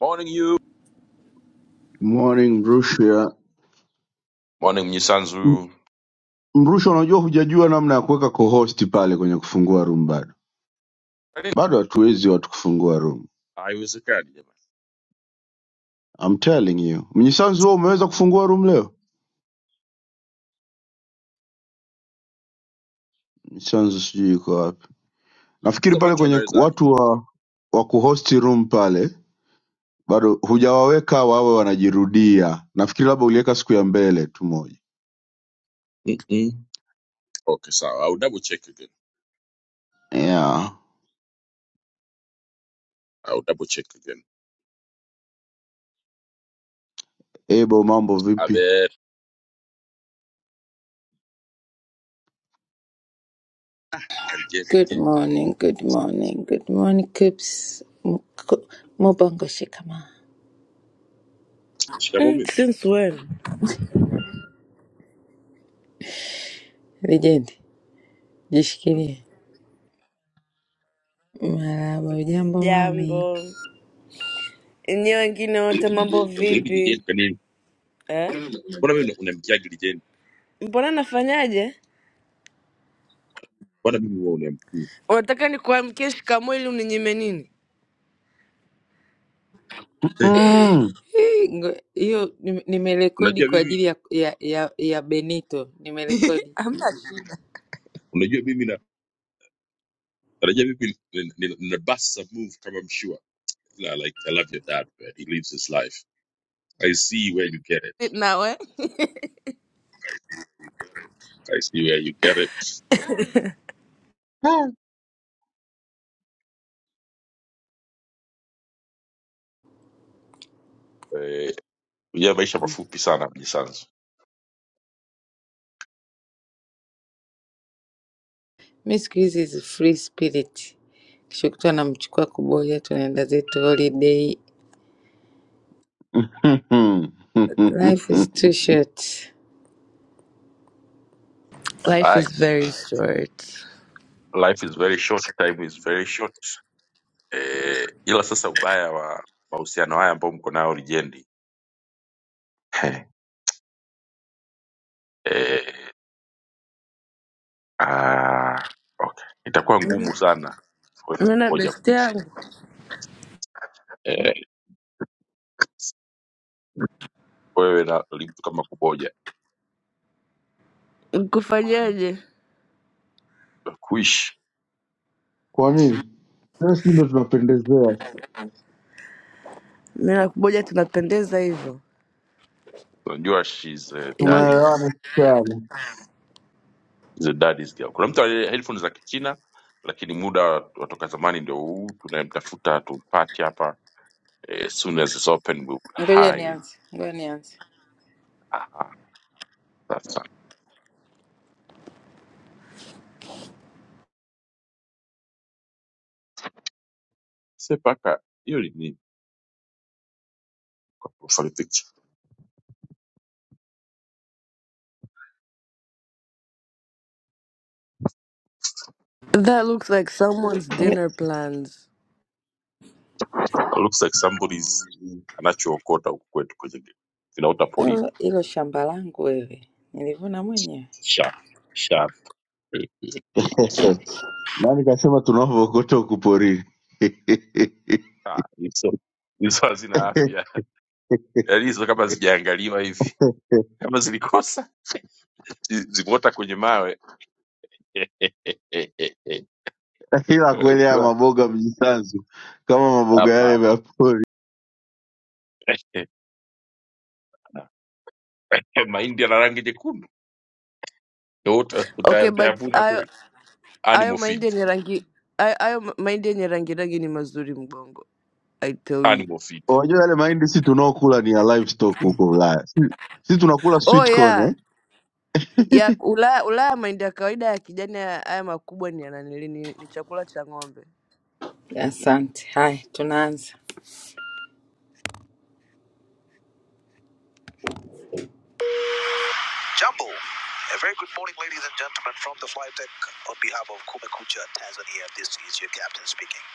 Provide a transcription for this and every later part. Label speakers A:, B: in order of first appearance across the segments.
A: Morning you.
B: Morning Mrusha.
A: Morning
B: M-
A: Mnyisanzu.
B: Mrusha, unajua hujajua namna ya kuweka co-host pale kwenye kufungua room bado.
A: I didn't.
B: Bado hatuwezi watu kufungua room.
A: Haiwezekani jamani.
B: I'm telling you. Mnyisanzu wewe umeweza kufungua room leo? Mnyisanzu sijui yuko wapi. Nafikiri
A: So
B: pale
A: macho
B: kwenye
A: unawezaje?
B: watu wa wa kuhost room pale bado hujawaweka wawe wanajirudia. Nafikiri labda uliweka siku ya mbele tu moja.
A: Mm-mm. Okay, sawa. I'll double check again.
B: Yeah.
A: I'll double check again.
B: Ebo, mambo vipi?
A: Abe Karijeni.
C: Good morning, good morning, good morning, Coops. Mko- Mubongo shikama.
A: Shikamoo
D: Mm,
A: mimi.
D: Since when?
C: Legendi, jishikilie. Marahaba, ujambo mami?
D: Sijambo. Enyewe wengine wote mambo
A: Hivi jijeni
D: vipi?
A: kwa nini?
D: Eh?
A: Mbona mimi unamkiagi jijeni?
D: Mbona nafanyaje?
A: Mbona mimi wewe unamkii?
D: Unataka nikuamkie shikamoo ili uninyime nini?
A: Eh,
B: Mm.
C: Eh, ngo- Hiyo nime- nimerekodi
A: unajua
C: kwa
A: mimi
C: ajili ya, ya, ya, ya Benito, nimerekodi.
D: Hamna shida.
A: unajua mimi na unajua mimi nina nina- nina bust some move kama mshua. You know, like I love your dad, man. He lives his life. I see where you get it.
D: Nawe?
A: I see where you get it. Ah. Eh, ya maisha mafupi sana Mnyisanzu.
C: Mi siku hizi is free spirit, kisha kutu anamchukua kuboja, tunaenda zetu holiday. Life is too short.
D: Life is very short.
A: life is very short time is very short eh, ila sasa ubaya wa mahusiano haya ambao mko nao lijendi eh, ah, okay. itakuwa ngumu sana kwenu
D: Mina
A: kuboja
D: besti
A: kuishi
D: yangu.
A: eh, wewe na mtu kama kuboja
D: Nikufanyaje?
A: kuishi
B: Kwa nini? Tena sisi ndo tunapendezea,
D: Mina kuboja tunapendeza hivyo.
A: unajua she's a
D: Hivi-
A: daddy's,
B: tunaelewana sana.
A: she's a daddy's girl kuna mtu aliye headphone za kichina lakini muda wa- watoka zamani ndio huu tunayemtafuta tumpati hapa eh, soon as it's open we will
E: Ngoja
A: hide.
E: nianze, ngoja nianze.
A: Aha, sasa sepaka hiyo ni nini? Sorry, picture.
D: That looks like someone's dinner plans.
A: It Looks like somebody's
B: Oh,
A: anachookota huku kwetu kwenye kinaota polini.
E: Hilo hilo shamba langu wewe, nilivuna mwenyewe.
A: Sharp, sharp. Eh, eh, eh.
B: Nani kasema tunaovokota huku porini?
A: Ah, hizo hizo hazina afya. Yaani hizo kama zijaangaliwa hivi, kama zilikosa zi- zimeota kwenye mawe.
B: Ila kweli haya
A: Ukiwa-
B: maboga mjisanzu kama maboga
A: Hapana.
B: yale ya pori.
A: Mahindi yana rangi nyekundu. Ndio uta- uta-
D: Okay, but
A: Utayavuna
D: hayo
A: kweli.
D: hayo
A: Animal
D: mahindi
A: feed.
D: yenye rangi hayo hayo mahindi yenye rangi rangi ni mazuri mgongo. I tell you.
A: Animal feed.
B: Unajua yale mahindi si tunaokula ni ya livestock
E: Hmm.
B: huko Ulaya, si, si tunakula
D: Oh
B: sweet corn eh?
D: yeah. Ya Ulaya, Ulaya mahindi ya kawaida ya kijani haya haya makubwa ni yananili ni, ni chakula cha ng'ombe.
E: Asante. Haya, tunaanza. Jambo. A very good morning, ladies and gentlemen, from the flight deck on behalf of Kumekucha, Tanzania. This is your captain speaking.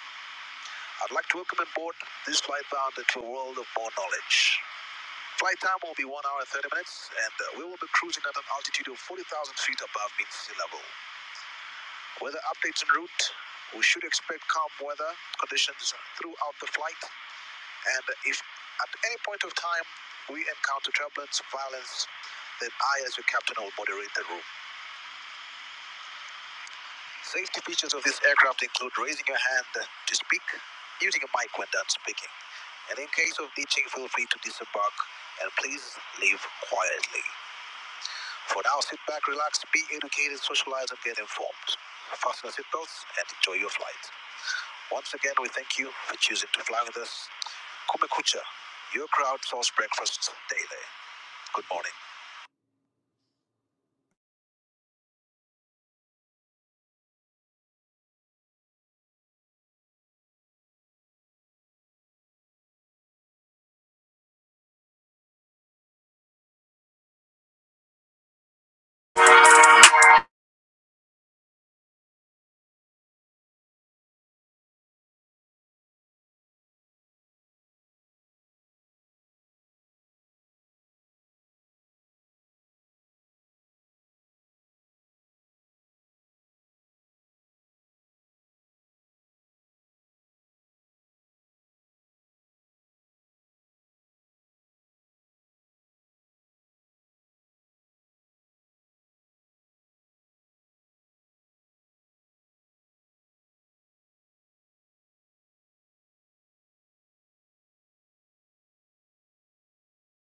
E: I'd like to welcome aboard this flight bound into a world of more knowledge. Flight time will be 1 hour 30 minutes, and uh, we will be cruising at an altitude of 40,000 feet above mean sea level. Weather updates en route. We should expect calm weather conditions throughout the flight, And if at any point of time we encounter turbulence, violence, then I, as your captain, will moderate the room. Safety features of this aircraft include raising your hand to speak, using a mic when done speaking, and in case of ditching, feel free to disembark and please leave quietly. For now, sit back, relax, be educated, socialize, and get informed. Fasten your seatbelts and enjoy your flight. Once again, we thank you for choosing to fly with us. Kumekucha, your crowd source breakfast daily. Good morning.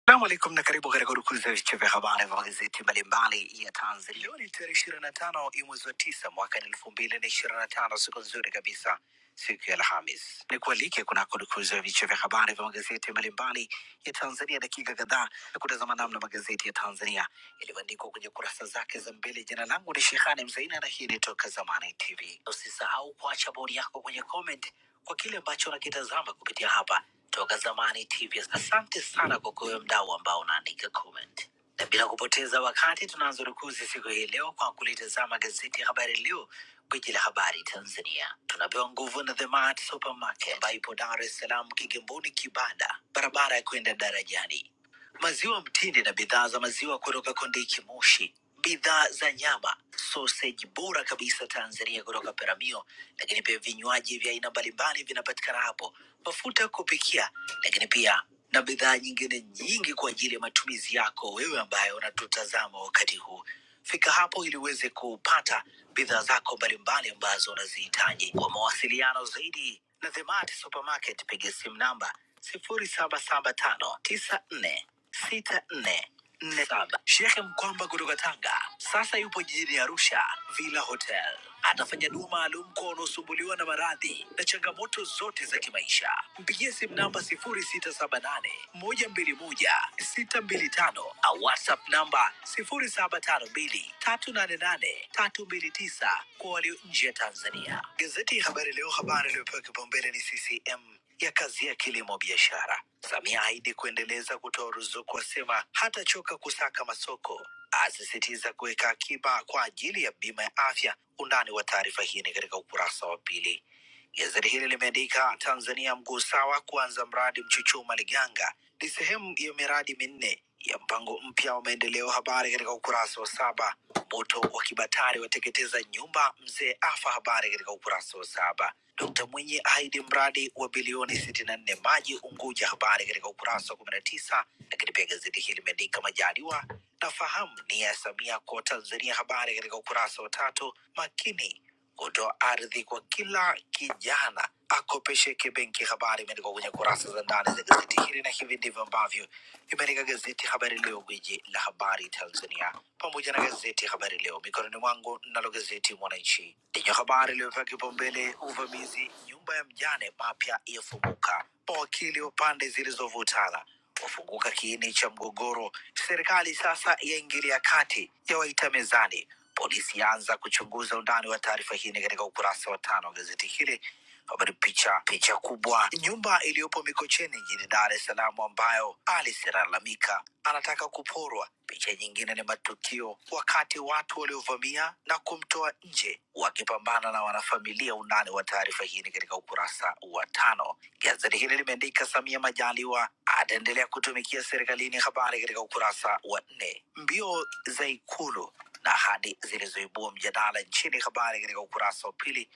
E: Salamu alaikum na karibu katika urukuzi ya vichwa vya habari vya magazeti mbalimbali ya Tanzania. Leo ni tarehe ishirini na tano ya mwezi wa tisa mwaka elfu mbili na ishirini na tano siku nzuri kabisa, siku ya Alhamis. Ni kualike kunako urukuzi ya vichwa vya habari vya magazeti mbalimbali ya Tanzania, dakika kadhaa ya kutazama namna magazeti ya Tanzania yalivyoandikwa kwenye kurasa zake za mbele. Jina langu ni Shehani Mzaina na hii ni Toka Zamani TV. Usisahau kuacha bodi yako kwenye comment kwa kile ambacho unakitazama kupitia hapa toka zamani TV. Asante sana kwa kuwe mdau ambao unaandika comment, na bila kupoteza wakati tunaanza rukuzi siku hii leo kwa kulitazama gazeti ya Habari Leo, gwiji la habari Tanzania. Tunapewa nguvu na The Mart Supermarket ambayo ipo Dar es Salaam, Kigamboni, Kibada, barabara ya kwenda darajani maziwa mtindi na bidhaa za maziwa kutoka Kondiki Moshi, bidhaa za nyama, soseji bora kabisa Tanzania kutoka Peramio, lakini pia vinywaji vya aina mbalimbali vinapatikana hapo, mafuta ya kupikia, lakini pia na bidhaa nyingine nyingi kwa ajili ya matumizi yako wewe ambaye unatutazama wakati huu. Fika hapo ili uweze kupata bidhaa zako mbalimbali ambazo unazihitaji. Kwa mawasiliano zaidi na The Mart Supermarket, piga simu namba 077594 sita nne nne saba. Shekhe Mkwamba kutoka Tanga sasa yupo jijini Arusha, Villa Hotel. Atafanya dua maalum kwa wanaosumbuliwa na maradhi na changamoto zote za kimaisha. Mpigie simu namba 0678 121 625 au WhatsApp namba 0752 388 329 kwa walio nje ya Tanzania. Gazeti ya Habari Leo, habari iliyopewa kipaumbele ni CCM ya kazi ya kilimo biashara. Samia ahidi kuendeleza kutoa ruzuku, asema hatachoka kusaka masoko, asisitiza kuweka akiba kwa ajili ya bima ya afya. Undani wa taarifa hii ni katika ukurasa wa pili. Gazeti hili limeandika Tanzania mguu sawa kuanza mradi Mchuchuma Liganga ni sehemu ya miradi minne ya mpango mpya wa maendeleo. Habari katika ukurasa wa saba. Moto wa Kibatari wateketeza nyumba, mzee afa. Habari katika ukurasa wa saba. Dkt Mwinyi ahidi mradi wa bilioni sitini na nne maji Unguja. Habari katika ukurasa wa kumi na tisa. Lakini pia gazeti hili limeandika Majaliwa nafahamu nia ya Samia kwa Tanzania. Habari katika ukurasa wa tatu. Makini kutoa ardhi kwa kila kijana akopesheke benki. Habari imeandikwa kwenye kurasa za ndani za gazeti hili, na hivi ndivyo ambavyo imeandika gazeti Habari Leo, gwiji la habari Tanzania, pamoja na gazeti Habari Leo mikononi mwangu. Nalo gazeti Mwananchi lenye habari iliyopewa kipaumbele, uvamizi nyumba ya mjane, mapya yafumuka, mawakili wa pande zilizovutana wafunguka kiini cha mgogoro, serikali sasa yaingilia kati, yawaita mezani Polisi yaanza kuchunguza undani wa taarifa hii ni katika ukurasa wa tano wa gazeti hili Habari picha, picha kubwa, nyumba iliyopo Mikocheni jijini Dar es Salaam ambayo Alice analalamika anataka kuporwa. Picha nyingine ni matukio wakati watu waliovamia na kumtoa nje wakipambana na wanafamilia. Undani wa taarifa hii ni katika ukurasa wa tano. Gazeti hili limeandika Samia Majaliwa ataendelea kutumikia serikalini, habari katika ukurasa wa nne. Mbio za Ikulu na ahadi zilizoibua mjadala nchini, habari katika ukurasa wa pili.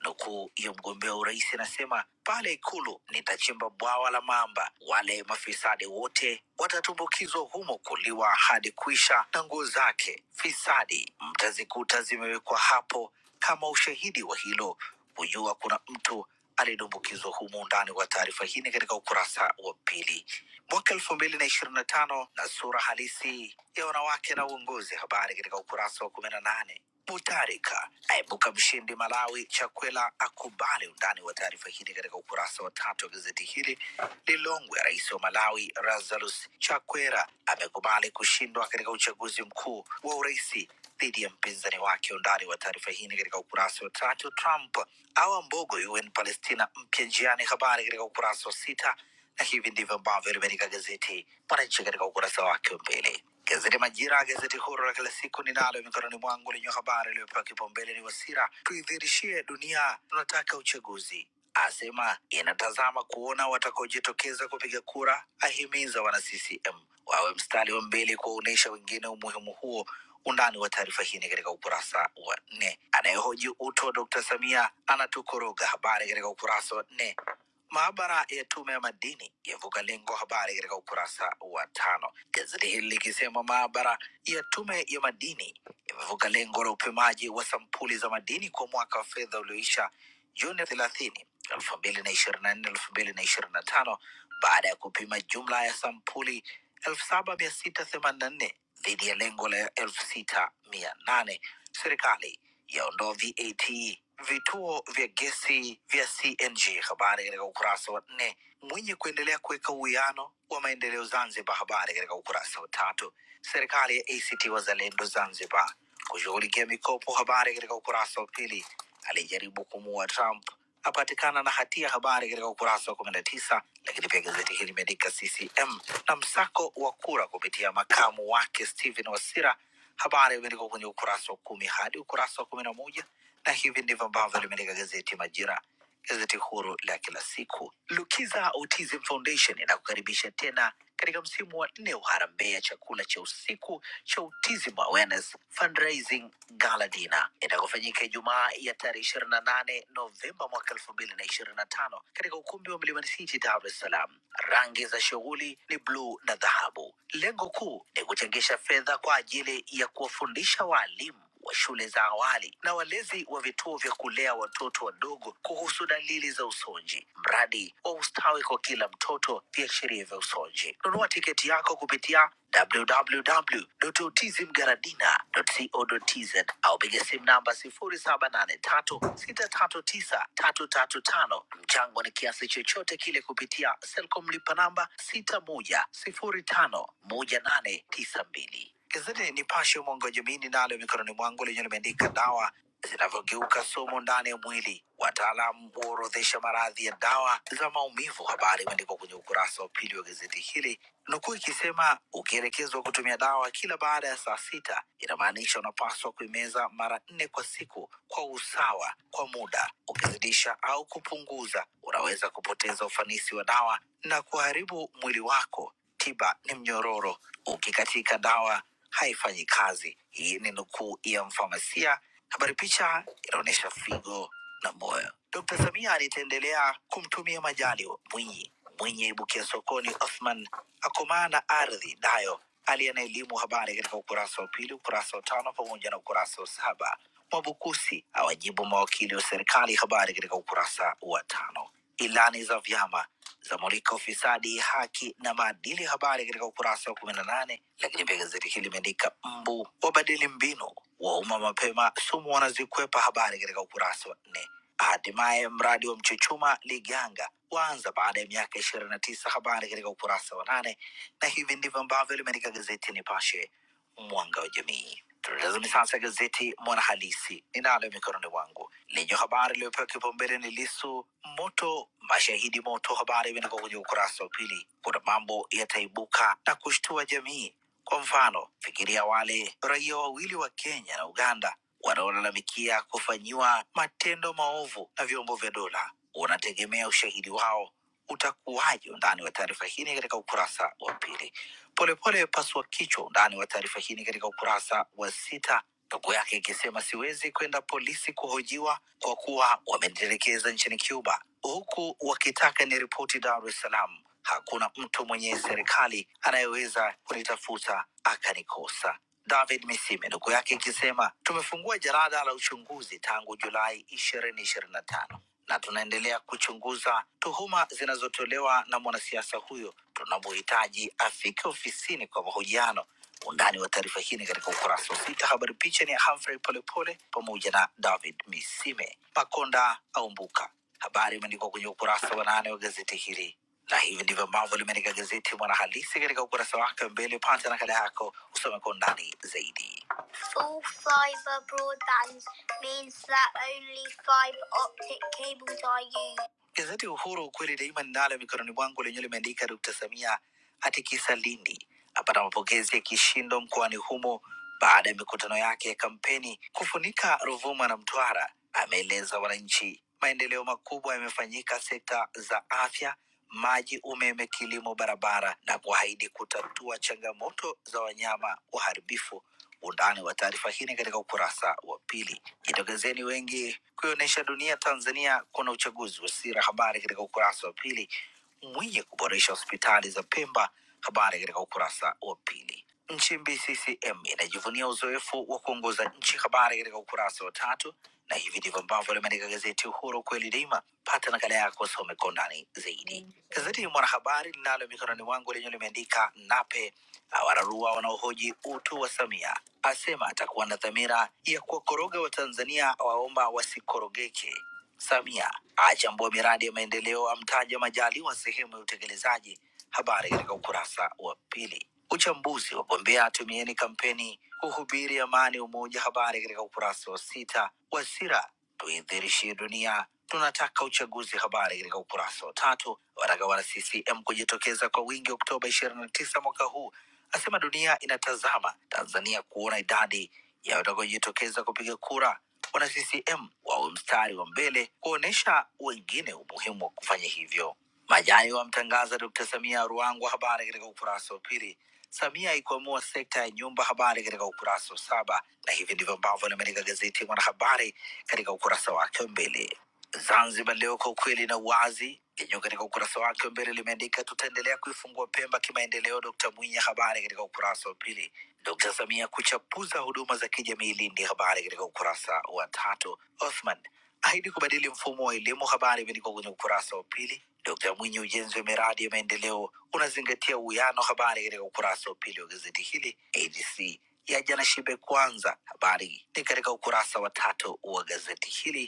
E: Nukuu ya mgombea urais anasema, pale Ikulu nitachimba bwawa la mamba, wale mafisadi wote watatumbukizwa humo kuliwa hadi kuisha, na nguo zake fisadi mtazikuta zimewekwa hapo kama ushahidi wa hilo, kujua kuna mtu aliyedumbukizwa humo. Undani wa taarifa hii ni katika ukurasa wa pili mwaka elfu mbili na ishirini na tano na sura halisi ya wanawake na uongozi. Habari katika ukurasa wa kumi na nane. Mutarika aibuka mshindi Malawi, Chakwela akubali. Undani wa taarifa hii ni katika ukurasa wa tatu wa gazeti hili. Lilongwe, rais wa Malawi Lazarus Chakwera amekubali kushindwa katika uchaguzi mkuu wa uraisi dhidi ya mpinzani wake. Undani wa taarifa hii ni katika ukurasa wa tatu. Trump awa mbogo UN Palestina mpya njiani, habari katika ukurasa wa sita na hivi ndivyo ambavyo limeandika gazeti Mwananchi katika ukurasa wake wa mbele. Gazeti Majira, gazeti huru la kila siku ninalo mikononi mwangu, lenye habari iliyopewa kipaumbele ni Wasira, tuidhirishie dunia tunataka uchaguzi, asema inatazama kuona watakaojitokeza kupiga kura, ahimiza wana CCM wawe mstari wa mbele kuwaonyesha wengine umuhimu huo undani wa taarifa hii ni katika ukurasa wa nne. Anayehoji utu wa Dkt Samia anatukoroga, habari katika ukurasa wa nne. Maabara ya Tume ya Madini yavuka lengo, habari katika ukurasa wa tano. Gazeti hili likisema maabara ya Tume ya Madini imevuka lengo la upimaji wa sampuli za madini kwa mwaka wa fedha ulioisha Juni thelathini elfu mbili na ishirini na nne elfu mbili na ishirini na tano baada ya kupima jumla ya sampuli elfu saba mia sita themanini na nne dhidi ya lengo la elfu sita mia nane serikali yaondoa VAT vituo vya gesi vya CNG. Habari katika ukurasa wa nne. Mwinyi kuendelea kuweka uwiano wa maendeleo Zanzibar. Habari katika ukurasa wa tatu. Serikali ya ACT Wazalendo Zanzibar kushughulikia mikopo. Habari katika ukurasa wa pili. Alijaribu kumuua Trump apatikana na hatia. Habari katika ukurasa wa kumi na tisa. Lakini pia gazeti hili limeandika CCM na msako wa kura kupitia makamu wake Stephen Wasira Habari imeandikwa kwenye ukurasa wa kumi hadi ukurasa wa kumi na moja na hivi ndivyo ambavyo limeandika gazeti Majira gazeti huru la kila siku. Lukiza Autism Foundation inakukaribisha tena katika msimu wa nne wa harambee ya chakula cha usiku cha Autism Awareness Fundraising Gala Dinner itakofanyika Ijumaa ya tarehe ishirini na nane Novemba mwaka elfu mbili na ishirini na tano katika ukumbi wa Mlimani City, Dar es Salaam. Rangi za shughuli ni bluu na dhahabu. Lengo kuu ni kuchangisha fedha kwa ajili ya kuwafundisha waalimu wa shule za awali na walezi wa vituo vya kulea watoto wadogo kuhusu dalili za usonji, mradi wa ustawi kwa kila mtoto, viashiria vya usonji. Nunua tiketi yako kupitia www.autismgaradina.co.tz au piga simu namba 0783639335. Mchango ni kiasi chochote kile kupitia Selcom lipa namba 61051892. Gazeti Nipashe mwanga wa jamii ninalo mikononi mwangu lenye limeandika dawa zinavyogeuka sumu ndani ya mwili, wataalamu huorodhesha maradhi ya dawa za maumivu. Habari imeandikwa kwenye ukurasa wa pili wa gazeti hili, nukuu ikisema, ukielekezwa kutumia dawa kila baada ya saa sita, inamaanisha unapaswa kuimeza mara nne kwa siku kwa usawa kwa muda. Ukizidisha au kupunguza, unaweza kupoteza ufanisi wa dawa na kuharibu mwili wako tiba ni mnyororo, ukikatika dawa haifanyi kazi. Hii ni nukuu ya mfamasia. Habari picha inaonyesha figo na moyo. Dkt. Samia alitaendelea kumtumia Majaliwa, Mwinyi, Mwinyi aibukia sokoni, Othman akomaa na ardhi, Dayo aliye na elimu habari katika ukurasa wa pili, ukurasa wa tano pamoja na ukurasa wa saba. Mwabukusi awajibu mawakili wa serikali, habari katika ukurasa wa tano. Ilani za vyama zamulika ufisadi, haki na maadili, habari katika ukurasa wa kumi na nane. Lakini pia gazeti hili limeandika mbu wabadili mbinu, wauma mapema, sumu wanazikwepa, habari katika ukurasa wa nne. Hatimaye mradi wa Mchuchuma Liganga waanza baada ya miaka ishirini na tisa, habari katika ukurasa wa nane. Na hivi ndivyo ambavyo limeandika gazeti Nipashe mwanga wa jamii. Tunatazami sasa gazeti Mwanahalisi ninalo mikononi mwangu lenye habari iliyopewa kipaumbele ni Lisu moto mashahidi moto. Habari imeandikwa kwenye ukurasa wa pili. Kuna mambo yataibuka na kushtua jamii. Kwa mfano, fikiria wale raia wawili wa Kenya na Uganda wanaolalamikia kufanyiwa matendo maovu na vyombo vya dola. Unategemea ushahidi wao utakuwaje? Undani wa taarifa hii ni katika ukurasa wa pili. Polepole pasua kichwa. Undani wa taarifa hii ni katika ukurasa wa sita, ndugu yake ikisema siwezi kwenda polisi kuhojiwa kwa kuwa wamenitelekeza nchini Cuba, huku wakitaka niripoti Dar es Salaam. Hakuna mtu mwenye serikali anayeweza kunitafuta akanikosa. David Misime ndugu yake ikisema tumefungua jarada la uchunguzi tangu Julai ishirini ishirini na tano na tunaendelea kuchunguza tuhuma zinazotolewa na mwanasiasa huyo. Tunamhitaji afike ofisini kwa mahojiano. Undani wa taarifa hii ni katika ukurasa wa sita. Habari picha ni ya Humphrey Polepole pamoja na David Misime. Makonda aumbuka, habari imeandikwa kwenye ukurasa wa nane wa gazeti hili na hivi ndivyo ambavyo limeandika gazeti Mwanahalisi katika ukurasa wake wa mbele. Pata nakala yako usome kwa undani zaidi. Full fiber broadband means that only fiber optic cables are used. Gazeti Uhuru, ukweli daima, ninalo mikononi mwangu, lenyewe limeandika Dkt. Samia atikisa Lindi, apata mapokezi ya kishindo mkoani humo baada ya mikutano yake ya kampeni kufunika Ruvuma na Mtwara. Ameeleza wananchi maendeleo makubwa yamefanyika sekta za afya, maji, umeme, kilimo, barabara na kuahidi kutatua changamoto za wanyama waharibifu Undani wa taarifa hii ni katika ukurasa wa pili. Jitokezeni wengi kuionyesha dunia Tanzania kuna uchaguzi wa sira, habari katika ukurasa wa pili. Mwinyi kuboresha hospitali za Pemba, habari katika ukurasa wa pili. Nchimbi CCM inajivunia uzoefu wa kuongoza nchi, habari katika ukurasa wa tatu. Na hivi ndivyo ambavyo limeandika gazeti Uhuru kweli daima. Pata nakala yako usome kwa undani zaidi. Gazeti Mwanahabari linalo mikononi mwangu lenyewe limeandika Nape awararua wanaohoji utu wa Samia, asema atakuwa na dhamira ya kuwakoroga Watanzania, waomba wasikorogeke. Samia achambua miradi ya maendeleo, amtaja Majaliwa sehemu ya utekelezaji. Habari katika ukurasa wa pili. Uchambuzi wa gombea tumieni kampeni kuhubiri amani, umoja. Habari katika ukurasa wa sita. Wasira tuidhirishie dunia tunataka uchaguzi. Habari katika ukurasa wa tatu. Wataka wana CCM kujitokeza kwa wingi Oktoba ishirini na tisa mwaka huu asema dunia inatazama Tanzania kuona idadi ya watakaojitokeza kupiga kura. Wana CCM wawe mstari wa mbele kuonyesha wengine umuhimu wa kufanya hivyo. Majani wamtangaza Dkt. Samia Ruangwa, habari katika ukurasa wa pili. Samia ikwamua sekta ya nyumba, habari katika ukurasa wa saba, na hivi ndivyo ambavyo limeandika gazeti Mwanahabari katika ukurasa wake wa mbele. Zanzibar Leo kwa ukweli na uwazi yenyewe katika ukurasa wake wa mbele limeandika tutaendelea kuifungua Pemba kimaendeleo, Dkt Mwinyi, habari katika ukurasa wa pili. Dkt Samia kuchapuza huduma za kijamii Lindi, habari katika ukurasa wa tatu. Othman ahidi kubadili mfumo wa elimu, habari imeandikwa kwenye ukurasa wa pili. Dkt Mwinyi, ujenzi wa miradi ya maendeleo unazingatia uwiano, habari katika ukurasa wa pili wa gazeti hili. ADC yaja na shibe kwanza, habari ni katika ukurasa wa tatu wa gazeti hili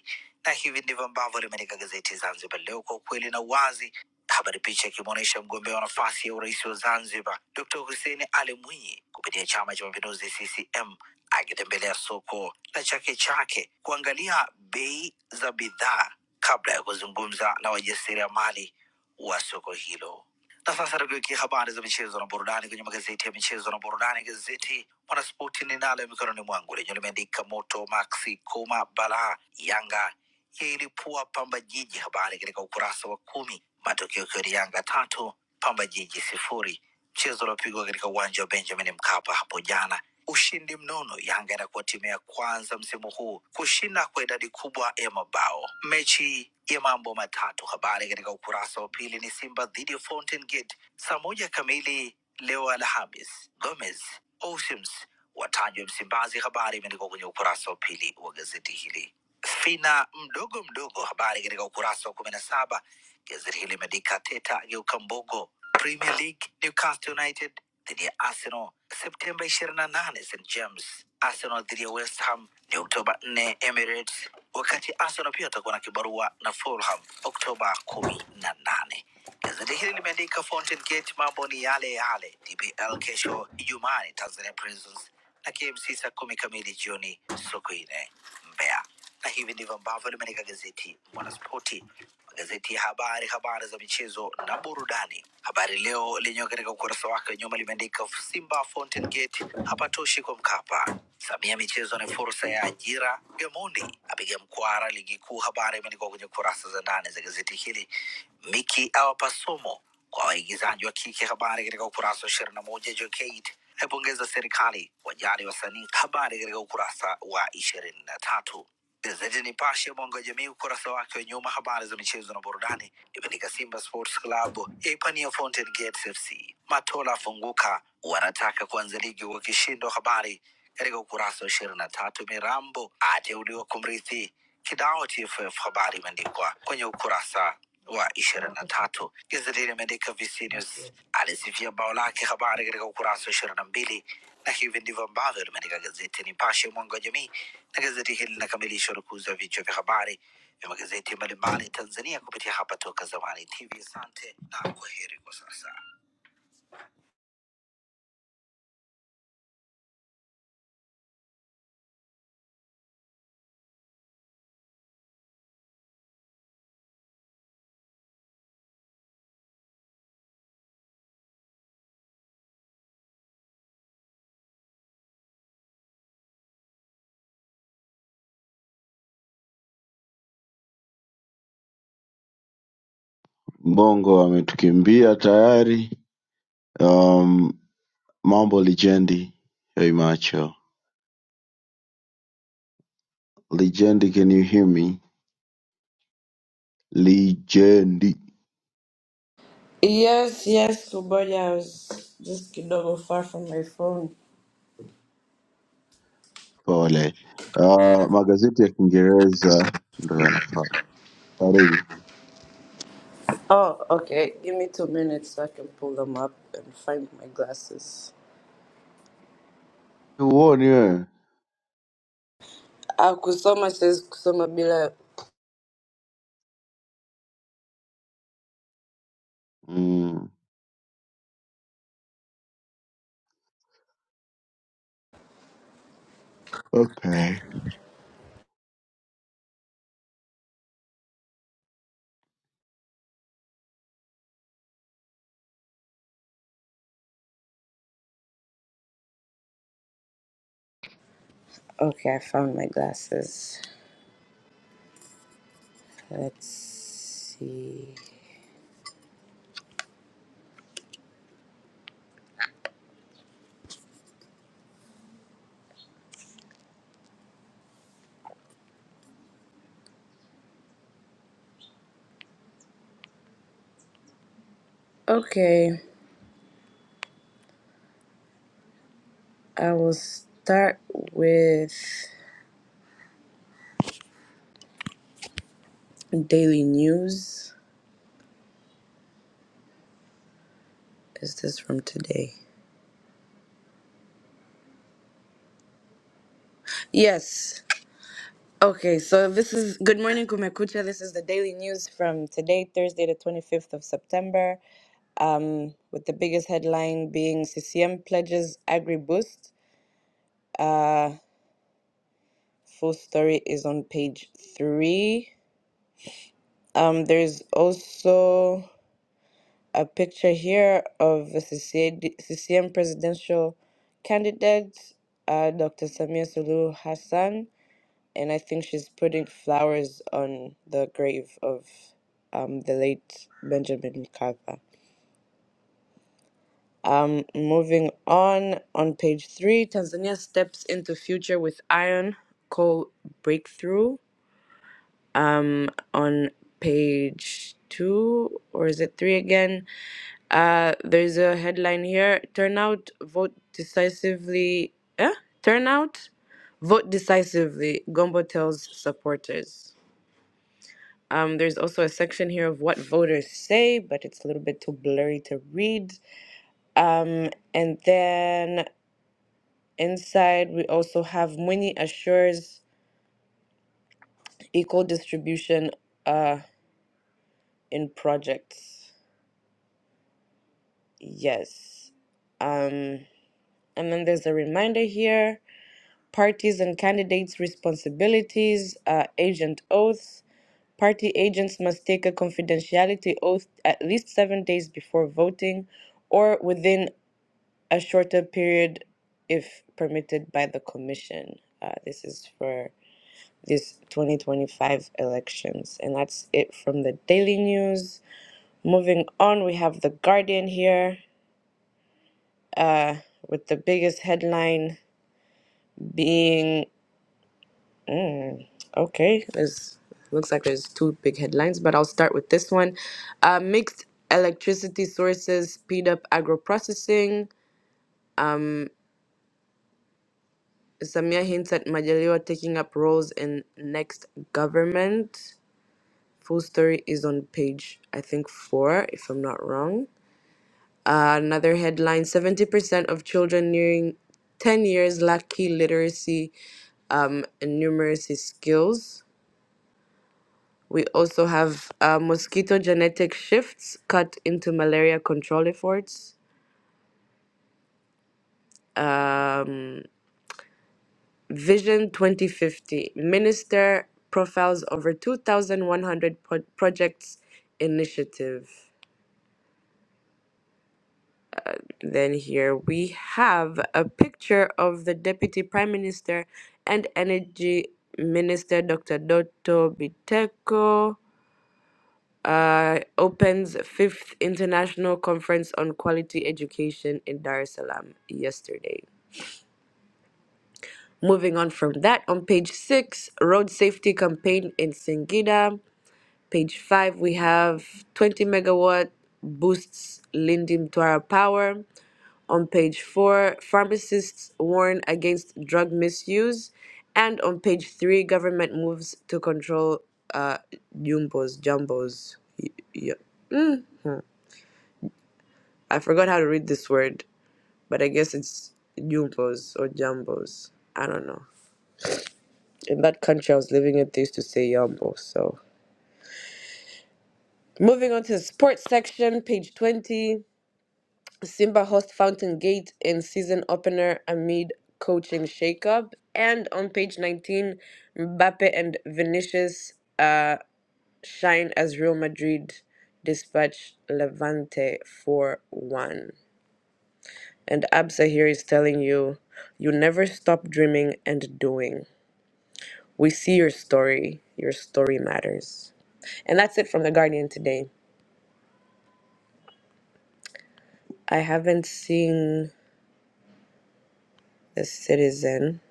E: na hivi ndivyo ambavyo limeandika gazeti Zanzibar Leo kwa ukweli na uwazi. Habari picha ikimwonyesha mgombea wa nafasi ya urais wa Zanzibar Dr. Hussein Ali Mwinyi kupitia Chama cha Mapinduzi CCM akitembelea soko la Chake Chake kuangalia bei za bidhaa kabla ya kuzungumza na wajasiriamali wa soko hilo. Na sasa tugeukia habari za michezo na burudani kwenye magazeti ya michezo na burudani. Gazeti Mwanaspoti ninalo mikononi mwangu lenye limeandika moto Maxi Kuma balaa Yanga yailipua Pamba Jiji. Habari katika ukurasa wa kumi, matokeo ikiwa ni Yanga tatu Pamba Jiji sifuri, mchezo uliopigwa katika uwanja wa Benjamin Mkapa hapo jana. Ushindi mnono, Yanga inakuwa timu ya kwanza msimu huu kushinda kwa idadi kubwa ya mabao mechi ya mambo matatu. Habari katika ukurasa wa pili ni Simba dhidi ya Fountain Gate saa moja kamili leo Alhamis. Gomez Osims watajwa Msimbazi. Habari imeandikwa kwenye ukurasa wa pili wa gazeti hili. Fina mdogo mdogo, habari katika ukurasa wa kumi na saba. Gazeti hili limeandika Teta ageuka mbogo. Premier League, Newcastle United dhidi ya Arsenal Septemba ishirini na nane St James. Arsenal dhidi ya West Ham ni Oktoba nne Emirates, wakati Arsenal pia watakuwa na kibarua na Fulham Oktoba kumi na nane. Gazeti hili limeandika Fountain Gate, mambo ni yale yale. DPL kesho Ijumaa ni Tanzania Prisons na KMC saa kumi kamili jioni Sokoine, Mbeya. Na hivi ndivyo ambavyo limeandika gazeti Mwanaspoti, magazeti ya habari, habari za michezo na burudani. Habari Leo lenyewe katika ukurasa wake wa nyuma limeandika Simba Fountain Fountain Gate hapatoshi kwa Mkapa. Samia michezo ni fursa ya ajira. Gamondi apiga mkwara ligi kuu, habari imeandikwa kwenye kurasa za ndani za gazeti hili. Miki awapa somo kwa waigizaji wa kike, habari katika ukurasa wa ishirini na moja. Jokate aipongeza serikali wajali wasanii, habari katika ukurasa wa ishirini na tatu. Gazeti Nipashe mwanga wa jamii ukurasa wake wa nyuma, habari za michezo na burudani, imeandika Simba Sports Club yaipania Fountain Gate FC, Matola afunguka, wanataka kuanza ligi wakishindwa, habari katika ukurasa wa ishirini na tatu. Mirambo ateuliwa kumrithi Kidao TFF, habari imeandikwa kwenye ukurasa wa ishirini na tatu. Gazeti limeandika VC News alisifia bao lake, habari katika ukurasa wa ishirini na mbili na hivi ndivyo ambavyo limeandika gazeti Nipashe, mwanga wa jamii, na gazeti hili linakamilisha urukuzi wa vichwa vya habari vya magazeti mbalimbali Tanzania kupitia hapa Toka Zamani TV. Asante na kwaheri kwa sasa.
B: Mbongo ametukimbia tayari. Um, mambo lijendi, hey macho lijendi, can you hear me? Lijendi
D: Yes, yes, Kuboja. I was just a little far from my phone.
B: pole. Uh, magazeti ya Kiingereza ndo yanafaa. Karibu.
D: Oh, okay. Give me two minutes so I can pull them up and find my glasses.
B: Huoni wewe?
D: Ah, Kusoma says Kusoma Bila.
B: Mm, okay.
D: Okay, I found my glasses. Let's see. Okay, I will start with daily news. Is this from today? Yes. Okay, so this is Good Morning Kumekucha. This is the daily news from today, Thursday, the 25th of September, um, with the biggest headline being CCM pledges Agri Boost. Uh, full story is on page three. Um, there's also a picture here of the CCA CCM presidential candidate, uh, Dr. Samia Sulu Hassan. and I think she's putting flowers on the grave of um, the late Benjamin Mkapa. Um, moving on, on page three, Tanzania steps into future with iron coal breakthrough. On page two, or is it three again? Uh, there's a headline here: Turnout, vote decisively. Eh? Turnout, vote decisively. Gombo tells supporters. Um, there's also a section here of what voters say, but it's a little bit too blurry to read. Um, and then inside, we also have Mwini assures equal distribution uh, in projects. Yes. Um, and then there's a reminder here parties and candidates' responsibilities, uh, agent oaths. Party agents must take a confidentiality oath at least seven days before voting or within a shorter period if permitted by the commission. Uh, this is for this 2025 elections. And that's it from the Daily News. Moving on, we have The Guardian here with the biggest headline being okay, there's looks like there's two big headlines, but I'll start with this one. Uh, mixed electricity sources speed up agro-processing. Samia hints at Majaliwa taking up roles in next government. Full story is on page, I think, four, if I'm not wrong. Uh, another headline 70% of children nearing 10 years lack key literacy um, and numeracy skills. We also have uh, mosquito genetic shifts cut into malaria control efforts. Um, Vision 2050 Minister profiles over 2,100 pro- projects initiative. Then here we have a picture of the Deputy Prime Minister and Energy Minister Dr. Doto Biteko uh, opens fifth international conference on quality education in Dar es Salaam yesterday. Moving on from that, on page six, road safety campaign in Singida. Page five, we have 20 megawatt boosts Lindi Twara power. On page four, pharmacists warn against drug misuse. And on page three, government moves to control uh, jumbos, jumbos. Y- y- I forgot how to read this word, but I guess it's jumbos or jumbos. I don't know. In that country I was living in, they used to say yumbo. So moving on to the sports section, page 20. Simba host Fountain Gate and season opener amid coaching shakeup. And on page 19, Mbappe and Vinicius uh, shine as Real Madrid dispatch Levante 4 1. And Absa here is telling you, you never stop dreaming and doing. We see your story. Your story matters. And that's it from The Guardian today. I haven't seen The Citizen.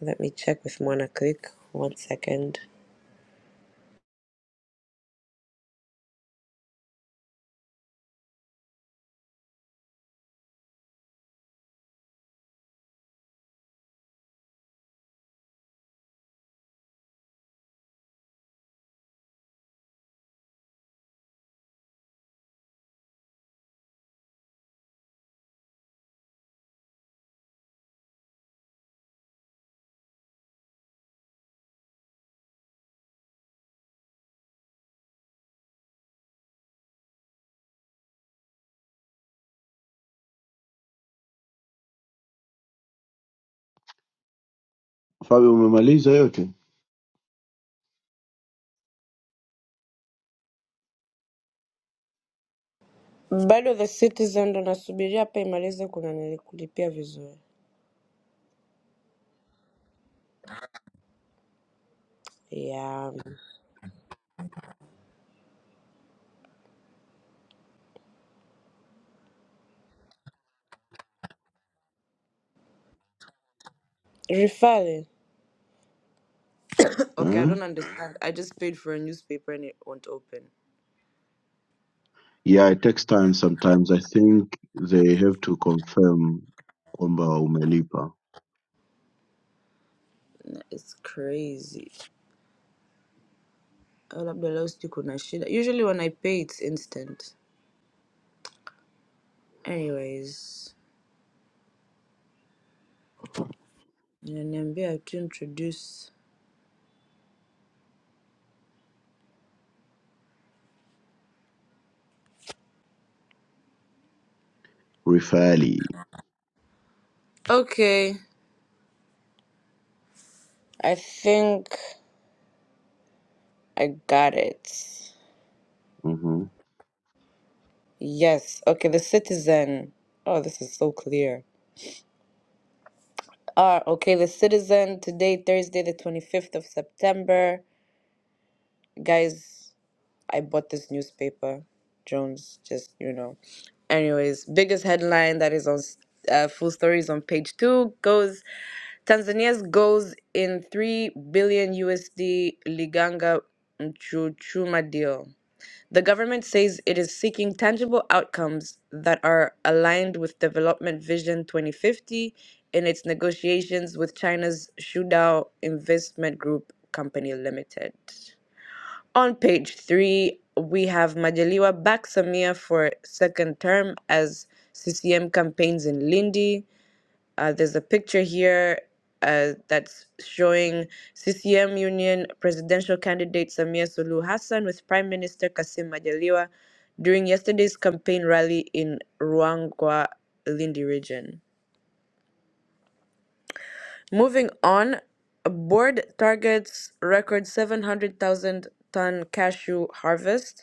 D: Let me check with Mona Click. One second.
B: Fabio, umemaliza yote
D: bado the citizen ndo nasubiria hapa imalize kuna nilikulipia vizuri yeah. refale okay i
B: huh?
D: don't understand i just paid for a newspaper and it won't open
B: Yeah, it takes time sometimes. I think they have to confirm kwamba umelipa
D: it's crazy Ah, labda leo sijui kuna shida usually when i pay it's instant anyways inaniambia to introduce
B: Rifali.
D: okay i think i got it
B: Mm-hmm.
D: yes okay the citizen oh this is so clear Ah okay, the Citizen today, Thursday, the 25th of September. Guys, I bought this newspaper. Jones, just you know. Anyways, biggest headline that is on uh, full stories on page two goes Tanzania's goes in 3 billion USD Liganga Mchuchuma deal. The government says it is seeking tangible outcomes that are aligned with Development Vision 2050 in its negotiations with China's Shudao Investment Group Company Limited. On page three, we have Majaliwa back Samia for second term as CCM campaigns in Lindi. Uh, there's a picture here uh, that's showing CCM Union presidential candidate Samia Sulu Hassan with Prime Minister Kassim Majaliwa during yesterday's campaign rally in Ruangwa, Lindi region. Moving on, a board targets record 700,000 ton cashew harvest.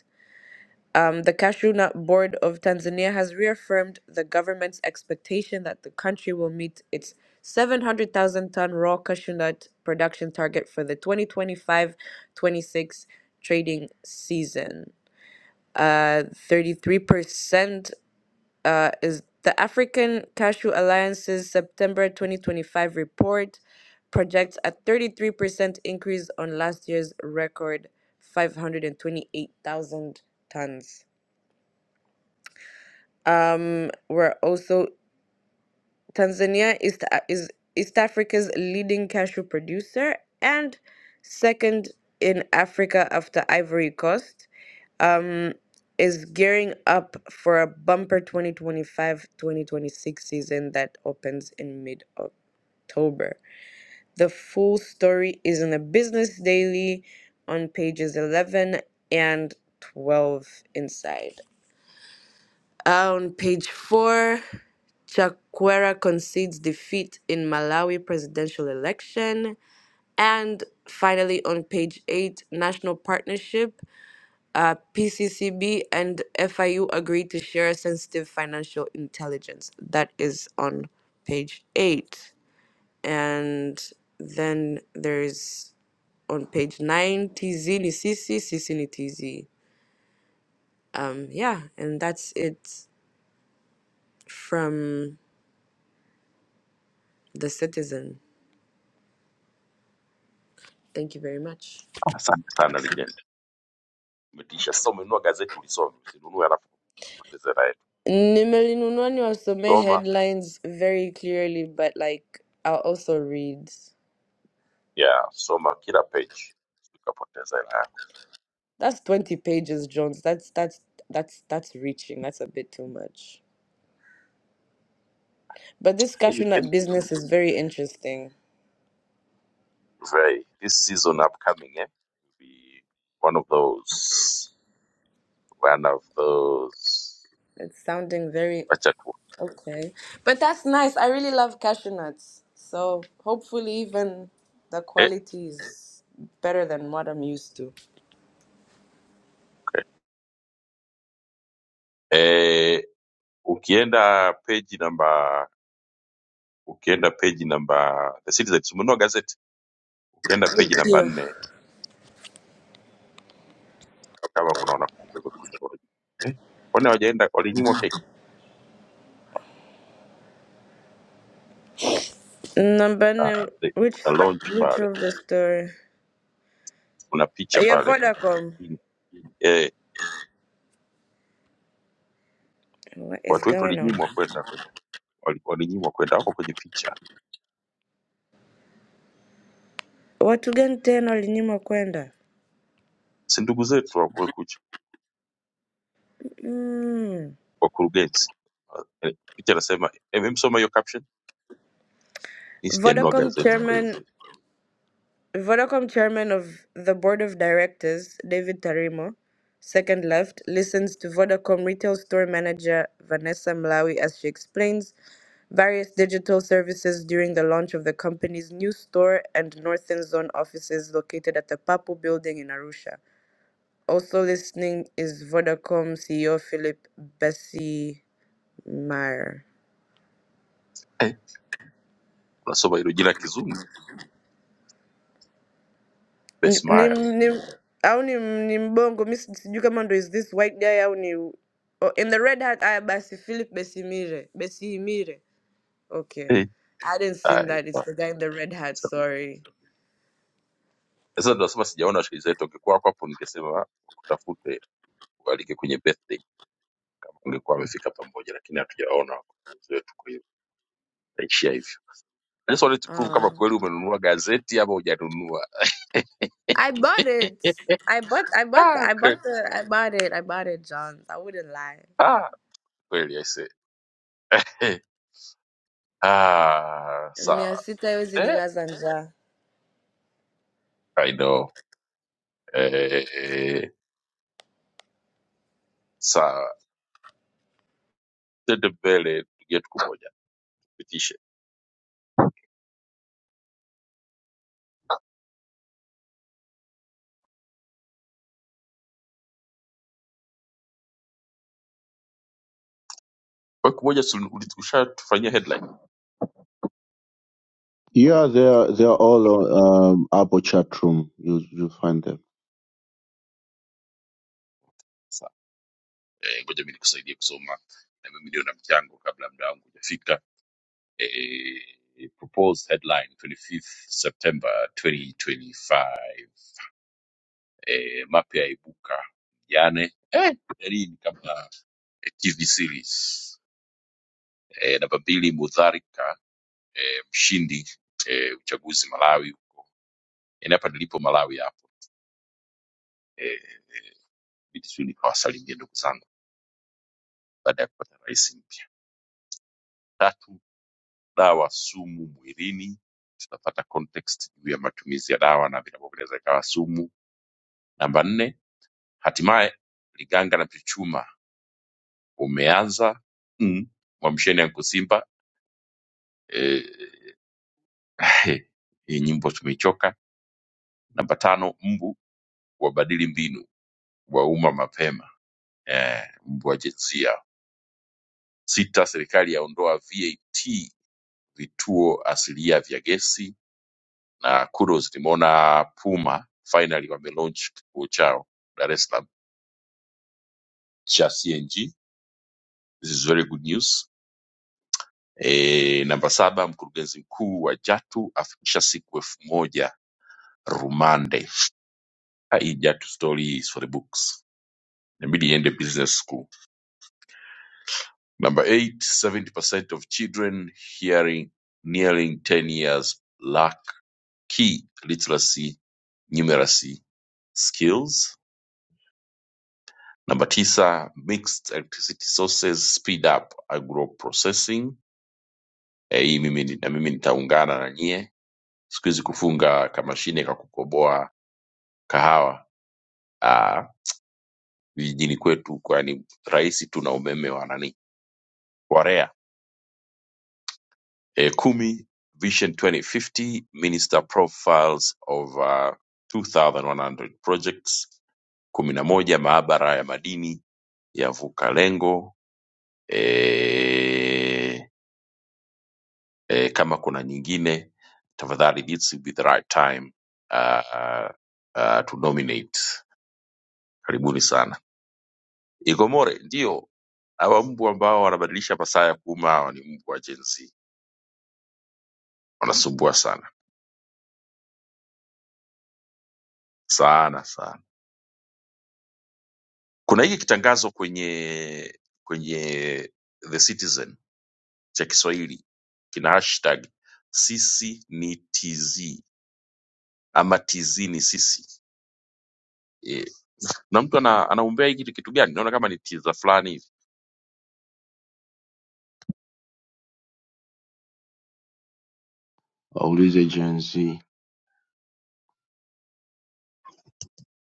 D: Um, the Cashew Nut Board of Tanzania has reaffirmed the government's expectation that the country will meet its 700,000 ton raw cashew nut production target for the 2025 26 trading season. Uh, 33% uh, is the African Cashew Alliance's September 2025 report projects a 33% increase on last year's record 528,000 tons. Um, we're also Tanzania is the- is East Africa's leading cashew producer and second in Africa after Ivory Coast. Um, is gearing up for a bumper 2025-2026 season that opens in mid October. The full story is in the Business Daily on pages 11 and 12 inside. Uh, On page four, Chakwera concedes defeat in Malawi presidential election. And finally, on page eight, National Partnership, uh, PCCB and FIU agree to share sensitive financial intelligence. That is on page eight. And then there's on page nine, TZ ni Sisi, Sisi ni TZ. Um, yeah, and that's it from the citizen. Thank you very much.
A: Asante sana legend. Umetisha. Sasa umenunua gazeti ulisome, usinunue alafu poteze hela yetu.
D: Nimelinunua was the main headlines very clearly, but like I'll also read.
A: Yeah, soma kila page ukapoteza hela yako.
D: That's 20 pages, Jones. That's that's that's that's reaching. That's a bit too much. But this
A: And you
D: cashew
A: can
D: nut
A: be
D: business is very interesting.
A: very this season upcoming eh, will be one of those one of those
D: It's sounding very
A: acha tu
D: okay. But that's nice. I really love cashew nuts. So hopefully even the
A: eh,
D: quality is better than what I'm used to.
A: okay. eh, ukienda page namba ukienda page namba the Citizen si umenunua gazeti ukienda page namba
D: Yeah.
A: nne kama kuna wana kumekucha wanajua. eh, kwani hawajaenda walinyimwa keki
D: Number
A: ah,
D: nine,
A: the,
D: which
A: kuna launch
D: which
A: pale
D: of the story?
A: kuna picha
D: ya
A: pale
D: Vodacom.
A: eh,
D: What is
A: watu wetu
D: going on?
A: walinyimwa kwenda wali- walinyimwa kwenda, wako kwenye picha,
D: Watu gani tena walinyimwa kwenda?
A: si ndugu zetu wa Kumekucha,
D: Mm.
A: wakurugenzi. Eh, Picha nasema msoma hiyo caption, mi sijanunua
D: Vodacom
A: gazeti, kwa hiyo
D: chairman, Vodacom chairman of the board of directors, David Tarimo, second left, listens to Vodacom retail store manager Vanessa Malawi as she explains various digital services during the launch of the company's new store and northern zone offices located at the Papu building in Arusha. Also listening is Vodacom CEO Philip Bessie Meyer.
A: eh, unasoma hilo jina kizungu
D: Ni, ni,
A: Besmaya
D: ni, au ni, ni mbongo mi si- sijui kama ndo is this white guy au ni oh, in the red hat aya basi Philip Besimire Besimire okay
A: eh,
D: I did not see
A: haya,
D: that it's
A: ipa-
D: the guy in the red hat
A: samehe.
D: sorry
A: sasa ndo nasema sijaona washikaji zetu. Ungekuwa wako hapo, ningesema wakutafute, ualike kwenye birthday, kama ungekuwa amefika pamoja, lakini hatujaona wakurugenzi wetu, kwa hiyo itaishia hivyo. I just wanted to prove
D: uh,
A: kama kweli umenunua gazeti ama hujanunua.
D: I bought it I bought I bought
A: ah,
D: I
A: kweli
D: bought the I bought it I bought it John I wouldn't lie
A: ah, kweli I say. Ah,
D: mia
A: sawa
D: sita haiwezi
A: eh,
D: nilaza njaa
A: I know eh, eh, sawa, tende mbele, ndugu yetu kumoja, tupitishe kwa kumoja. si uli- Ushatufanyia headline kama
B: Yeah, they
A: unanunua
B: are, they are
A: vitumbua.
B: all on, um, hapo chat room. You, you find them.
A: Sawa eh, ngoja mimi nikusaidie kusoma na mimi ndio na mchango kabla muda wangu hujafika. Eh, proposed headline 25th September 2025 eh, mapya yaibuka jane eh, hii ni kama eh, TV series eh, namba mbili Mudharika eh, mshindi eh, uchaguzi Malawi huko, yaani hapa nilipo Malawi hapo eh, eh, Magufuli. Kawasalimie ndugu zangu baada ya kupata rais mpya. Tatu, dawa sumu mwilini, tutapata context juu ya matumizi ya dawa na vinavyoeleza ikawa sumu. Namba nne, hatimaye Liganga na Pichuma umeanza mm, mwamsheni Anko Simba eh, hii nyimbo tumeichoka. Namba tano, mbu wabadili mbinu, wauma mapema eh, mbu wa jinsia sita Serikali yaondoa VAT vituo asilia vya gesi na kudos nimeona Puma finally wame launch kituo chao Dar es Salaam cha CNG this is very good news e, namba saba mkurugenzi mkuu wa Jatu afikisha siku elfu moja rumande hii Jatu story is for the books inabidi iende business school number 8 70% of children hearing nearing 10 years lack key literacy numeracy skills. Namba tisa, mixed electricity sources speed up agro processing. Eh, Hii mimi ni- na mimi nitaungana na nyie siku hizi kufunga kamashine ka kukoboa kahawa ah, vijijini kwetu, kwani rahisi tu na umeme wa nani wa REA. Eh, kumi, Vision 2050 Minister Profiles of uh, 2100 Projects. kumi na moja, maabara ya madini yavuka lengo e, e, kama kuna nyingine tafadhali this will be the right time uh, uh, to nominate karibuni sana igomore ndio hawa mbu ambao wanabadilisha masaa ya kuuma hawa ni mbu wa jensi wanasumbua sana sana sana kuna hiki kitangazo kwenye kwenye the citizen cha kiswahili kina hashtag sisi ni tz ama tz ni sisi Eh, na mtu ana, anaombea hiki kitu gani naona kama ni tiza fulani hivi
B: Waulize Gen Z.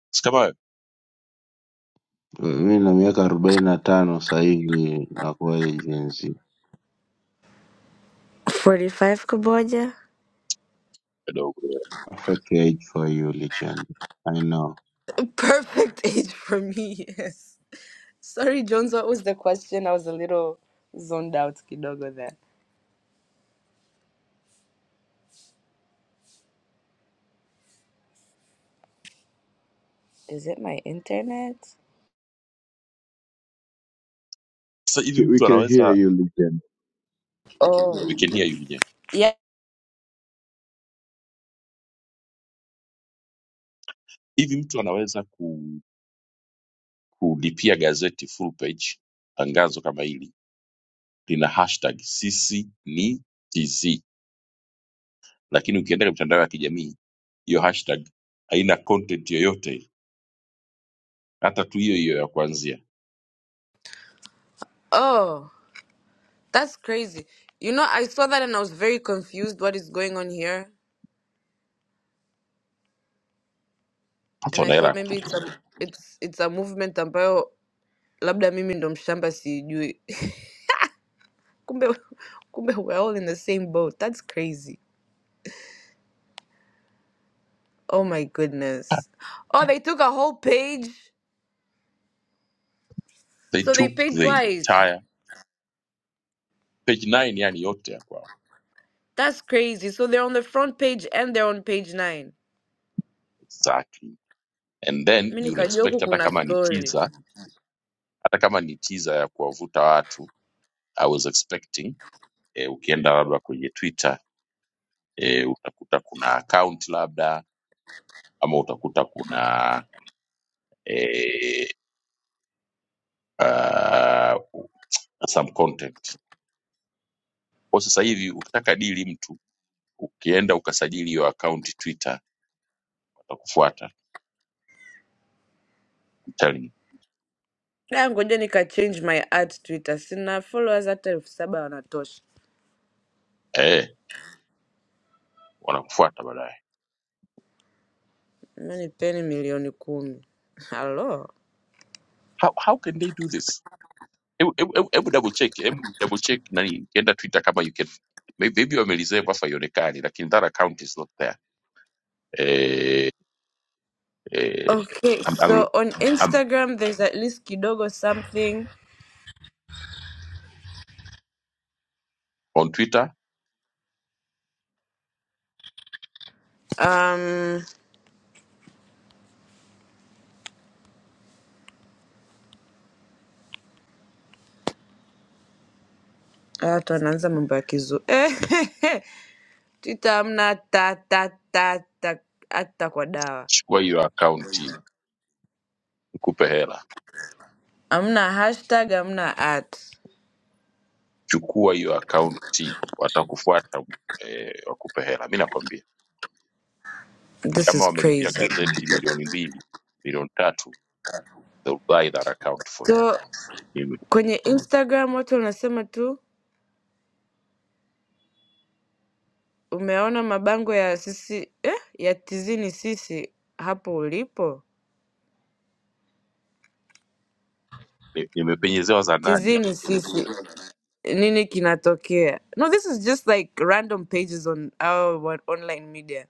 A: si kama wewe
B: Mimi na miaka arobaini na tano sasa hivi nakuwa Gen Z.
D: 45 kuboja?
A: kidogo
B: Perfect age for you, legend. I know.
D: perfect age for me yes Sorry, Jones, what was the question? I was a little zoned out kidogo there. Is it my internet?
A: sasa hivi
B: K- We
A: mtu
B: can hear
A: anaweza
B: you, legend.
A: we
D: Oh,
A: can hear you Lijen.
D: yeah.
A: hivi mtu anaweza ku, kulipia gazeti full page tangazo kama hili lina hashtag sisi ni tz lakini ukienda kwenye mitandao ya kijamii hiyo hashtag haina content yoyote hata tu hiyo hiyo ya kuanzia
D: Oh, that's crazy. You know, I saw that and I was very confused what is going on here.
A: hata
D: And I
A: wana hela ya
D: thought maybe
A: kutupa
D: it's a, it's, it's a movement ambayo labda mimi ndo mshamba sijui. kumbe, kumbe we're all in the same boat. That's crazy. Oh my goodness. Oh, they took a whole page.
A: they
D: So they
A: took
D: paid
A: the
D: twice.
A: entire page 9 yani yote ya kwao
D: That's crazy. So they're on the front page and they're on page nine.
A: exactly and then
D: Mi
A: you would
D: nikajua
A: expect
D: huku
A: hata
D: kuna
A: kama ni
D: story.
A: teaser hata kama ni tiza ya kuwavuta watu i was expecting eh, ukienda labda kwenye twitter eh, utakuta kuna account labda ama utakuta kuna eh, uh, some content kwa sasa hivi ukitaka dili mtu ukienda ukasajili hiyo account twitter watakufuata I'm telling you.
D: Na ngoja nika change my ad Twitter. Sina followers hata elfu saba wanatosha.
A: eh, wanakufuata baadaye
D: Mi nipeni milioni kumi. Hello.
A: how, how can they do this hebu hebu- hebu- hebu double check hebu double check nani ukienda twitter kama you can maybe maybe wamereserve afa ionekani lakini that account is not there eh, eh,
D: Okay,
A: am,
D: so
A: am,
D: on
A: am,
D: Instagram there's at least kidogo something.
A: on Twitter,
D: Um, ah, watu wanaanza mambo ya kizu. Eh, Twitter hamna ta ta ta ta hata kwa dawa.
A: chukua hiyo akaunti nikupe hela,
D: Hamna hashtag, hamna at.
A: chukua hiyo akaunti watakufuata eh, wakupe hela. Mi nakwambia
D: This
A: kama
D: is
A: wamelipia
D: crazy.
A: gazeti milioni mbili milioni tatu they'll buy that account for you.
D: So.
A: Nime-
D: Kwenye Instagram watu wanasema tu umeona mabango ya sisi eh, ya tizini sisi hapo ulipo.
A: ni- Nimepenyezewa za ndani
D: Tizini sisi nini kinatokea? No, this is just like random pages on our on- online media.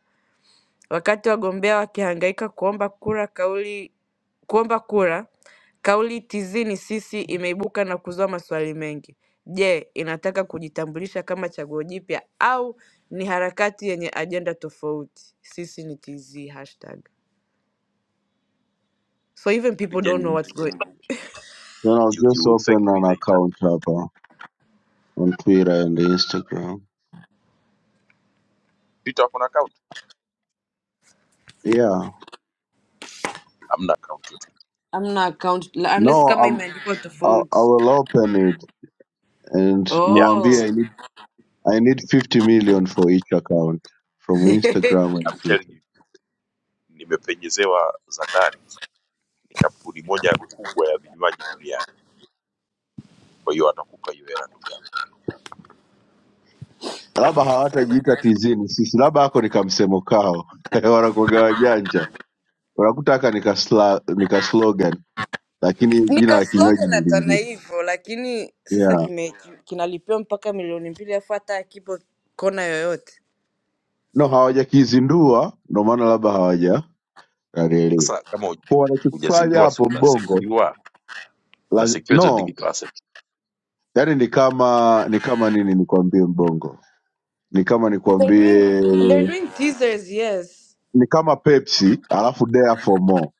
D: Wakati wagombea wakihangaika kuomba kura kauli kuomba kura, kauli tizini sisi imeibuka na kuzua maswali mengi. Je, inataka kujitambulisha kama chaguo jipya au ni harakati yenye ajenda tofauti? Sisi ni TZ hashtag. So even people don't
A: Legend,
D: know
B: Mm.
D: what's going i
B: Then I'll
A: you,
B: just
A: you will
B: open
A: thank me
B: an
A: later.
B: account up uh, on Twitter and Instagram.
A: Twitter wako na account?
B: Yeah.
A: Hamna account yote.
D: Hamna account la- unless
B: No,
D: kama
B: I'm.
D: imeandikwa
B: I'll, I
D: tofauti.
B: will open it and
A: Yeah,
D: Oh.
B: Muambi,
A: just
B: I need I need 50 million for each account from Instagram and
A: I'm telling
B: Twitter.
A: you, nimepenyezewa za ndani. Ni kampuni moja kubwa ya vinywaji duniani Kwa hiyo atakupa hiyo hela ndugu yako.
B: Labda hawatajiita tizini sisi, labda hako ni kamsemo kao wanakuwaga wajanja, wanakutaka nika, sla, nika slogan, lakini jina
D: nika
B: la kinywaji
D: slogan
B: ni
D: na
B: lingine.
D: hivyo lakini
B: Yeah.
D: sasa kime kinalipiwa mpaka milioni mbili afu hata akipo kona yoyote
B: no hawajakizindua ndo maana labda hawaja alielewi
A: Sasa kama huj-
B: kwa wanachokifanya
A: hujazindua, si
B: hapo mbongo
A: unasekiwa,
B: la,
A: unasekiwa hizo
B: no
A: digital asset.
B: yaani ni kama ni kama nini nikwambie mbongo ni kama
D: they're doing,
B: nikwambie
D: they're doing teasers yes
B: ni kama pepsi alafu dare for more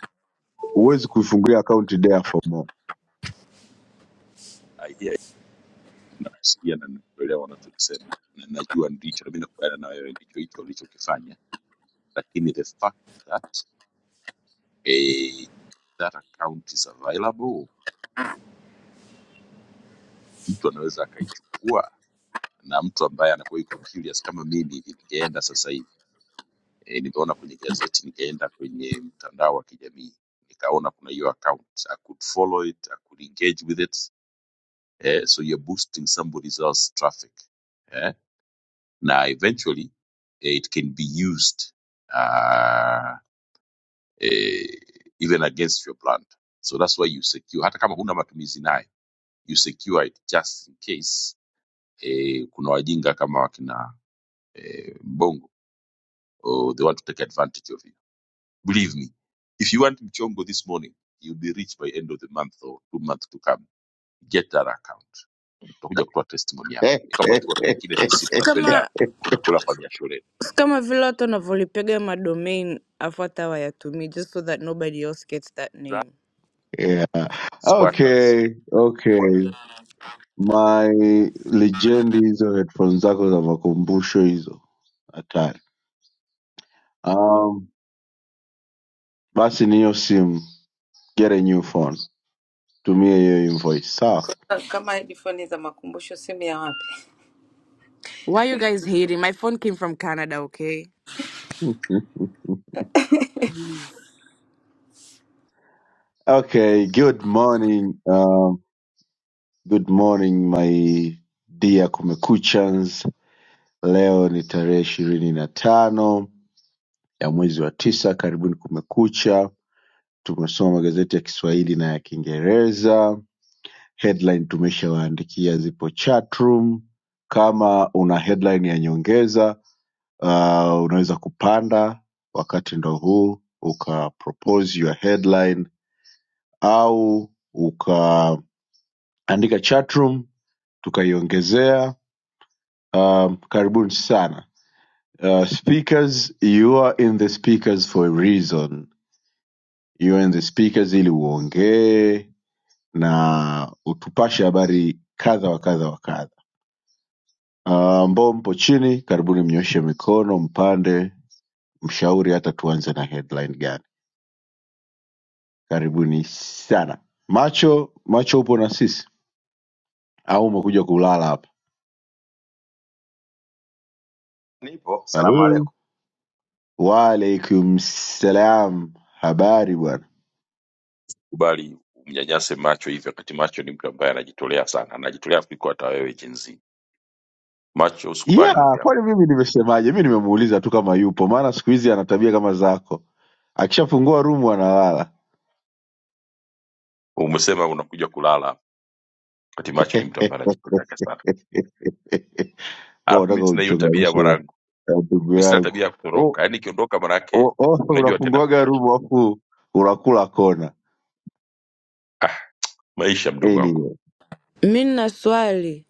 B: huwezi kuifungulia akaunti dare for more
A: I hear you. Nakusikia na nakuelewa wanachokisema na najua ndicho, na mimi nakubaliana na wewe, ndicho hicho ulichokifanya, lakini the fact that eh, that account is available, mtu anaweza akaichukua na mtu ambaye anakuwa yuko curious kama mimi hivi, ningeenda sasa hivi e, nimeona kwenye gazeti, nikaenda kwenye mtandao wa kijamii nikaona kuna hiyo account, I could follow it, I could engage with it eh, so you're boosting somebody else's traffic eh. na eventually eh, it can be used uh, eh, even against your brand so that's why you secure hata kama huna matumizi nayo you secure it just in case eh, kuna wajinga kama wakina eh, mbongo or they want to take advantage of you believe me if you want mchongo this morning you'll be rich by end of the month or two months to come get that account utakuja kutoa testimony hapa ni kwamba tu watu wengine sisi
D: Si
A: tunapenda
D: kama
A: kula kwa jasho letu.
D: si kama vile watu wanavyolipiga madomain afu hata wayatumii just so that nobody else gets that
A: Za-
D: name
B: yeah.
A: Squatters
B: okay okay my legend hizo headphones zako za makumbusho hizo hatari um, basi ni hiyo simu Get a new phone. Tumia hiyo invoice. Sawa.
E: kama ilifoni za makumbusho simu ya wapi?
D: why you guys hating my phone came from canada okay
B: Mhm. Okay, good morning. Um, good morning my dear Kumekuchans. Leo ni tarehe ishirini na tano ya mwezi wa tisa. Karibuni Kumekucha. Tumesoma magazeti ya Kiswahili na ya Kiingereza. Headline tumeshawaandikia, zipo chatroom. Kama una headline ya nyongeza uh, unaweza kupanda wakati ndo huu uka propose your headline au ukaandika chatroom tukaiongezea um, karibuni sana uh, speakers you are in the speakers for a reason you are in the speakers ili uongee na utupashe habari kadha wa kadha wa kadha Ah, ambao uh, mpo chini karibuni mnyoshe mikono mpande mshauri hata tuanze na headline gani karibuni sana macho macho upo na sisi au umekuja kulala hapa
F: Nipo, salamu
B: Hello.
F: alaikum.
B: Waalaikum salam, habari bwana.
A: kubali umnyanyase macho hivi, wakati macho ni mtu ambaye anajitolea sana, anajitolea kuliko hata wewe Gen Z. Macho usikubali ndugu
B: Yeah, kwani
A: yangu,
B: mimi nimesemaje? Mi nimemuuliza tu kama yupo, maana siku hizi ana tabia kama zako, akishafungua rumu analala.
A: umesema unakuja kulala wakati macho ni mtu ambaye anajitoleaga sana.
B: Mbona
A: Alafu
B: unataka
A: mi sina hiyo tabia
B: uchonganishe na
A: mwanangu,
B: na ndugu
A: mi sina
B: yangu?
A: tabia ya
B: Oh,
A: kutoroka, yaani ikiondoka manake
B: oh, oh,
A: unajua tena
B: unafunguaga
A: maisha.
B: rumu afu unakula kona.
A: Ah, maisha mdogo wangu
B: Anyway,
D: mi nina swali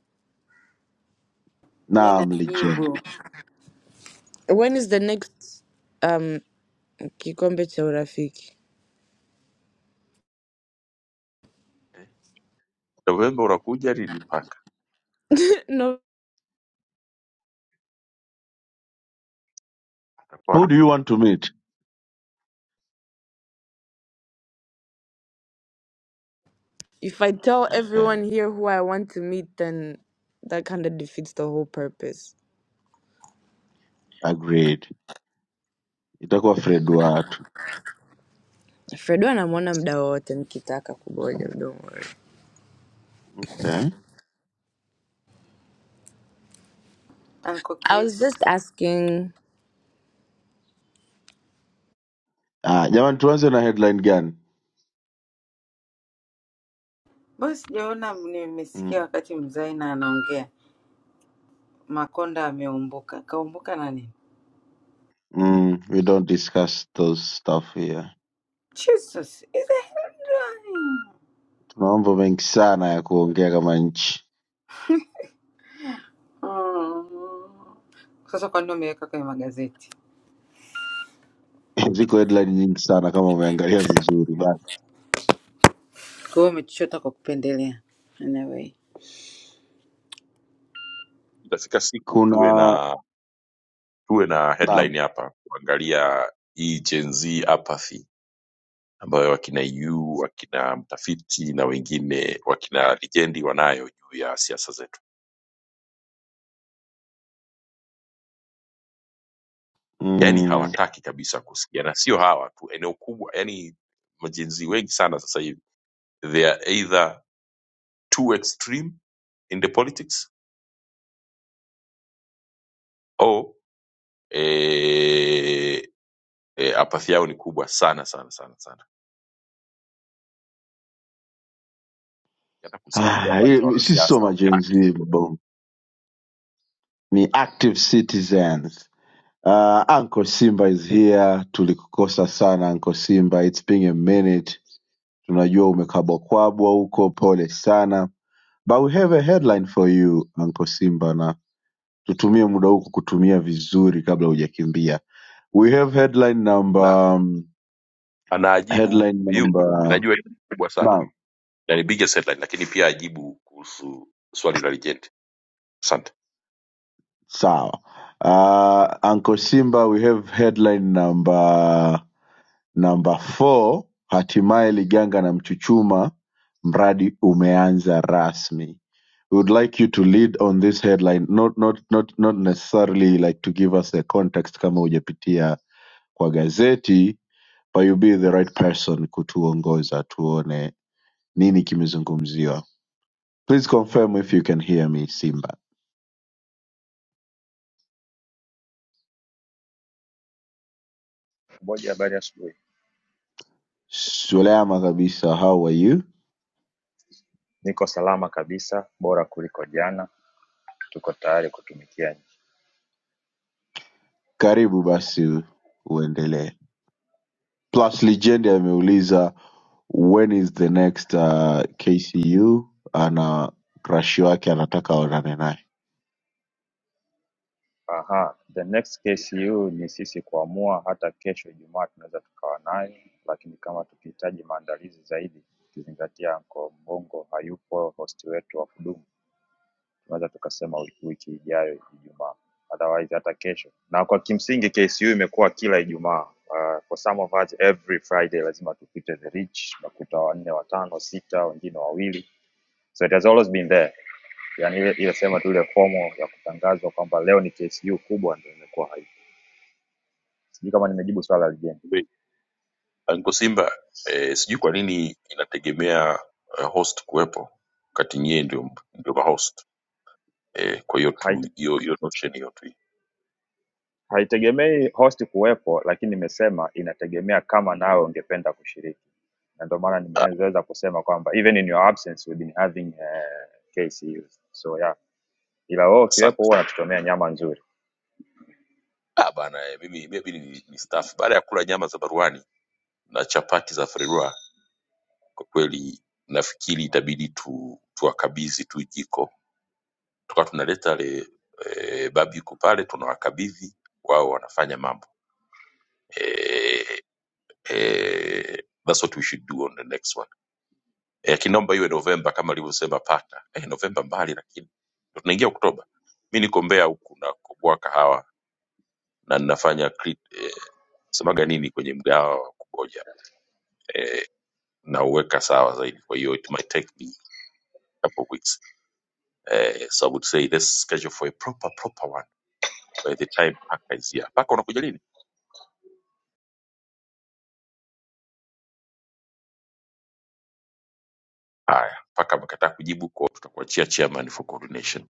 E: Mi
B: naam legend.
E: najibu
D: when is the next um kikombe cha urafiki
A: Eh. Novemba unakuja linipaka
B: Who
A: Poa.
B: do you want to meet?
D: If I tell
B: Okay,
D: everyone here who I want to meet, then that kind of defeats the whole purpose.
B: agreed. Itakuwa Fred watu.
D: Fredo anamwona mda wowote nikitaka kuboja, don't worry.
B: Okay.
E: Uncle
D: I was
E: Chris.
D: just asking.
B: Ah, jamani tuanze na headline gani?
E: Mbona sijaona,
B: Hmm.
E: nimesikia wakati mzaina anaongea Makonda ameumbuka. Kaumbuka na nini?
B: Mm, we don't discuss those stuff here.
E: Jesus is a headline.
B: Tuna mambo mengi sana ya kuongea kama nchi.
E: Mm. Sasa kwa nini umeweka kwenye magazeti?
B: Ziko headline nyingi sana kama umeangalia vizuri. Basi
E: Kwa hiyo umechochota kwa kupendelea. Anyway.
A: itafika siku tuwe
B: kuna
A: na tuwe na
B: naam.
A: headline hapa kuangalia hii Gen Z apathy ambayo wakina EU, wakina mtafiti na wengine wakina lijendi wanayo juu ya siasa zetu. Yaani
B: Mm.
A: hawataki kabisa kusikia, na sio hawa tu, eneo kubwa, yaani majenzi wengi sana sasa hivi they are either too extreme in the politics or eh, eh, apathi yao ni kubwa sana sana sana sana, hata kusikia
B: Ah,
A: habari za
B: hii- sisi so
A: wanasiasa
B: majenzi
A: hawataki,
B: ni active citizens. Uh, Uncle Simba is here. Tulikukosa sana Uncle Simba. It's been a minute. Tunajua umekabwakwabwa huko, pole sana. But we have a headline for you Uncle Simba tutumie muda huu kukutumia vizuri kabla hujakimbia we have headline number
A: na
B: um,
A: anaajibu
B: headline
A: yu
B: number
A: najua hii ni kubwa sana
B: naam
A: na ni biggest headline, lakini pia ajibu kuhusu swali la lijendi Asante.
B: sawa uh, Uncle simba we have headline number number four hatimaye liganga na mchuchuma mradi umeanza rasmi we would like you to lead on this headline not, not, not, not necessarily like to give us a context kama hujapitia kwa gazeti but you be the right person kutuongoza tuone nini kimezungumziwa please confirm if you can hear me simba
G: Kuboja habari ya asubuhi.
B: sulema kabisa how are you
G: Niko salama kabisa, bora kuliko jana. Tuko tayari kutumikia nchi.
B: karibu basi uendelee plus legend ameuliza when is the next uh, kcu ana crush wake anataka aonane naye
G: Aha, the next KCU ni sisi kuamua. Hata kesho Ijumaa tunaweza tukawa nayo, lakini kama tukihitaji maandalizi zaidi, ukizingatia Anko Mbongo hayupo, host wetu wa kudumu, tunaweza tukasema wiki wiki ijayo Ijumaa, otherwise hata kesho. Na kwa kimsingi KCU imekuwa kila Ijumaa. Uh, for some of us every Friday lazima tupite the reach, unakuta wanne, watano, sita, wengine wawili So it has always been there. Yaani ile ile sema tu ile fomo ya kutangazwa kwamba leo ni TSU kubwa ndio imekuwa haipo. Sijui kama nimejibu swala la Jane.
A: Be- Anko Simba, eh, sijui kwa nini inategemea eh, host kuwepo wakati nyie ndio ndio ma host. Eh, kwa hiyo tu
G: Haite-
A: hiyo hiyo notion hiyo tu.
G: Haitegemei host kuwepo, lakini nimesema inategemea kama nawe ungependa kushiriki, na ndio maana
A: Ah,
G: nimeweza kusema kwamba even in your absence we've been having uh, KCUs. So yeah, ila wewe ukiwepo
A: Asante
G: huwa
A: sana.
G: unatutomea nyama nzuri.
A: Ah, bana eh, mimi maybe ni, ni staff baada ya kula nyama za baruani na chapati za Ferrero kwa kweli nafikiri itabidi tu tuwakabidhi tu jiko. Tukawa tunaleta le eh, babi yuko pale tunawakabidhi wao wanafanya mambo. Eh, eh, that's what we should do on the next one. eh, kinomba iwe Novemba kama alivyosema pata eh, Novemba mbali, lakini ndo tunaingia Oktoba. Mi niko Mbeya huku nakoboa kahawa na ninafanya crit- eh, semaga nini kwenye mgahawa wa kuboja eh, nauweka sawa zaidi, kwa hiyo it might take me a couple of weeks eh, so I would say let's schedule for a proper proper one by the time paka is here. Paka unakuja lini? Haya, paka amekataa kujibu, kwa hiyo tutakuachia chairman for coordination.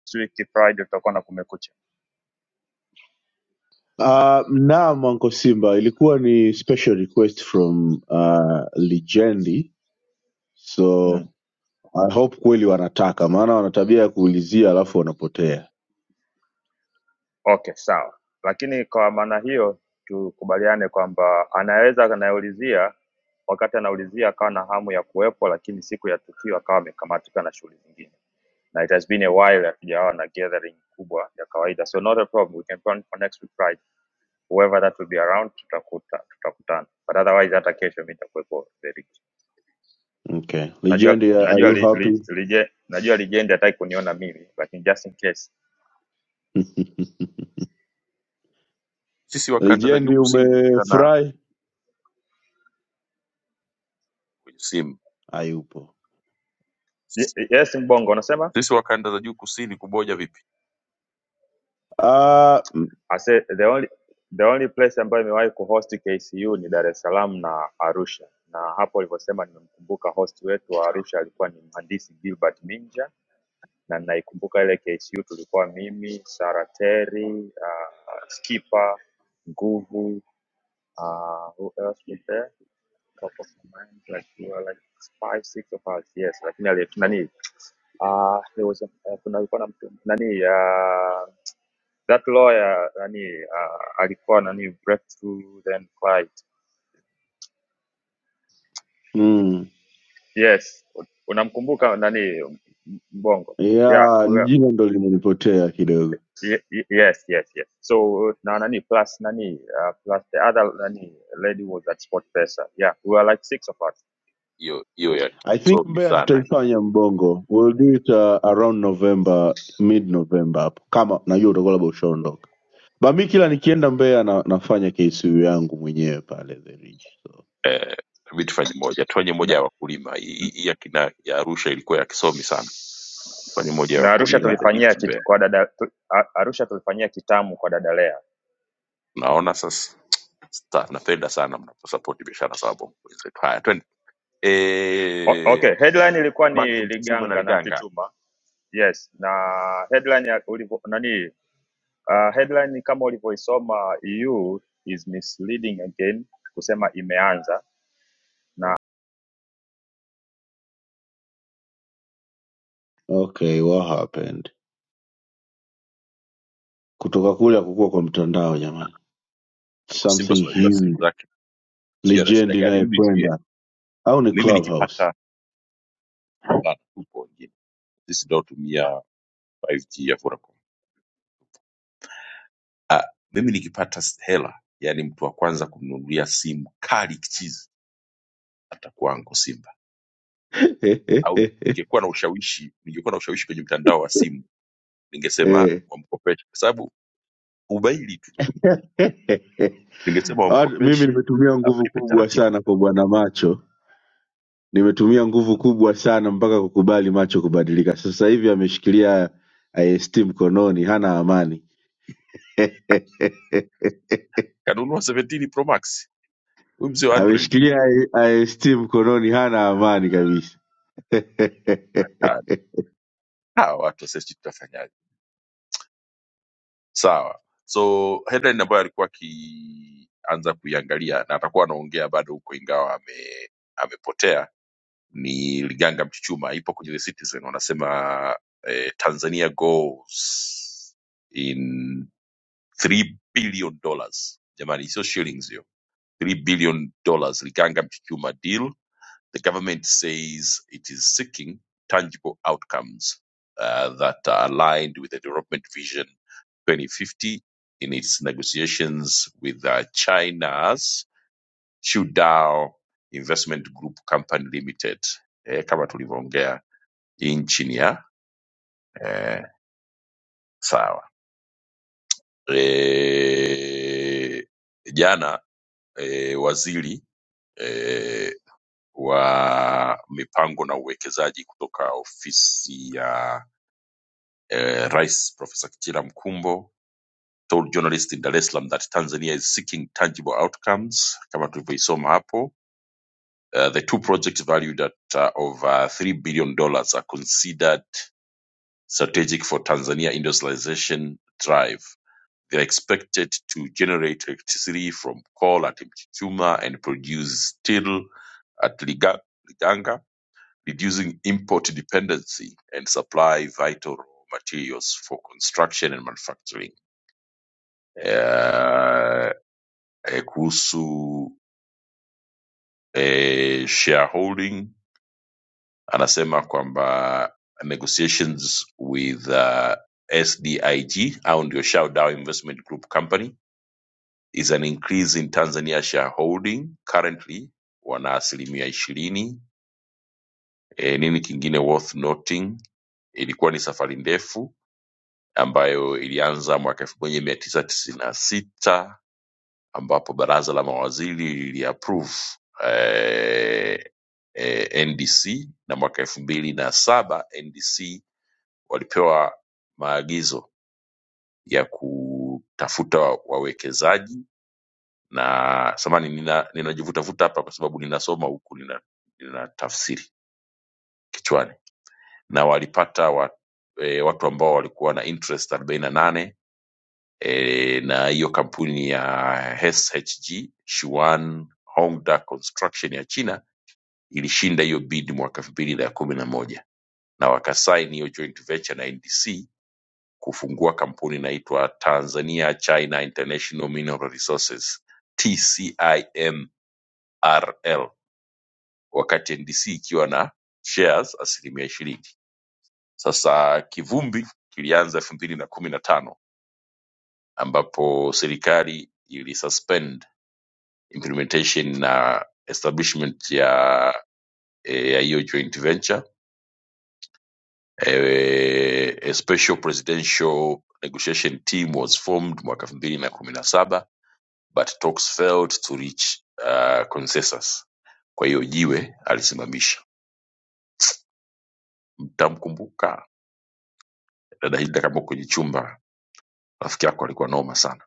G: Next week Friday tutakuwa na kumekucha.
B: Uh, naam Uncle Simba, ilikuwa ni special request from uh, Lijendi, so
G: Mm.
B: I hope kweli wanataka, maana wana tabia ya kuulizia alafu wanapotea.
G: Okay, sawa. Lakini kwa maana hiyo tukubaliane kwamba anaweza anayeulizia, wakati anaulizia akawa na hamu ya kuwepo, lakini siku ya tukio akawa amekamatika na shughuli zingine, na it has been a while hatujawa na gathering kubwa ya kawaida, so not a problem, we can plan for next week Friday, whoever that will be around, tutakuta tutakutana, but otherwise hata kesho mimi nitakuwepo very
B: Okay,
G: najua
B: Lijendi, are are
G: najua
B: you
G: li, li,
B: happy?
G: lije, najua lijendi hataki kuniona mimi, lakini just in case.
A: Sisi wa kanda za juu
B: Lijendi,
A: kusini tutakutana
B: umefurahi?
A: kwenye simu.
B: Hayupo.
G: Y-
A: Sisi
G: Yes, Mbongo, unasema?
A: sisi wa kanda za juu kusini kuboja vipi?
B: Ah, mm,
G: I said the only the only place ambayo imewahi kuhost KCU ni Dar es Salaam na Arusha, na hapo ulivyosema, nimemkumbuka host wetu wa Arusha alikuwa ni mhandisi Gilbert Minja, na naikumbuka ile KCU tulikuwa mimi, Sara Terry, uh, Skipper, Nguvu, uh, who else was there? Top of my mind, like we were like five, six of us, yes, lakini aliye nani, uh, there was a, uh, kuna alikuwa na mtu nani Uh, that lawyer nani uh, alikuwa nani breakthrough then quiet
B: mm,
G: yes unamkumbuka nani mbongo yeah
B: yeah,
G: we were,
B: jina ndo limenipotea kidogo.
G: ye- ye- yes yes yes so na nani plus nani uh, plus the other nani lady was at sport pesa yeah we were like six of us
A: hiyo hiyo ya
B: I think
A: kisomi
B: Mbeya
A: sana
B: tutaifanya Mbongo. We'll do it uh, around November, mid November hapo, kama najua utakuwa labda ushaondoka. Bami kila nikienda Mbeya na, nafanya KCU yangu mwenyewe pale the Ridge. So,
A: eh, inabidi tufanye moja tufanye moja
G: na,
A: ya wakulima hii hii- hii ya, kina, ya arusha ilikuwa ya kisomi sana tufanye moja ya
G: na arusha
A: wakulima
B: yeah.
A: the
G: tulifanyia
A: Leads
G: kit,
A: Mbeya
G: kwa dada tu, A- arusha tulifanyia kitamu kwa dada lea
A: unaona sasa sta, napenda sana mnaposapoti biashara za wabongo wenzetu haya twende
G: o,
A: eh
G: okay headline ilikuwa
A: back to
G: ni
A: mchuchuma na
G: liganga na
A: liganga
G: mtutuma yes na headline ya- ulivo, nani Uh, headline ni kama ulivyoisoma EU is misleading again kusema imeanza.
B: Okay, what happened? Kutoka kule hakukuwa kwa mtandao jamani,
A: Uncle Simba si
B: something
A: unajua simu
B: huge.
A: zake sio ana shida
B: Lijendi
A: gani
B: naye
A: mimi sijui
B: kwenda au ni
A: mimi
B: Clubhouse?
A: nikipata na tupo wengine sisi tunaotumia 5G ya Vodacom mimi nikipata s- hela yani mtu wa kwanza kumnunulia simu kali kichizi hata kwangu Simba au ningekuwa na ushawishi, ningekuwa na ushawishi kwenye mtandao wa simu, ningesema
B: Eh.
A: wamkopeshe, kwa sababu ubaili tu, ningesema
B: Watu- Mimi
A: wamkopeshe
B: nimetumia nguvu
A: alipe
B: kubwa
A: taratibu,
B: sana kwa bwana macho, nimetumia nguvu kubwa sana mpaka kukubali macho kubadilika. Sasa hivi ameshikilia IST mkononi, hana amani
A: kanunua 17 Pro Max huyu mzee wa Android bana.
B: ameshikilia I- IST mkononi, hana amani kabisa.
A: Kali. hawa watu sasa, sisi tutafanyaje? Sawa, so headline ambayo alikuwa akianza kuiangalia na atakuwa anaongea bado huko, ingawa ame amepotea ni Liganga Mchuchuma, ipo kwenye The Citizen, wanasema eh, Tanzania goes in three billion dollars jamani sio shillings hiyo three billion dollars liganga mchuchuma deal the government says it is seeking tangible outcomes uh, that are aligned with the development vision 2050 in its negotiations with uh, china's chudao investment group company limited eh, kama tulivyoongea hii nchini ya eh, sawa eh, jana eh, waziri eh, wa mipango na uwekezaji kutoka ofisi ya eh, Rais Profesa Kitila Mkumbo told journalists in Dar es Salaam that Tanzania is seeking tangible outcomes kama tulivyoisoma hapo. Uh, the two projects valued at uh, over $3 billion dollars are considered strategic for Tanzania industrialization drive. They are expected to generate electricity from coal at Mchuchuma and produce steel at Liga, Liganga reducing import dependency and supply vital raw materials for construction and manufacturing. Eh, eh, Kuhusu eh, shareholding anasema kwamba negotiations with uh, SDIG au ndio Shell Dow Investment Group Company is an increase in Tanzania shareholding currently wana asilimia ishirini. E, nini kingine worth noting, ilikuwa ni safari ndefu ambayo ilianza mwaka elfu moja mia tisa tisini na sita ambapo baraza la mawaziri liliapprove eh, eh, NDC na mwaka elfu mbili na saba NDC walipewa maagizo ya kutafuta wa- wawekezaji na samani nina, ninajivutavuta hapa kwa sababu ninasoma huku nina, nina tafsiri kichwani na walipata wa, e, watu ambao walikuwa na interest arobaini na nane e, na hiyo kampuni ya SHG Shuan Hongda Construction ya China ilishinda hiyo bid mwaka elfu mbili na kumi na moja na wakasaini hiyo joint venture na NDC kufungua kampuni inaitwa Tanzania China International Mineral Resources TCIMRL, wakati NDC ikiwa na shares asilimia ishirini. Sasa kivumbi kilianza elfu mbili na kumi na tano ambapo serikali ilisuspend implementation na establishment ya eh, ya hiyo joint venture eh, a special presidential negotiation team was formed mwaka 2017 na kumi na saba but talks failed to reach uh, consensus kwa hiyo jiwe alisimamisha mtamkumbuka dada hilda kama kwenye chumba rafiki yako alikuwa noma sana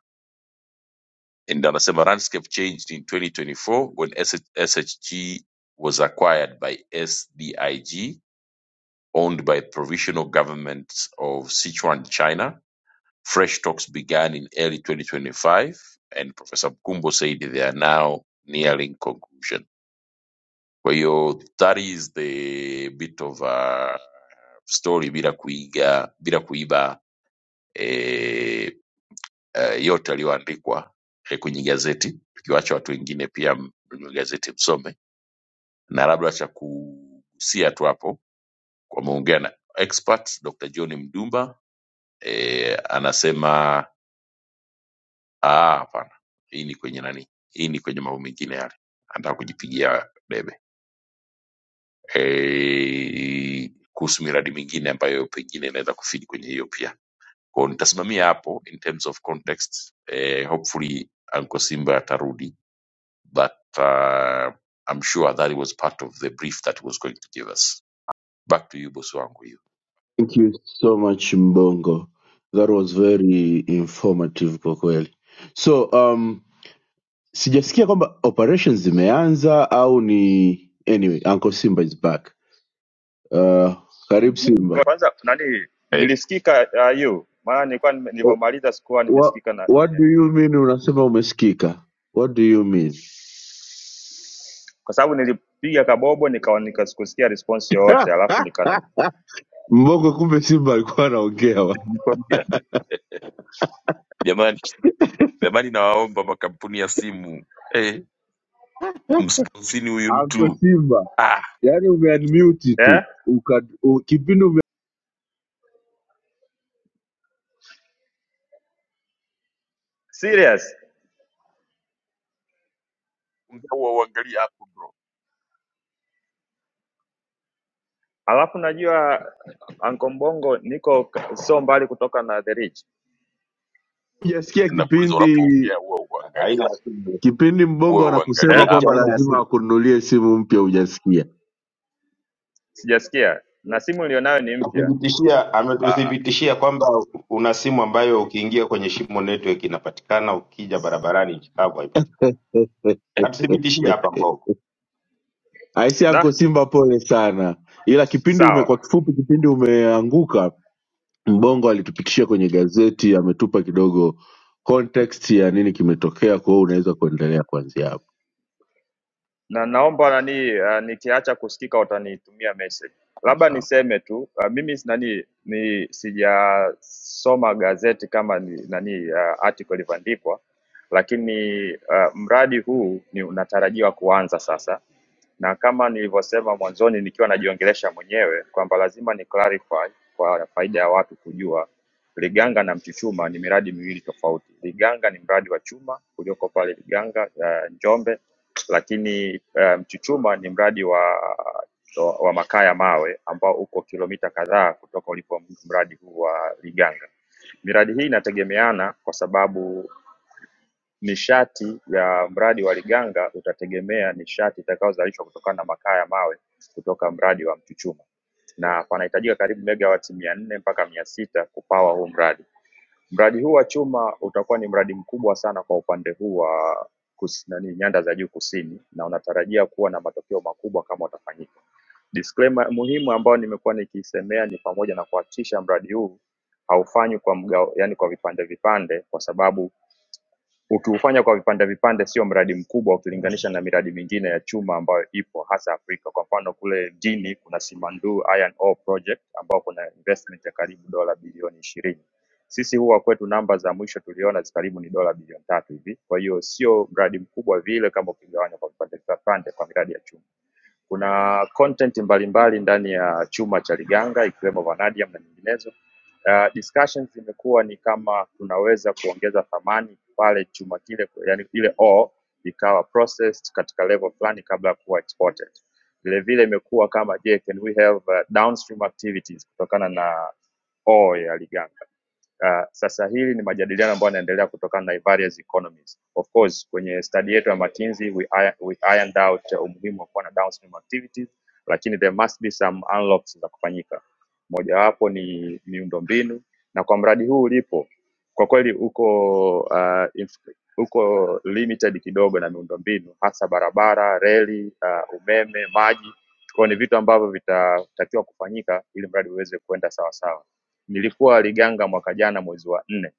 A: and anasema landscape changed in 2024 when SH, shg was acquired by sdig owned by provisional governments of Sichuan, China. Fresh talks began in early 2025 and Professor Mkumbo said they are now nearing conclusion. Kwa hiyo that is the bit of a story bila kuiga bila kuiba eh, eh, yote yaliyoandikwa eh, kwenye gazeti, tukiwacha watu wengine pia mnunue gazeti msome, na labda cha kugusia tu hapo, wameongea na experts Dr. John Mdumba e, anasema "Ah, hapana, hii ni kwenye nani, hii ni kwenye mambo mengine yale, anataka kujipigia debe e, kuhusu miradi mingine ambayo pengine inaweza kufidi kwenye hiyo pia. Kwa hiyo nitasimamia hapo in terms of context e, hopefully Uncle Simba atarudi but uh, I'm sure that it was part of the brief that he was going to give us. Back to you bosi wangu hiyo.
B: Thank you so much Mbongo, that was very informative kwa kweli. So um, sijasikia kwamba operations zimeanza au ni anyway uncle simba is back uh, karibu
G: Kwa-
B: simba
G: Kwanza nani
A: Eh,
G: nilisikika uh, EU maana nilikuwa nime-
B: oh,
G: nilivyomaliza sikuwa
B: what,
G: nimesikika na
B: what do you
G: nimeajiriwa.
B: mean unasema umesikika what do you mean
G: Kwa sababu nilipiga kabobo nikawa nikasikusikia response
B: Ha!
G: yoyote alafu nikana
B: mbongo kumbe simba alikuwa anaongea wa.
A: nikwambia. Jamani, jamani nawaomba makampuni ya simu Eh, msponsini huyu
B: uncle
A: mtu
B: simba
A: ah,
B: yani umeunmute tu
G: eh
B: Uka, u, kipindi ume-
G: serious
A: ongea huwa uangalii hapo bro,
G: alafu najua Uncle Mbongo niko k- sio mbali kutoka na the ridge
B: hujasikia
A: nakuuliza
B: kipindi
A: unapoongea huwa
F: Aina
A: uangalii
F: ya simu
B: kipindi mbongo
A: huwa uangalii
B: anakusema
G: eh
F: mwenyekiti,
A: hapo
B: kwamba
F: aina ya
B: lazima
F: simu
B: akununulie simu mpya hujasikia
G: sijasikia na simu
A: Kwepo.
G: nilionayo ni mpya
F: tuthibitishia,
A: ah,
F: ametuthibitishia kwamba una simu ambayo ukiingia kwenye Shimo Network inapatikana, ukija barabarani nchi kavu haipatikani. Katuthibitishia hapa Mbogo
B: Aisee,
G: da
B: Anko Simba pole sana, ila kipindi ume,
G: sawa
B: kwa kifupi, kipindi umeanguka, Mbongo alitupitishia kwenye gazeti, ametupa kidogo context ya nini kimetokea. Kwa hiyo unaweza kuendelea kuanzia hapo.
G: na naomba nani uh, nikiacha kusikika utanitumia message.
B: Sawa
G: Labda
B: sawa,
G: niseme tu uh, mimi si- nani ni sijasoma gazeti kama ni, nani uh, article ilivyoandikwa, lakini uh, mradi huu ni unatarajiwa kuanza sasa na kama nilivyosema mwanzoni nikiwa najiongelesha mwenyewe kwamba lazima ni clarify kwa faida ya watu kujua Liganga na Mchuchuma ni miradi miwili tofauti. Liganga ni mradi wa chuma ulioko pale Liganga uh, Njombe, lakini uh, Mchuchuma ni mradi wa, wa, wa makaa ya mawe ambao uko kilomita kadhaa kutoka ulipo mradi huu wa Liganga. Miradi hii inategemeana kwa sababu Nishati ya mradi wa Liganga utategemea nishati itakayozalishwa kutokana na makaa ya mawe kutoka mradi wa Mchuchuma na panahitajika karibu megawati mia nne mpaka mia sita kupawa huu mradi. Mradi huu wa chuma utakuwa ni mradi mkubwa sana kwa upande huu wa kus, nani, nyanda za juu kusini na unatarajia kuwa na matokeo makubwa kama utafanyika. Disclaimer muhimu ambayo nimekuwa nikiisemea ni pamoja na kuhakikisha mradi huu haufanywi kwa mgao, yani kwa vipande vipande, kwa sababu Ukiufanya kwa vipande vipande sio mradi mkubwa ukilinganisha na miradi mingine ya chuma ambayo ipo hasa Afrika. Kwa mfano kule mjini kuna Simandu Iron Ore Project ambao kuna investment ya karibu dola bilioni ishirini. Sisi huwa kwetu namba za mwisho tuliona zi karibu ni dola bilioni tatu hivi. Kwa hiyo sio mradi mkubwa vile kama ukigawanya kwa vipande vipande kwa miradi ya chuma. Kuna content mbalimbali ndani ya chuma cha Liganga ikiwemo vanadium na nyinginezo. Uh, discussions zimekuwa ni kama tunaweza kuongeza thamani pale chuma kile, yani ile ore ikawa processed katika level fulani kabla ya kuwa exported. Vile vile imekuwa kama je, can we have uh, downstream activities kutokana na ore ya Liganga. Uh, sasa hili ni majadiliano ambayo yanaendelea kutokana na various economies. Of course, kwenye study yetu ya McKinsey we, iron- we ironed out uh, umuhimu wa kuwa na downstream activities, lakini there must be some unlocks za kufanyika. Mojawapo ni miundombinu, na kwa mradi huu ulipo kwa kweli uko uh, inf- uko limited kidogo na miundombinu, hasa barabara, reli, uh, umeme, maji. Kwa hiyo ni vitu ambavyo vitatakiwa kufanyika ili mradi uweze kwenda sawasawa Nilikuwa Liganga mwaka jana mwezi wa nne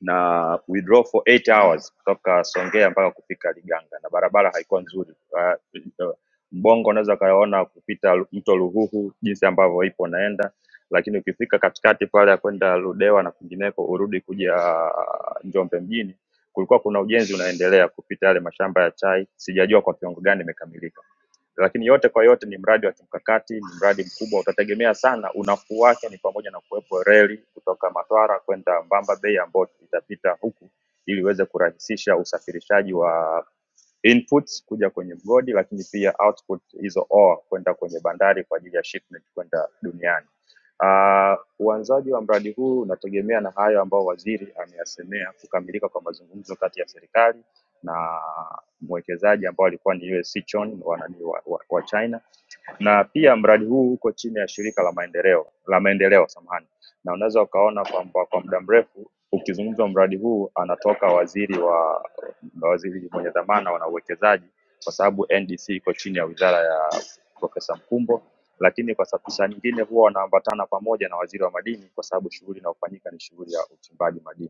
G: na we drove for 8 hours kutoka Songea mpaka kufika Liganga na barabara haikuwa nzuri. Uh, Mbongo unaweza ukaona kupita mto Ruhuhu jinsi ambavyo ipo naenda, lakini ukifika katikati pale ya kwenda Ludewa na kwingineko urudi kuja ah, Njombe mjini, kulikuwa kuna ujenzi unaendelea kupita yale mashamba ya chai, sijajua kwa kiwango gani imekamilika. Lakini yote kwa yote ni mradi wa kimkakati, ni mradi mkubwa, utategemea sana unafuu wake ni pamoja na kuwepo reli kutoka Matwara kwenda Mbamba Bay ambayo itapita huku ili iweze kurahisisha usafirishaji wa inputs kuja kwenye mgodi, lakini pia output hizo ore kwenda kwenye bandari kwa ajili ya shipment kwenda duniani. Ah, Uanzaji wa mradi huu unategemea na hayo ambayo waziri ameyasemea, kukamilika kwa mazungumzo kati ya serikali na mwekezaji ambao alikuwa ni Sichon wa, nani, wa, wa, wa China na pia mradi huu uko chini ya shirika la maendeleo la maendeleo samahani, na unaweza ukaona kwamba kwa muda mrefu ukizungumzwa mradi huu anatoka waziri wa waziri mwenye dhamana wana uwekezaji, kwa sababu NDC iko chini ya wizara ya Profesa Mkumbo, lakini kwa sababu saa nyingine huwa wanaambatana pamoja na waziri wa madini, kwa sababu shughuli inayofanyika ni shughuli ya uchimbaji madini.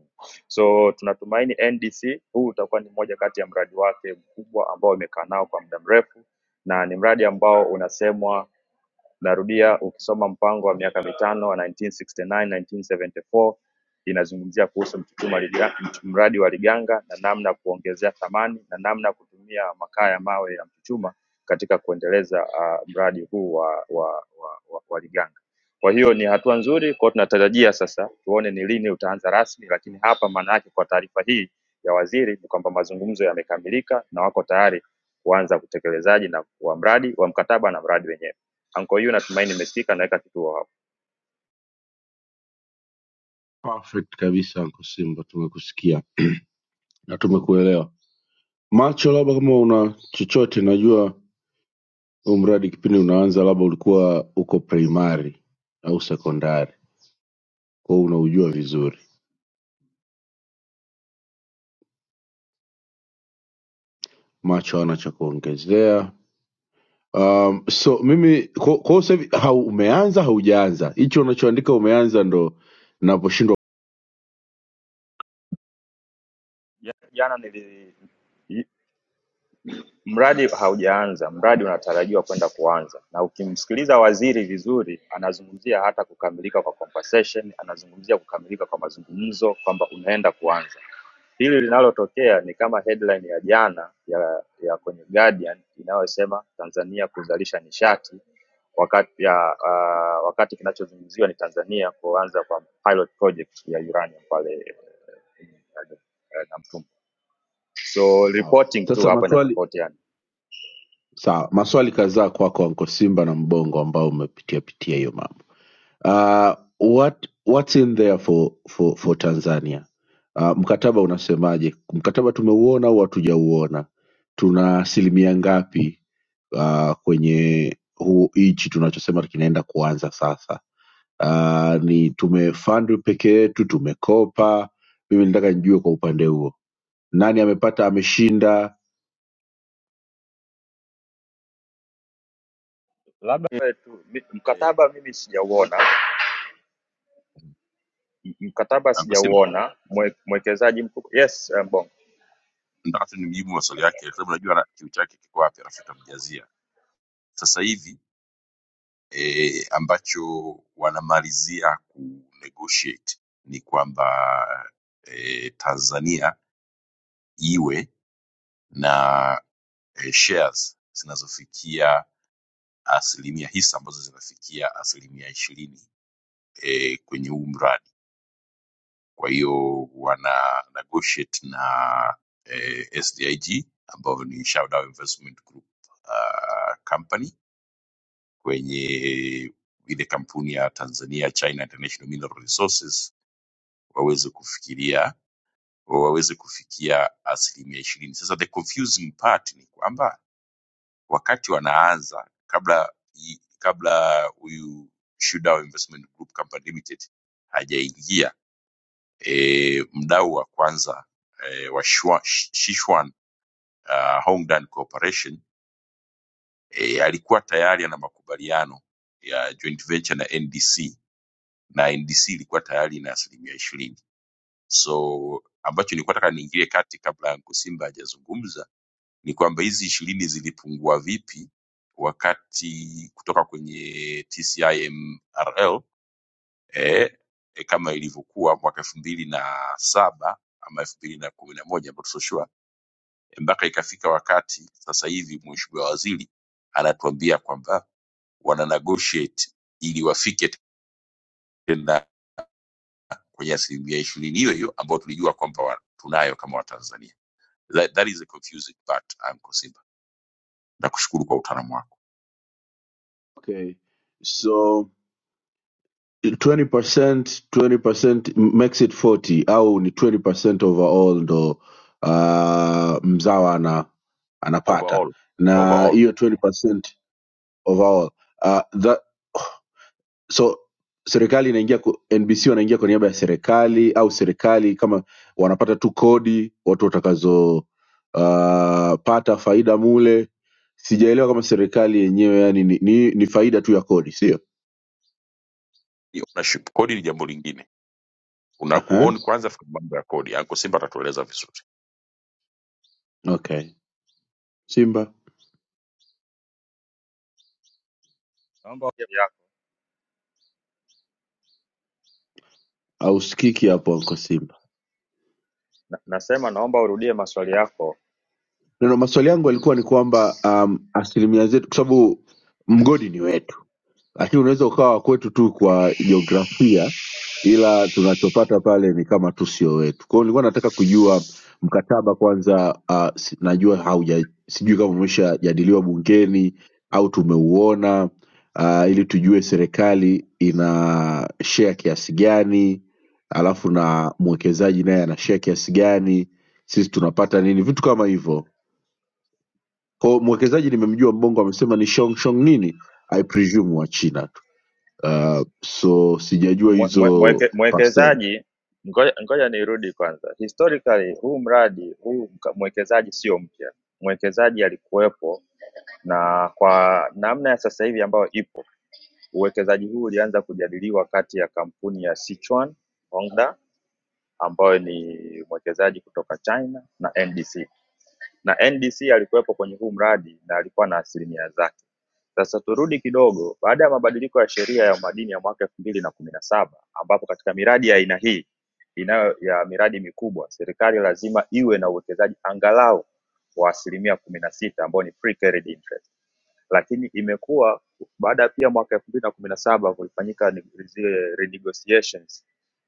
G: So tunatumaini NDC huu utakuwa ni moja kati ya mradi wake mkubwa ambao amekaa nao kwa muda mrefu, na ni mradi ambao unasemwa narudia ukisoma mpango wa miaka mitano wa 1969-1974 inazungumzia kuhusu Mchuchuma Liga- mch- mradi wa Liganga na namna kuongezea thamani na namna kutumia makaa ya mawe ya Mchuchuma katika kuendeleza uh, mradi huu wa, wa, wa, wa, wa Liganga. Kwa hiyo ni hatua nzuri, kwa hiyo tunatarajia sasa tuone ni lini utaanza rasmi, lakini hapa maana yake kwa taarifa hii ya waziri ni kwamba mazungumzo yamekamilika na wako tayari kuanza utekelezaji na wa mradi wa mkataba na mradi wenyewe. Anko yu natumaini nimesikika naweka kituo hapo.
B: perfect kabisa Anko Simba, tumekusikia na tumekuelewa. Macho, labda kama una chochote, najua huu mradi kipindi unaanza, labda ulikuwa uko primary au sekondari, kwa hiyo unaujua vizuri. Macho hana cha kuongezea, Um, so mimi kwa kwa hiyo sasa hivi hau, umeanza haujaanza, hicho unachoandika umeanza ndo naposhindwa.
G: Ja- Jana nili i- mradi haujaanza, mradi unatarajiwa kwenda kuanza, na ukimsikiliza waziri vizuri, anazungumzia hata kukamilika kwa conversation, anazungumzia kukamilika kwa mazungumzo kwamba unaenda kuanza. Hili linalotokea ni kama headline ya jana ya, ya kwenye Guardian inayosema Tanzania kuzalisha nishati wakati ya uh, wakati kinachozungumziwa ni Tanzania kuanza kwa pilot project ya uranium pale eh, na mtumwa so
B: kuelewa.
G: reporting tu
B: Sasa
G: hapa
B: maswali
G: inatofautiana
B: sawa, maswali kadhaa kwako Anko Simba na Mbongo ambao umepitia pitia hiyo mambo. Uh, what what's in there for for for Tanzania? Uh, mkataba unasemaje? Mkataba tumeuona au hatujauona? Tuna asilimia ngapi uh, kwenye huu hichi tunachosema kinaenda kuanza sasa? uh, ni tumefund peke yetu tumekopa mimi nataka nijue kwa upande huo nani amepata ameshinda
G: Eh, tu, mi-
A: eh,
G: mkataba mimi
A: ngoja,
G: sijauona M- mkataba
A: Anko Simba
G: sijauona mwe- mwekezaji mkubwa yes eh, mbongo
A: nataka tu nimjibu maswali yake, kwa sababu najua ana- kiu chake kiko wapi, alafu utamjazia sasa hivi eh, ambacho wanamalizia ku negotiate ni kwamba eh, Tanzania iwe na eh, shares zinazofikia asilimia hisa ambazo zinafikia asilimia ishirini eh, kwenye huu mradi. Kwa hiyo wana negotiate na eh, SDIG ambao ni Shadow Investment Group uh, company kwenye ile kampuni ya Tanzania China International Mineral Resources waweze kufikiria waweze kufikia asilimia ishirini. Sasa the confusing part ni kwamba wakati wanaanza kabla i- kabla huyu Shudao Investment Group Company Limited hajaingia e, mdau wa kwanza e, wa Shwa- Sh- Sichuan uh, Hongdan Corporation e, alikuwa tayari ana makubaliano ya joint venture na NDC na NDC ilikuwa tayari na asilimia ishirini. So ambacho nilikuwa nataka niingilie kati kabla Anko Simba hajazungumza ni kwamba hizi ishirini zilipungua vipi wakati kutoka kwenye TCIMRL eh, eh, kama ilivyokuwa mwaka elfu mbili na saba ama elfu mbili na kumi na moja but so sure mpaka ikafika wakati sasa hivi mheshimiwa waziri anatuambia kwamba wana negotiate ili wafike tena kwenye asilimia ishirini hiyo hiyo ambayo tulijua kwamba wa- tunayo kama watanzania that, that is the confusing part Uncle Simba nakushukuru kwa utaalamu wako
B: okay so 20% 20% makes it 40 au ni 20% overall ndo uh, mzawa ana, anapata
A: overall
B: na
A: overall
B: hiyo 20% overall uh, that, so serikali inaingia ku- nbc wanaingia kwa niaba ya serikali au serikali kama wanapata tu kodi watu watakazo uh, pata faida mule sijaelewa kama serikali yenyewe yani ni, ni, ni faida tu ya kodi sio
A: ni ownership kodi ni jambo lingine una
B: Aha,
A: kuown kwanza fika mambo ya kodi Uncle Simba atatueleza vizuri
B: okay simba
G: naomba urudie yako
B: ausikiki hapo anko simba
G: na, nasema naomba urudie maswali yako
B: neno maswali yangu yalikuwa ni kwamba um, asilimia zetu kwa sababu mgodi ni wetu lakini unaweza ukawa wa kwetu tu kwa jiografia ila tunachopata pale ni kama tu sio wetu kwao nilikuwa nataka kujua mkataba kwanza uh, si- najua hauja sijui kama umeshajadiliwa bungeni au tumeuona uh, ili tujue serikali ina share kiasi gani alafu na mwekezaji naye ana share kiasi gani sisi tunapata nini vitu kama hivyo Kwa hiyo mwekezaji nimemjua mbongo amesema ni shongshong nini i presume wa china Uh, so sijajua
G: mwe, mwe,
B: hizo
G: mweke,
B: percent.
G: mwekezaji ngoja, ngoja nirudi kwanza historically huu mradi huu mka- mwekezaji sio mpya mwekezaji alikuwepo na kwa namna ya sasa hivi ambayo ipo Uwekezaji huu ulianza kujadiliwa kati ya kampuni ya Sichuan Hongda ambayo ni mwekezaji kutoka China na NDC na NDC alikuwepo kwenye huu mradi na alikuwa na asilimia zake. Sasa turudi kidogo, baada ya mabadiliko ya sheria ya madini ya mwaka elfu mbili na kumi na saba ambapo katika miradi ya aina hii inayo ya miradi mikubwa, serikali lazima iwe na uwekezaji angalau wa asilimia kumi na sita ambao ni pre carried interest lakini imekuwa baada pia mwaka elfu mbili na kumi na saba kulifanyika ni- zile renegotiations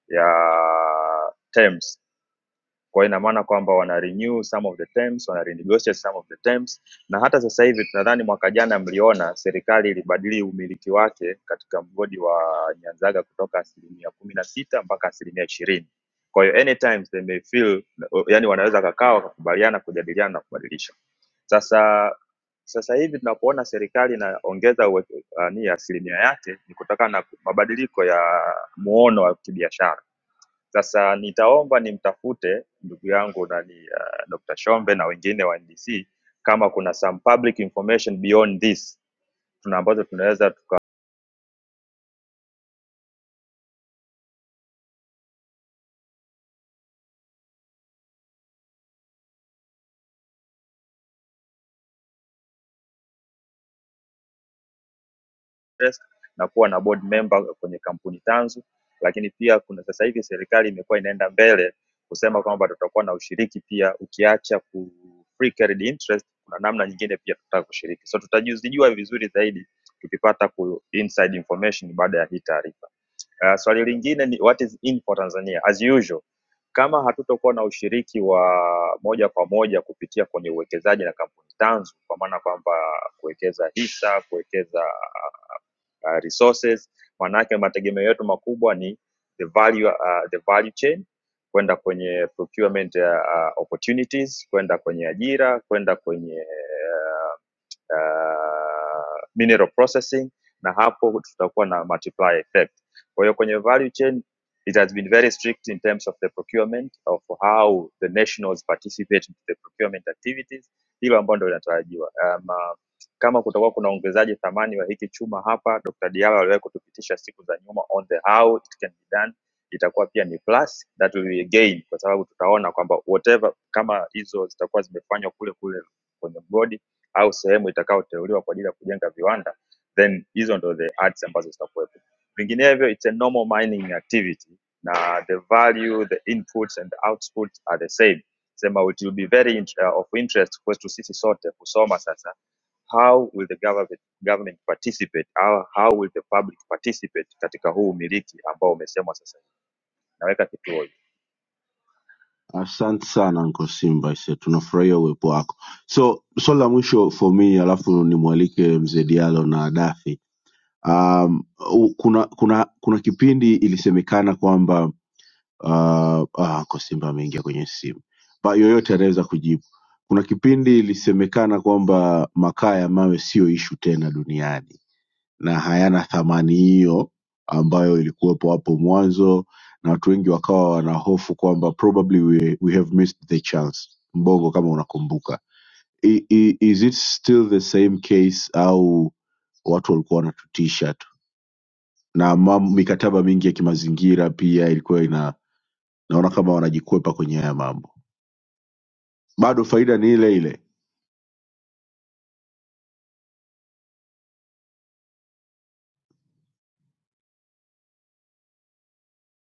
G: ya terms kwa ina maana kwamba wana renew some of the terms, wana renegotiate some of the terms, na hata sasa hivi tunadhani mwaka jana mliona serikali ilibadili umiliki wake katika mgodi wa Nyanzaga kutoka asilimia kumi na sita mpaka asilimia ishirini. Kwa hiyo anytime they may feel, yani wanaweza kakaa wakakubaliana kujadiliana na kubadilisha. Sasa sasa hivi tunapoona serikali inaongeza uwe- nani asilimia yake ni kutokana na mabadiliko ya muono wa kibiashara. Sasa nitaomba nimtafute ndugu yangu nani uh, Dr. Shombe na wengine wa NDC kama kuna some public information beyond this tuna ambazo tunaweza desk na kuwa na board member kwenye kampuni tanzu lakini pia kuna sasa hivi serikali imekuwa inaenda mbele kusema kwamba tutakuwa na ushiriki pia ukiacha ku free carried interest kuna namna nyingine pia tutataka kushiriki so tutajuzijua vizuri zaidi tukipata ku inside information baada ya hii taarifa uh, swali lingine ni what is in for tanzania as usual kama hatutokuwa na ushiriki wa moja kwa moja kupitia kwenye uwekezaji na kampuni tanzu, kwa maana kwamba kuwekeza hisa, kuwekeza uh, resources maanake mategemeo yetu makubwa ni the value, uh, the value chain kwenda kwenye procurement uh, uh, opportunities kwenda kwenye ajira kwenda kwenye uh, uh, mineral processing na hapo tutakuwa na multiplier effect kwa hiyo kwenye value chain it has been very strict in terms of the procurement of how the nationals participate in the procurement activities hilo ambalo ndio linatarajiwa um, uh, kama kutakuwa kuna ongezaji thamani wa hiki chuma hapa Dr. Diallo aliwahi kutupitisha siku za nyuma on the how it can be done itakuwa pia ni plus that will be a gain kwa sababu tutaona kwamba whatever kama hizo zitakuwa zimefanywa kule kule kwenye board au sehemu itakayoteuliwa kwa ajili ya kujenga viwanda then hizo ndo the ads ambazo zitakuwepo vinginevyo it's a normal mining activity na the value the inputs and the outputs are the same sema it will be very int uh, of interest kwetu sisi sote kusoma sasa how will the government, government participate how, how will the public participate katika huu umiliki ambao umesemwa sasa hivi naweka kituo
B: Asante sana Anko Simba, ise tunafurahia uwepo wako. So swali la mwisho for me, alafu nimwalike mzee Diallo na Dafi. Um, u- kuna kuna kuna kipindi ilisemekana kwamba uh, ah, Anko Simba ameingia kwenye simu, but yoyote anaweza kujibu. Kuna kipindi ilisemekana kwamba makaa ya mawe sio ishu tena duniani na hayana thamani hiyo ambayo ilikuwepo hapo mwanzo na watu wengi wakawa wana hofu kwamba probably we, we have missed the chance mbongo kama unakumbuka I, i, is it still the same case au watu walikuwa wanatutisha tu na mam, mikataba mingi ya kimazingira pia ilikuwa ina naona kama wanajikwepa kwenye haya mambo bado faida ni ile ile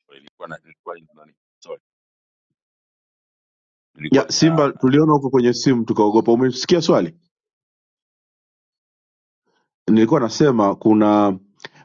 A: nilikuwa na nilikuwa nina nani sorry nilikuwa
B: ya
A: nina
B: simba tuliona huko kwenye simu tukaogopa umesikia swali nilikuwa nasema kuna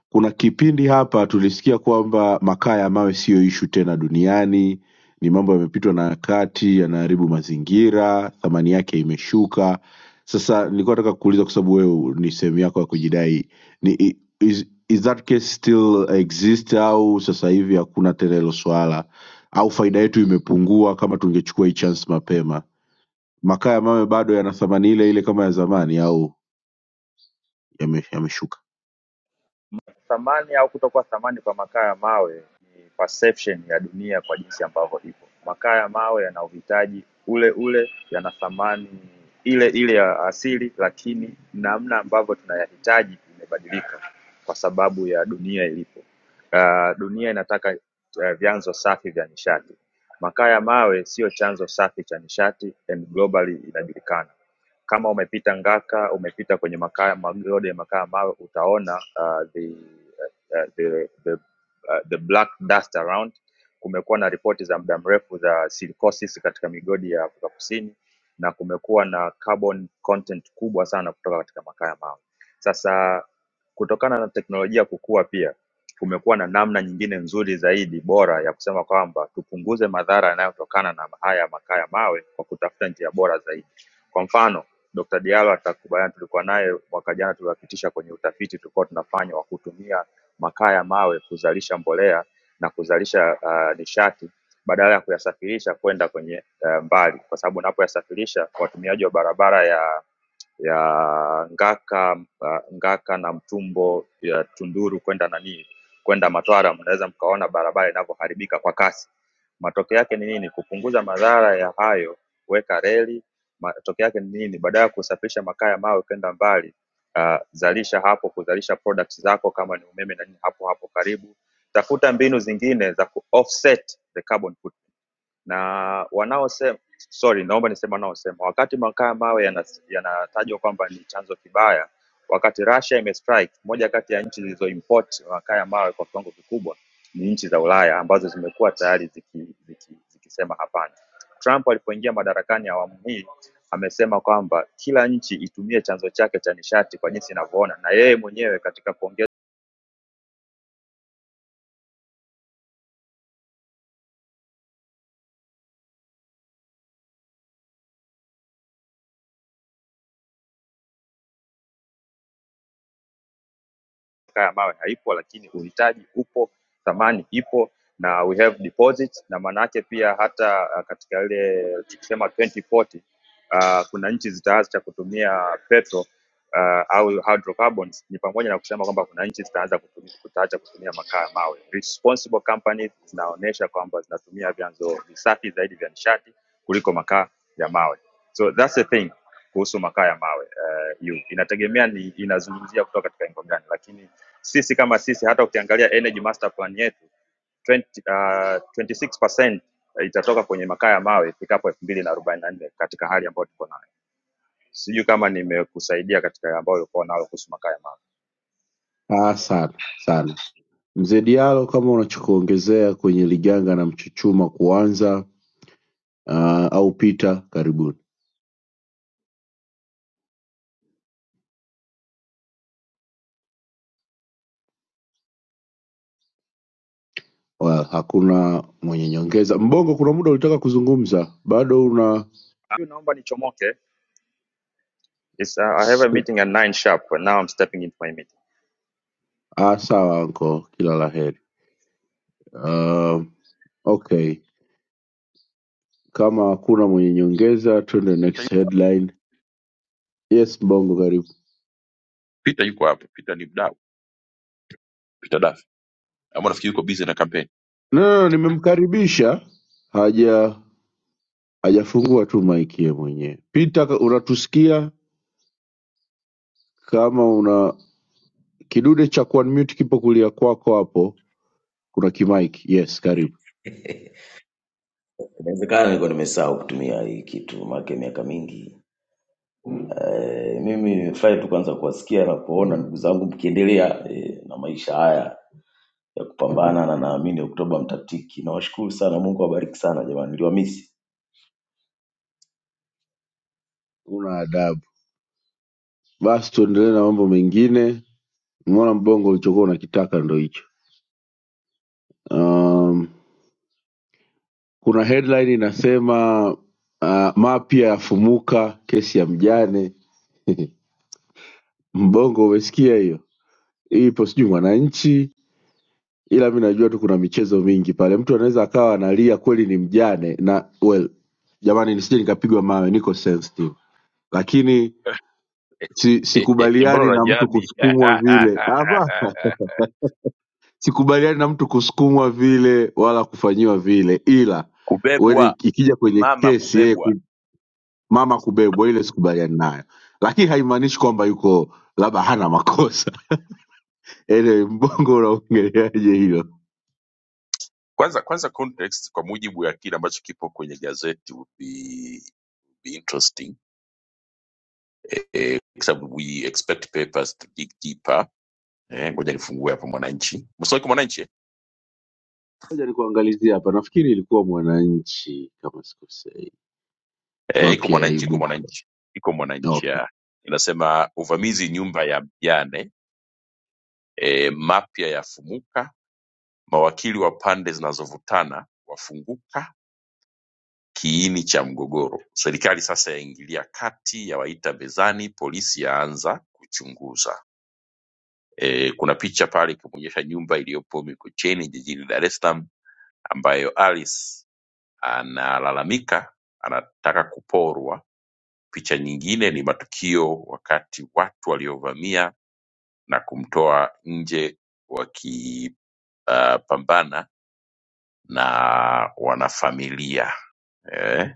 B: kuna kipindi hapa tulisikia kwamba makaa ya mawe siyo ishu tena duniani ni mambo yamepitwa na wakati yanaharibu mazingira thamani yake imeshuka sasa nilikuwa nataka kuuliza kwa sababu wewe ni sehemu yako ya kujidai ni, i- is, is that case still exist au sasa hivi hakuna tena hilo swala au faida yetu imepungua kama tungechukua hii chance mapema makaa ya mawe bado yana thamani ile ile kama ya zamani au yameshuka yame yameshuka?
G: Thamani au kutokuwa thamani kwa makaa ya mawe ni perception ya dunia kwa jinsi ambavyo ipo. Makaa ya mawe yana uhitaji ule ule, yana thamani ile ile ya asili, lakini namna ambavyo tunayahitaji imebadilika kwa sababu ya dunia ilipo. Uh, dunia inataka uh, vyanzo safi vya nishati. Makaa ya mawe sio chanzo safi cha nishati and globally inajulikana. Kama umepita Ngaka, umepita kwenye makaa magode ya makaa ya mawe, utaona uh, the, uh, the, the, uh, the black dust around. Kumekuwa na ripoti za muda mrefu za silicosis katika migodi ya Afrika Kusini na kumekuwa na carbon content kubwa sana kutoka katika makaa ya mawe. Sasa kutokana na teknolojia kukua pia kumekuwa na namna nyingine nzuri zaidi bora ya kusema kwamba tupunguze madhara yanayotokana na haya makaa ya mawe kwa kutafuta njia bora zaidi. Kwa mfano Dr. Diallo atakubaliana tulikuwa naye mwaka jana tuliwapitisha kwenye utafiti tulikuwa tunafanya wa kutumia makaa ya mawe kuzalisha mbolea na kuzalisha uh, nishati badala ya kuyasafirisha kwenda kwenye uh, mbali kwa sababu unapoyasafirisha watumiaji wa barabara ya ya Ngaka uh, Ngaka na Mtumbo ya Tunduru kwenda nani kwenda Matwara, mnaweza mkaona barabara inavyoharibika kwa kasi. Matokeo yake ni nini? Kupunguza madhara ya hayo, kuweka reli Matokeo yake ni nini? Badala ya kusafirisha makaa ya mawe kwenda mbali, uh, zalisha hapo, kuzalisha products zako kama ni umeme na nini hapo hapo karibu. Tafuta mbinu zingine za ku offset the carbon footprint na wanaosema sorry, naomba niseme wanaosema, wakati makaa ya mawe yanas- yanatajwa kwamba ni chanzo kibaya, wakati Russia imestrike, moja kati ya nchi zilizoimport makaa ya mawe kwa kiwango kikubwa ni nchi za Ulaya ambazo zimekuwa tayari zikisema ziki, ziki, zikisema hapana. Trump alipoingia madarakani awamu hii amesema kwamba kila nchi itumie chanzo chake cha nishati kwa jinsi inavyoona, na yeye mwenyewe katika kuongea ya mawe haipo lakini uhitaji upo thamani ipo na we have deposits na maanaake pia hata uh, katika ile tukisema 2040 uh, kuna nchi zitaanza cha kutumia petro uh, au hydrocarbons ni pamoja na kusema kwamba kuna nchi zitaanza kutumia, kutaacha kutumia makaa ya mawe. Responsible companies zinaonyesha kwamba zinatumia vyanzo visafi zaidi vya nishati kuliko makaa ya mawe. So that's the thing kuhusu makaa ya mawe uh, you. Inategemea ni inazungumzia kutoka katika engo gani, lakini sisi kama sisi, hata ukiangalia energy master plan yetu 20, uh, 26% itatoka kwenye makaa ya mawe ifikapo elfu mbili na arobaini na nne katika hali ambayo tuko nayo. Sijui kama nimekusaidia katika ambayo ulikuwa nayo kuhusu makaa ya mawe.
B: aa sana sana mzee diallo kama unachokuongezea kwenye liganga na mchuchuma kuanza aa, au pita karibuni well, hakuna mwenye nyongeza mbongo kuna muda ulitaka kuzungumza bado una
G: Naomba nichomoke. It's, uh, I have
B: s-
G: a meeting at 9 sharp and now I'm stepping into my meeting.
B: ah, sawa anko kila la heri um, okay kama hakuna mwenye nyongeza tuende next headline yes mbongo karibu
A: Peter yuko hapa Peter ni mdau Peter Dafi ambao nafikiri yuko busy na campaign
B: no, no, no, nimemkaribisha haja hajafungua tu maiki yeye mwenyewe pita ka- unatusikia kama Kidude cha kuunmute kipo kulia kwako hapo kuna kimic yes karibu
H: Inawezekana nilikuwa nimesahau kutumia hii kitu maake miaka mingi. Eh, mimi nimefurahi tu kwanza kuwasikia na kuona ndugu zangu mkiendelea eh, na maisha haya ya kupambana na naamini Oktoba mtatiki. Nawashukuru sana, Mungu awabariki sana jamani, niliwamisi.
B: una adabu basi tuendelee na mambo mengine mwana mbongo ulichokuwa unakitaka ndo hicho um, kuna headline inasema uh, mapya yafumuka kesi ya mjane mbongo umesikia hiyo Hii ipo sijui mwananchi ila mi najua tu kuna michezo mingi pale mtu anaweza akawa analia kweli ni mjane na well jamani nisije nikapigwa mawe niko sensitive lakini si,
A: mbona
B: sikubaliani na mtu
A: unajami
B: kusukumwa vile hapa, sikubaliani na mtu kusukumwa vile wala kufanyiwa vile, ila weni
A: kubebwa
B: ikija kwenye
A: mama
B: kesi yeye
A: kubebwa
B: ku, mama kubebwa, ile sikubaliani nayo, lakini haimaanishi kwamba yuko labda hana makosa. Anyway, mbongo unaongeleaje hilo?
A: kwanza kwanza context kwa mujibu ya kile ambacho kipo kwenye gazeti would be, would be interesting eh, eh, kwa sababu we expect papers to dig deeper eh, ngoja nifungue hapa mwananchi msoma iko mwananchi eh?
B: Ngoja nikuangalizia hapa, nafikiri ilikuwa Mwananchi kama sikosei,
A: Eh, iko
B: mapya ya
A: mwananchi iko
B: ibu.
A: mwananchi iko mwananchi
B: Okay,
A: ya inasema uvamizi nyumba ya mjane eh, mapya yafumuka mawakili wa pande zinazovutana wafunguka kiini cha mgogoro, serikali sasa yaingilia kati yawaita mezani, polisi yaanza kuchunguza. E, kuna picha pale ikimwonyesha nyumba iliyopo Mikocheni jijini Dar es Salaam ambayo Alice analalamika anataka kuporwa. Picha nyingine ni matukio wakati watu waliovamia na kumtoa nje wakipambana uh, pambana na wanafamilia eh.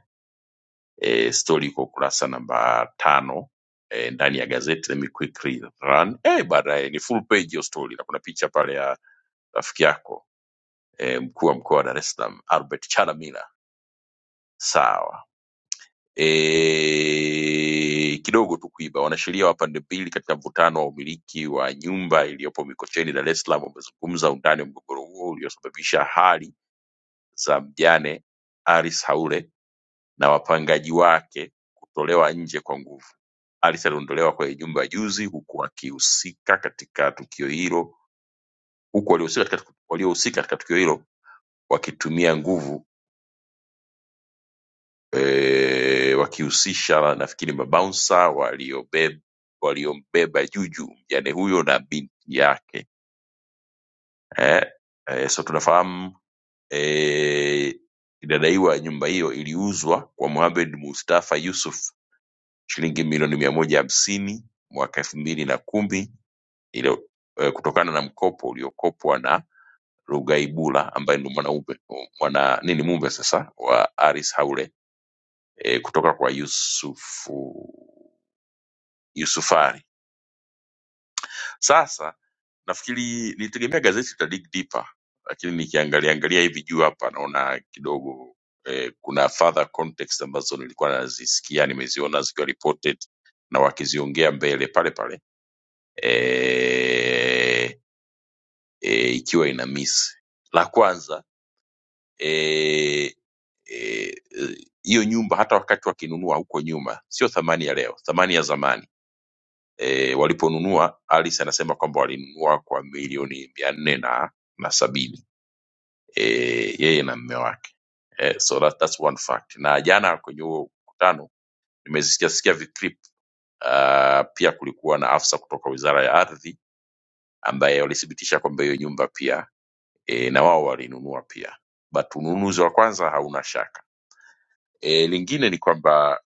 A: e, stori iko ukurasa namba tano e, ndani ya gazeti let me quickly run e, baadaye ni full page hiyo story na kuna picha pale ya rafiki yako e, mkuu wa mkoa wa Dar es Salaam Albert Chalamila sawa e, kidogo tu kuiba wanasheria wa pande mbili katika mvutano wa umiliki wa nyumba iliyopo Mikocheni Dar es Salaam wamezungumza undani wa mgogoro huo uliosababisha hali za mjane Aris Haule na wapangaji wake kutolewa nje kwa nguvu. Alice aliondolewa kwenye nyumba juzi huku akihusika katika tukio hilo huku waliohusika katika, waliohusika katika tukio hilo wakitumia nguvu e, wakihusisha nafikiri mabaunsa waliobeba waliombeba Juju mjane huyo na binti yake eh, eh, so tunafahamu eh, inadaiwa nyumba hiyo iliuzwa kwa Mohamed Mustafa Yusuf shilingi milioni mia moja hamsini mwaka elfu mbili na kumi iliyo eh, kutokana na mkopo uliokopwa na Rugaibula ambaye ndio mwanaume mwana nini mume sasa wa Aris Haule eh, kutoka kwa Yusufu Yusufari. Sasa nafikiri nilitegemea gazeti la dig deeper, lakini nikiangalia angalia hivi juu hapa naona kidogo eh, kuna further context ambazo nilikuwa nazisikia nimeziona zikiwa reported na wakiziongea mbele pale pale eh, eh, ikiwa ina miss la kwanza eh, eh, hiyo e, e, nyumba hata wakati wakinunua huko nyuma sio thamani ya leo thamani ya zamani e, waliponunua Alice anasema kwamba walinunua kwa milioni mia nne na na sabini e, yeye na mme wake e, so that, that's one fact na jana kwenye huo mkutano nimezisikia sikia viclip uh, pia kulikuwa na afisa kutoka wizara ya ardhi ambaye walithibitisha kwamba hiyo nyumba pia e, na wao walinunua pia but ununuzi wa kwanza hauna shaka e, lingine ni kwamba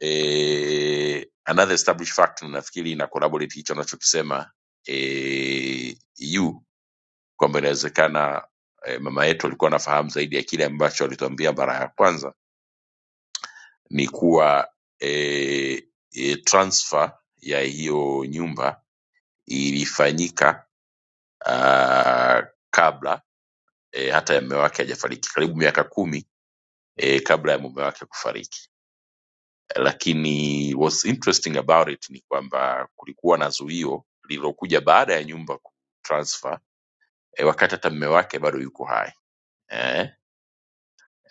A: e, another established fact nafikiri ina collaborate hicho anachokisema e, yu kwamba inawezekana e, mama yetu alikuwa anafahamu zaidi ya kile ambacho alituambia mara ya kwanza ni kuwa e, e, transfer ya hiyo nyumba ilifanyika uh, kabla e, hata ya mume wake hajafariki, karibu miaka kumi e, kabla ya mume wake kufariki. Lakini what's interesting about it ni kwamba kulikuwa na zuio lililokuja baada ya nyumba kutransfer e, wakati hata mume wake bado yuko hai eh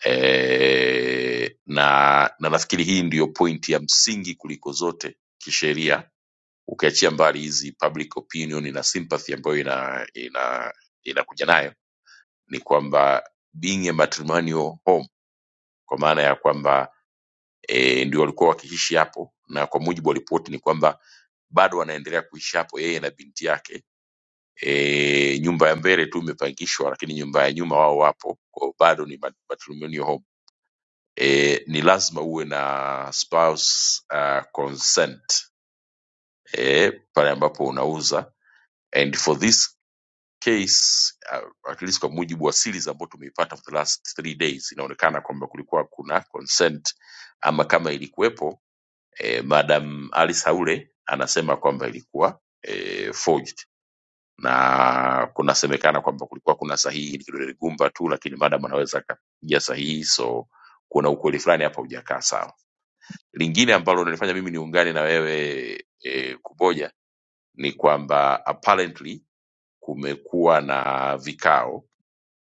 A: e, na, na nafikiri hii ndiyo pointi ya msingi kuliko zote kisheria ukiachia mbali hizi public opinion na sympathy ambayo ina ina inakuja nayo ni kwamba being a matrimonial home kwa maana ya kwamba e, ndio walikuwa wakiishi hapo na kwa mujibu wa ripoti ni kwamba bado wanaendelea kuishi hapo yeye na binti yake e, nyumba ya mbele tu imepangishwa lakini nyumba ya nyuma wao wapo kwao bado ni mat- matrimonial home e, ni lazima uwe na spouse uh, consent e, pale ambapo unauza and for this case uh, at least kwa mujibu wa series ambayo tumeipata for the last three days inaonekana kwamba kulikuwa kuna consent ama kama ilikuwepo e, madam alice haule anasema kwamba ilikuwa e, forged na kunasemekana kwamba kulikuwa kuna sahihi ni kidole gumba tu lakini madam anaweza akapiga sahihi so kuna ukweli fulani hapa hujakaa sawa Lingine ambalo linanifanya mimi niungane na wewe e, Kuboja ni kwamba apparently kumekuwa na vikao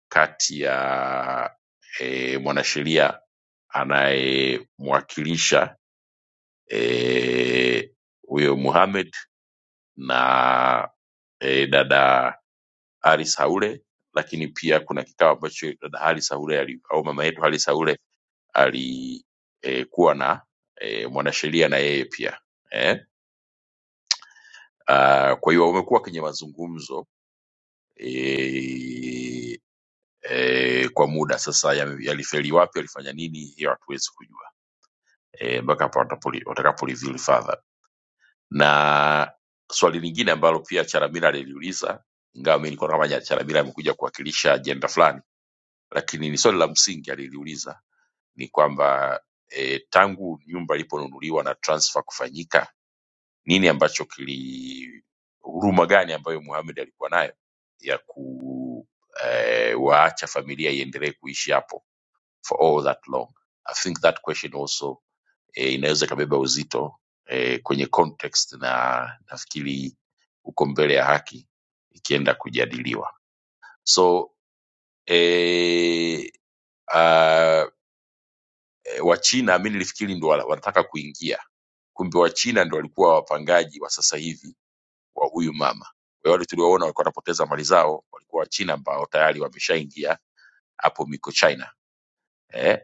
A: kati ya e, mwanasheria anayemwakilisha eh, huyo Mohamed na e, dada Haris Haule, lakini pia kuna kikao ambacho dada Haris Haule ali- au mama yetu Haris Haule alikuwa e, kuwa na e, mwanasheria na yeye pia eh Uh, kwa hiyo wamekuwa kwenye mazungumzo e, e, kwa muda sasa. ya- Yalifeli wapi, yalifanya nini, hiyo hatuwezi kujua Eh, mpaka hapo watapoli- watakapo reveal further na swali lingine ambalo pia charamira aliliuliza ingawa mi nikuwa kama charamira amekuja kuwakilisha ajenda fulani lakini ni swali la msingi aliliuliza ni kwamba e, tangu nyumba iliponunuliwa na transfer kufanyika nini ambacho kili huruma gani ambayo muhamed alikuwa nayo ya ku e, waacha familia iendelee kuishi hapo for all that long i think that question also e, inaweza ikabeba uzito eh, kwenye context na nafikiri uko mbele ya haki ikienda kujadiliwa so eh, ah, eh, Wachina mi nilifikiri ndo wana- wanataka kuingia, kumbe Wachina ndo walikuwa wapangaji wa sasa hivi wa huyu mama. Kwa hiyo Wale tulioona walikuwa wanapoteza mali zao walikuwa Wachina ambao tayari wameshaingia hapo miko China eh,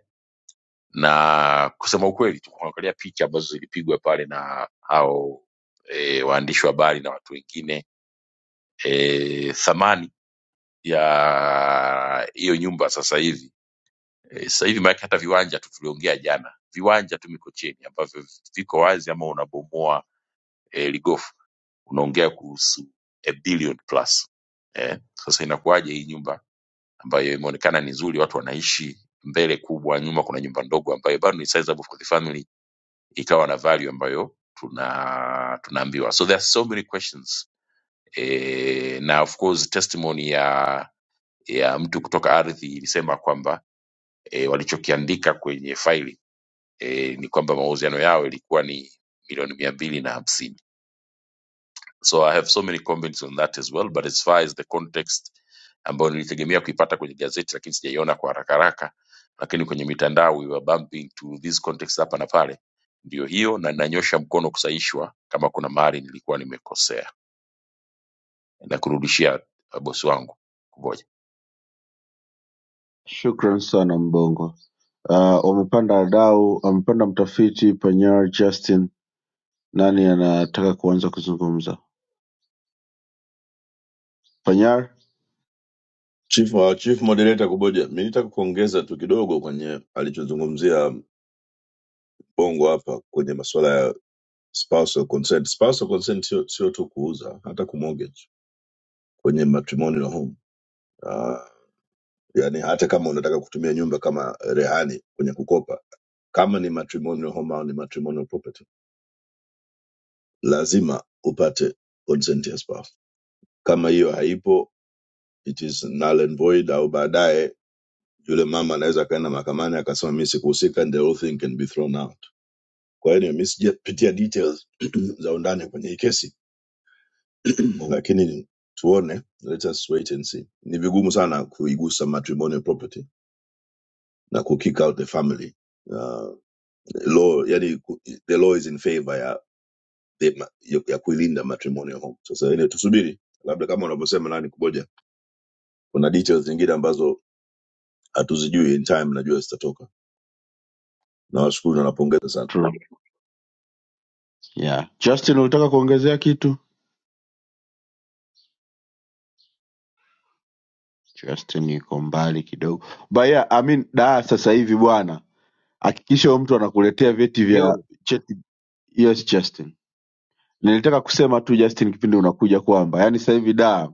A: na kusema ukweli tukuangalia picha ambazo zilipigwa pale na hao e, waandishi wa habari na watu wengine e, thamani ya hiyo nyumba sasa hivi Eh, Sasa hivi maanake hata viwanja tu tuliongea jana, viwanja tu Mikocheni ambavyo viko wazi ama unabomoa eh, ligofu unaongea kuhusu a billion plus eh. Sasa inakuwaje hii nyumba ambayo imeonekana ni nzuri, watu wanaishi mbele kubwa, nyuma kuna nyumba ndogo ambayo bado ni sizable for the family, ikawa na value ambayo tuna tunaambiwa. So there are so many questions eh, na of course testimony ya ya mtu kutoka ardhi ilisema kwamba eh, walichokiandika kwenye faili eh, ni kwamba mauziano yao ilikuwa ni milioni mia mbili na hamsini so i have so many comments on that as well but as far as the context ambayo nilitegemea kuipata kwenye gazeti lakini sijaiona kwa haraka haraka lakini kwenye mitandao we were bumping to this context hapa na pale ndio hiyo na nanyosha mkono kusahishwa kama kuna mahali nilikuwa nimekosea na kurudishia uh, bosi wangu kuboja
B: shukran sana Mbongo. Uh, wamepanda wadau, wamepanda mtafiti Panyar Justin Nani anataka kuanza kuzungumza? Panyar?
I: Chief, uh, Chief Moderator Kuboja, mi nitaka kuongeza tu kidogo kwenye alichozungumzia Bongo hapa kwenye masuala ya spousal consent. Spousal consent sio sio tu kuuza, hata kumortgage kwenye matrimonial home. Uh, yani hata kama unataka kutumia nyumba kama rehani kwenye kukopa, kama ni matrimonial home au ni matrimonial property, lazima upate consent ya spouse. Kama hiyo haipo, it is null and void, au baadaye yule mama anaweza akaenda mahakamani akasema mi sikuhusika, and the whole thing can be thrown out Kwa hiyo nimesijapitia details za undani kwenye hii kesi lakini ni- tuone, let us wait and see. Ni vigumu sana kuigusa matrimonial property na ku kick out the family uh, law, yani ku- the law is in favor ya, the, ma- ya ya kuilinda matrimonial home. Sasa ile tusubiri, labda kama unavyosema nani kuboja, kuna details zingine ambazo hatuzijui in time, najua zitatoka. Nawashukuru na napongeza sana
B: True. Yeah. Justin ulitaka kuongezea kitu? Justin yuko mbali kidogo. But yeah, I mean, da sasa hivi bwana. Hakikisha huyo mtu anakuletea
J: Eh,
B: vyeti vya
J: Yo,
B: cheti. Yes, Justin. Nilitaka kusema tu Justin kipindi unakuja kwamba yani sasa hivi da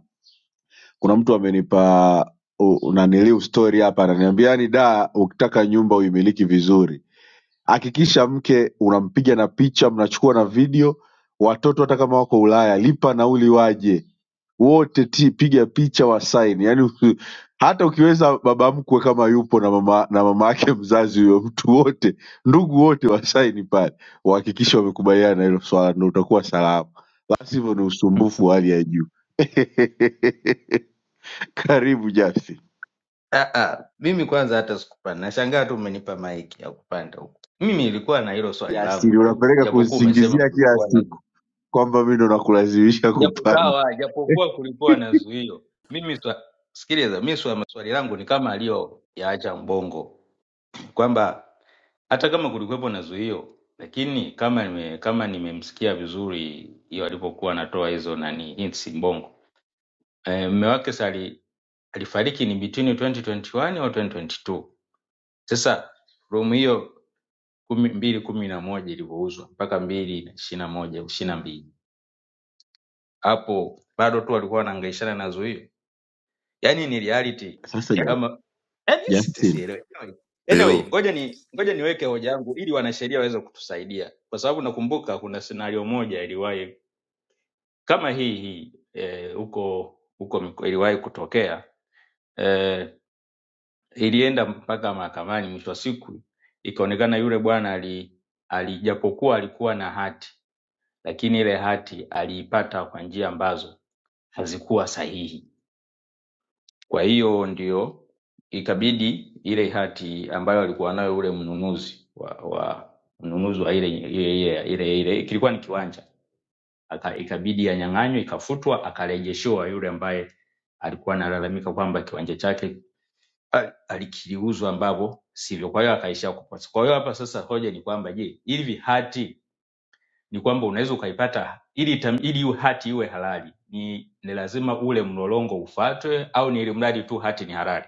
B: kuna mtu amenipa unaniliu story hapa ananiambia yani da ukitaka nyumba uimiliki vizuri Hakikisha mke unampiga na picha mnachukua na video watoto hata kama wako Ulaya lipa nauli waje wote ti piga picha wasaini yani uki, hata ukiweza baba mkwe kama yupo na mama na mama yake mzazi huyo mtu wote ndugu wote wasaini pale wahakikishe wamekubaliana na hilo swala ndo utakuwa salama la sivyo ni usumbufu wa hali ya juu karibu Justin
J: ah, ah, mimi kwanza hata sikupanda, nashangaa tu umenipa maiki ya kupanda huku. Mimi nilikuwa na hilo swali langu
B: Justin
J: tu,
B: unapeleka
J: japokuwa umesema
B: kusingizia kila
J: kulikuwa na
B: siku kwamba mi ndo nakulazimisha
J: japo
B: kupanda
J: sawa, japokuwa kulikuwa na zuio. Mimi swa, sikiliza, mimi swa, swali langu ni kama aliyoyaacha Mbongo kwamba hata kama kulikuwepo na zuio, lakini kama nime, kama nimemsikia vizuri hiyo alipokuwa anatoa hizo nani hints Mbongo eh, mume wake sali alifariki ni between 2021 au 2022 Sasa room hiyo kumi mbili kumi na moja ilivyouzwa mpaka mbili na ishirini na moja au ishirini na mbili hapo bado tu walikuwa wanaangaishana na zuio, yaani ni reality
B: Sasa Ju-
J: kama yaani sita-
B: Justin,
J: sielewi. Anyway, anyway,
K: Yo,
J: ngoja ni ngoja niweke hoja yangu ili wanasheria waweze kutusaidia, kwa sababu nakumbuka kuna senario moja iliwahi kama hii hii eh, huko huko miko- iliwahi kutokea Eh, ilienda mpaka mahakamani mwisho wa siku ikaonekana yule bwana ali ali- japokuwa alikuwa na hati lakini ile hati aliipata kwa njia ambazo hazikuwa sahihi kwa hiyo ndio ikabidi ile hati ambayo alikuwa nayo ule mnunuzi wa, wa mnunuzi wa ile ile ile, ile, ile kilikuwa ni kiwanja Aka, ikabidi anyang'anywe ikafutwa akarejeshewa yule ambaye alikuwa analalamika kwamba kiwanja chake ali- alikiuzwa ambavyo sivyo, kwa hiyo akaishia kuposa. Kwa hiyo hapa sasa hoja ni kwamba je, hivi hati ni kwamba unaweza ukaipata ili itam- ili iwe hati iwe halali ni, ni lazima ule mlolongo ufuatwe au ni ili mradi tu hati ni halali?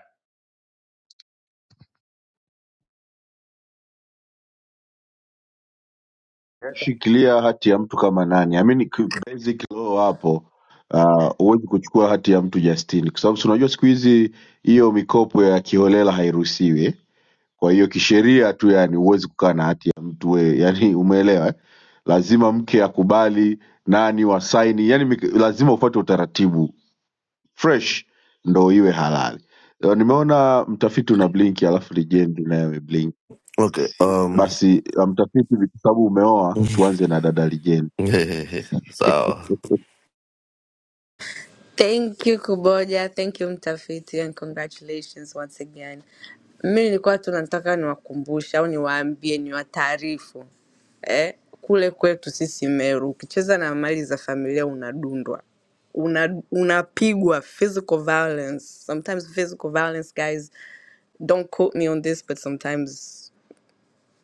B: shikilia hati ya mtu kama nani? I mean, ki- basic law hapo ah, huwezi kuchukua hati ya mtu Justin, kwa sababu si unajua siku hizi hiyo mikopo ya kiholela hairuhusiwi. eh. Kwa hiyo kisheria tu, yani huwezi kukaa na hati ya mtu we, yani umeelewa? eh? Lazima mke akubali, nani wasaini, yani mik- lazima ufuate utaratibu fresh ndo iwe halali. Eh, Nimeona mtafiti una blink, alafu Legend naye ameblink.
K: okay, um,
B: Basi ah, mtafiti, kwa sababu umeoa, tuanze na dada Ligeni.
K: sawa,
D: Thank you Kuboja, thank you mtafiti and congratulations once again. Mimi nilikuwa tu nataka niwakumbushe au niwaambie niwataarifu. Eh, kule kwetu sisi Meru ukicheza na mali za familia unadundwa. Una, unapigwa physical violence. Sometimes physical violence guys don't quote me on this, but sometimes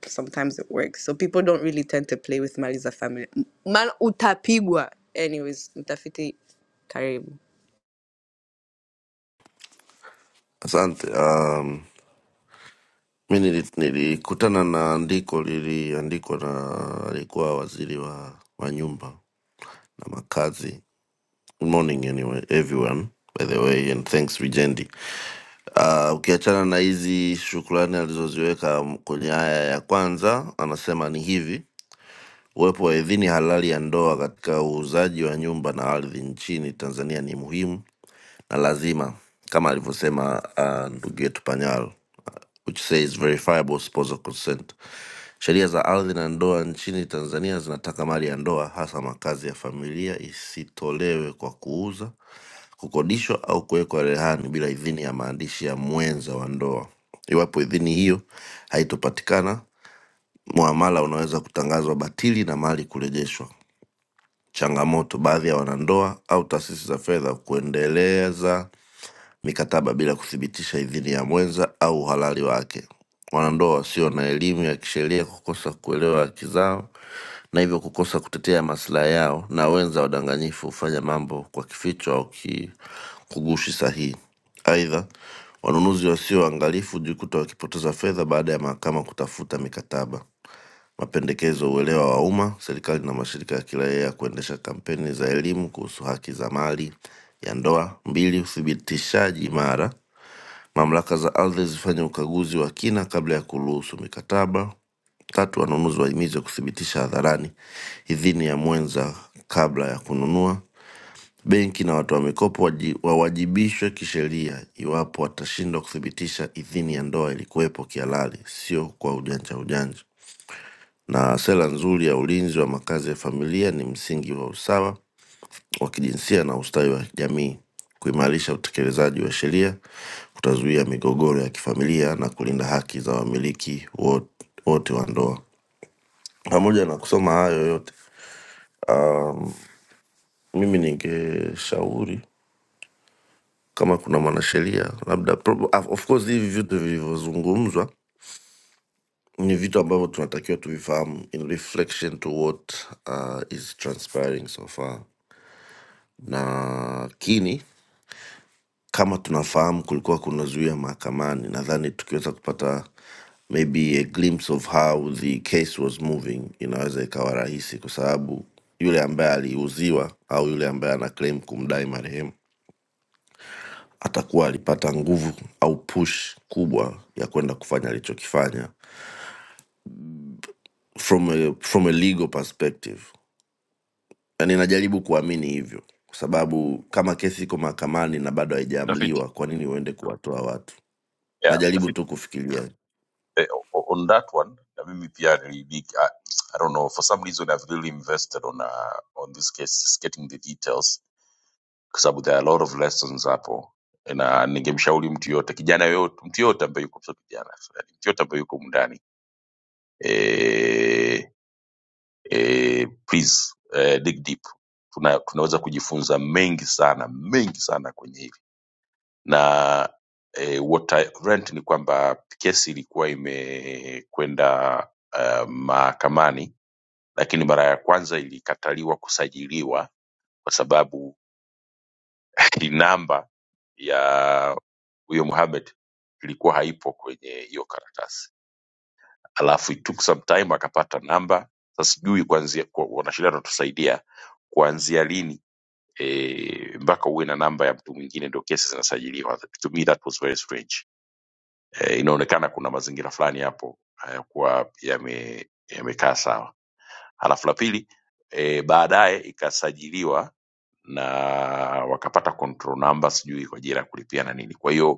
D: sometimes it works. So people don't really tend to play with mali za family. Man utapigwa. Anyways, mtafiti karibu.
K: asante. Um, mi nili- nilikutana na andiko liliandikwa na alikuwa waziri wa, wa nyumba na makazi. Good morning anyway, everyone by the way and thanks Vijendi. Uh, ukiachana na hizi shukrani alizoziweka kwenye haya ya kwanza, anasema ni hivi Uwepo wa idhini halali ya ndoa katika uuzaji wa nyumba na ardhi nchini Tanzania ni muhimu na lazima kama alivyosema uh, ndugu yetu panyal uh, which says verifiable spousal consent sheria za ardhi na ndoa nchini tanzania zinataka mali ya ndoa hasa makazi ya familia isitolewe kwa kuuza kukodishwa au kuwekwa rehani bila idhini ya maandishi ya mwenza wa ndoa iwapo idhini hiyo haitopatikana muamala unaweza kutangazwa batili na mali kurejeshwa changamoto baadhi ya wanandoa au taasisi za fedha kuendeleza mikataba bila kuthibitisha idhini ya mwenza au uhalali wake. Wanandoa wasio na elimu ya kisheria kukosa kuelewa haki zao na hivyo kukosa kutetea maslahi yao, na wenza wadanganyifu hufanya mambo kwa kificho au ki- kugushi sahihi. Aidha, wanunuzi wasio waangalifu hujikuta wakipoteza fedha baada ya mahakama kutafuta mikataba mapendekezo uelewa wa umma serikali na mashirika ya kiraia ya kuendesha kampeni za elimu kuhusu haki za mali ya ndoa mbili uthibitishaji imara mamlaka za ardhi zifanye ukaguzi wa kina kabla ya kuruhusu mikataba tatu wanunuzi wahimizwe kuthibitisha hadharani idhini ya mwenza kabla ya kununua benki na watoa mikopo waji- wawajibishwe kisheria iwapo watashindwa kuthibitisha idhini ya ndoa ilikuwepo kihalali sio kwa ujanja ujanja na sera nzuri ya ulinzi wa makazi ya familia ni msingi wa usawa wa kijinsia na ustawi wa jamii. Kuimarisha utekelezaji wa sheria kutazuia migogoro ya kifamilia na kulinda haki za wamiliki wo- wote wa ndoa. Pamoja na kusoma hayo yote, mimi ningeshauri kama kuna mwanasheria labda, prob- of course hivi vitu vilivyozungumzwa ni vitu ambavyo tunatakiwa tuvifahamu in reflection to what uh, is transpiring so far, lakini kama tunafahamu kulikuwa kuna zuia mahakamani nadhani tukiweza kupata maybe a glimpse of how the case was moving inaweza ikawa rahisi kwa sababu yule ambaye aliuziwa au yule ambaye ana claim kumdai marehemu atakuwa alipata nguvu au push kubwa ya kwenda kufanya alichokifanya from a, from a legal perspective yani najaribu kuamini hivyo kwa sababu kama kesi iko mahakamani na bado
A: mtafiti
K: haijaamliwa kwa nini uende kuwatoa watu
A: yeah
K: najaribu
A: mtafiti
K: tu kufikiria
A: eh, o- o- on that one na mimi pia nili- I, i don't know for some reason i've really invested on uh, on this case just getting the details kwa sababu there are a lot of lessons hapo na ningemshauri mtu yoyote kijana yoyote mtu yoyote ambaye yuko sio kijana sorry, mtu yoyote ambaye yuko mundani e, e, please e, dig deep Tuna, tunaweza kujifunza mengi sana mengi sana kwenye hili na e, what I learned ni kwamba kesi ilikuwa imekwenda uh, mahakamani lakini mara ya kwanza ilikataliwa kusajiliwa kwa sababu namba ya huyo Mohamed ilikuwa haipo kwenye hiyo karatasi, alafu it took some time akapata namba. Sasa sijui kuanzia kwa- wanasheria watatusaidia kuanzia lini eh, mpaka uwe na namba ya mtu mwingine ndio kesi zinasajiliwa. To me that was very strange. Eh, inaonekana kuna mazingira fulani hapo hayakuwa yame yamekaa sawa. Halafu la pili e, baadaye ikasajiliwa na wakapata control number sijui kwa ajili ya kulipia na nini. Kwa hiyo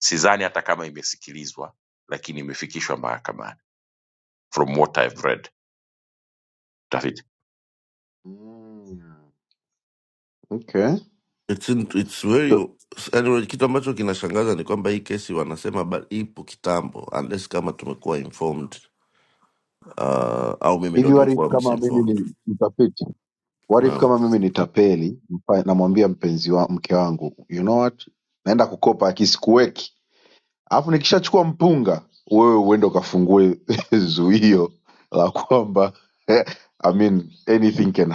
A: sidhani hata kama imesikilizwa lakini imefikishwa mahakamani from what I've read David.
B: Mm, okay.
K: It's in, it's very
B: So,
K: anyway, kitu ambacho kinashangaza ni kwamba hii kesi wanasema ba- ipo kitambo, unless kama tumekuwa informed uh, au mimi ndo
B: hivi warifu
K: nimekuwa
B: kama mimi
K: misinformed.
B: ni mtafiti What if
K: Naam,
B: kama mimi ni tapeli mpa- namwambia mpenzi wa mke wangu you know what naenda kukopa akisikuweki alafu nikishachukua mpunga wewe uende ukafungue zuio la kwamba eh, I mean, anything can happen.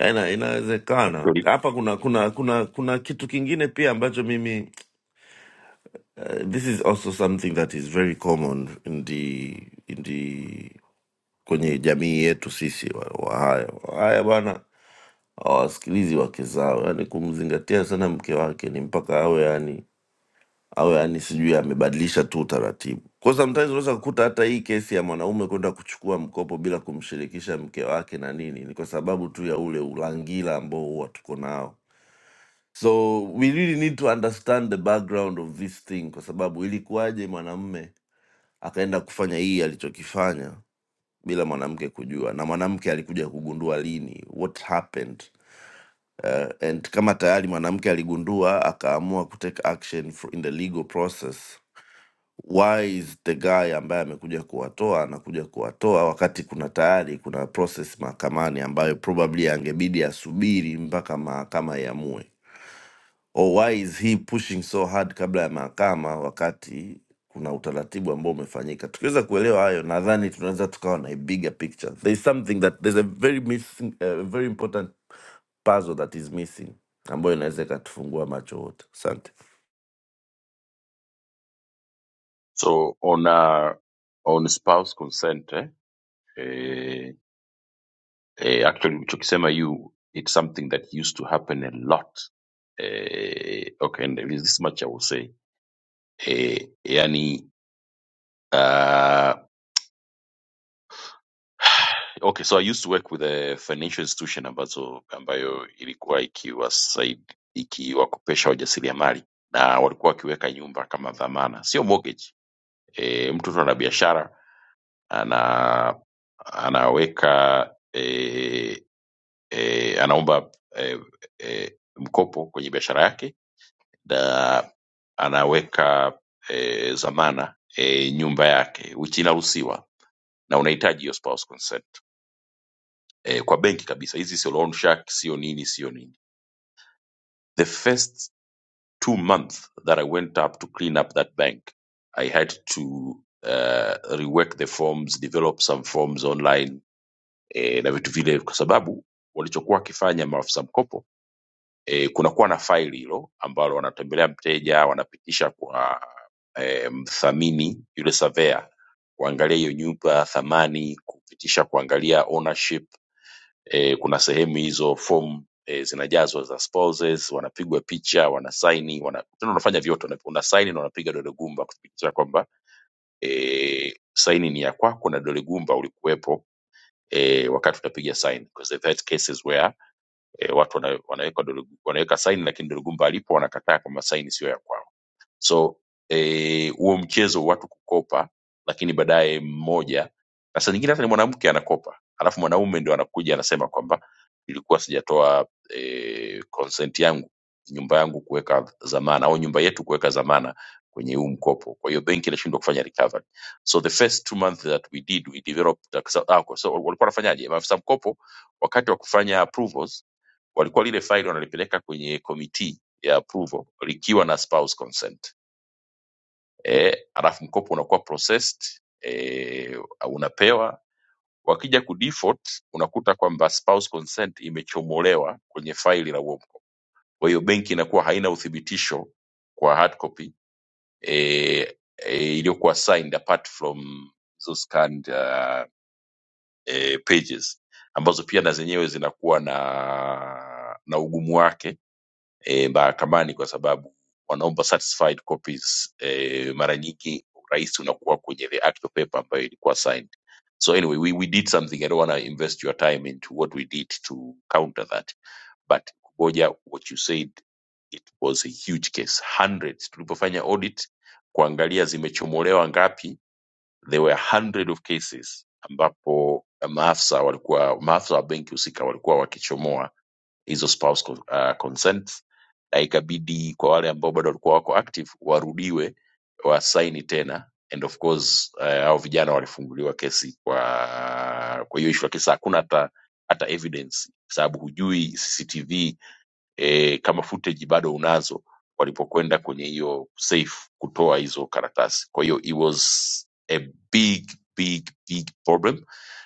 K: Ya, ina- inawezekana hapa kuna kuna kuna kuna kitu kingine pia ambacho mimi uh, this is also something that is very common in the in the kwenye jamii yetu sisi wa- Wahaya. Wahaya bwana hawasikilizi wake zao, yani kumzingatia sana mke wake ni mpaka awe yani au yani sijui amebadilisha tu utaratibu. Kwa sometimes unaweza kukuta hata hii kesi ya mwanaume kwenda kuchukua mkopo bila kumshirikisha mke wake na nini, ni kwa sababu tu ya ule ulangila ambao huwa tuko nao. So we really need to understand the background of this thing, kwa sababu ilikuwaje mwanamume akaenda kufanya hii alichokifanya bila mwanamke kujua, na mwanamke alikuja kugundua lini, what happened uh, and kama tayari mwanamke aligundua akaamua kutake action for- in the legal process why is the guy ambaye amekuja kuwatoa anakuja kuwatoa wakati kuna tayari kuna process mahakamani ambayo probably angebidi asubiri mpaka mahakama iamue or why is he pushing so hard kabla ya mahakama wakati kuna utaratibu ambao umefanyika tukiweza kuelewa hayo nadhani tunaweza tukawa na a bigger picture there is something that there's a very missing, a very important puzzle that is missing ambayo inaweza ikatufungua macho wote asante
A: so on uh, on spouse consent eh, eh, eh, actually ulichokisema you it's something that used to happen a lot eh, okay and there is this much I will say eh, yani uh, Okay, so I used to work with a financial institution ambazo ambayo ilikuwa ikiwasaid- ikiwakopesha wajasiriamali na walikuwa wakiweka nyumba kama dhamana, sio mortgage. E, mtu tu ana biashara ana anaweka e, e, anaomba e, e, mkopo kwenye biashara yake na anaweka e, dhamana e, nyumba yake, which inaruhusiwa na unahitaji hiyo spouse consent eh, kwa benki kabisa hizi sio loan shark sio nini sio nini the first two month that i went up to clean up that bank i had to uh, rework the forms develop some forms online eh, na vitu vile kwa sababu walichokuwa wakifanya maafisa mkopo eh, kunakuwa na faili hilo ambalo wanatembelea mteja wanapitisha kwa eh, mthamini yule savea kuangalia hiyo nyumba thamani kupitisha kuangalia ownership e, kuna sehemu hizo fomu e, zinajazwa za spouses, wanapigwa picha, wanasaini, wana, tena unafanya vyote, una- unasaini na unapiga dole gumba kuthibitisha kwamba e, saini ni ya kwako na dole gumba ulikuwepo e, wakati utapiga sign because they've had cases where e, watu wana, wanaweka dole, wanaweka sign lakini dole gumba alipo wanakataa kwamba sign sio ya kwao so eh, huo mchezo wa watu kukopa lakini baadaye mmoja na saa nyingine hata ni mwanamke anakopa alafu mwanaume ndio anakuja anasema kwamba ilikuwa sijatoa eh, consent yangu nyumba yangu kuweka dhamana au nyumba yetu kuweka dhamana kwenye huu mkopo kwa hiyo benki inashindwa kufanya recovery so the first two months that we did we developed a- ah, kwa- so walikuwa wanafanyaje maafisa mkopo wakati wa kufanya approvals walikuwa lile file wanalipeleka kwenye committee ya approval likiwa na spouse consent eh, alafu mkopo unakuwa processed eh, unapewa. Wakija kudefault unakuta kwamba spouse consent imechomolewa kwenye faili la huo mkopo, kwa hiyo benki inakuwa haina uthibitisho kwa hard copy eh, eh, iliyokuwa signed apart from hizo scanned uh, eh, pages ambazo pia na zenyewe zinakuwa na na ugumu wake e, mahakamani kwa sababu wanaomba satisfied copies e, mara nyingi urahisi unakuwa kwenye the actual paper ambayo ilikuwa signed so anyway we, we did something i don't want to invest your time into what we did to counter that but kuboja what you said it was a huge case hundreds tulipofanya audit kuangalia zimechomolewa ngapi there were hundred of cases ambapo maafisa walikuwa maafisa wa benki husika walikuwa wakichomoa hizo spouse con- uh, consents na ikabidi kwa wale ambao bado walikuwa wako active warudiwe wasaini tena and of course uh, hao vijana walifunguliwa kesi kwa kwa hiyo issue lakini sasa hakuna hata hata evidence kwa sababu hujui cctv eh, kama footage bado unazo walipokwenda kwenye hiyo safe kutoa hizo karatasi kwa hiyo it was a big big big problem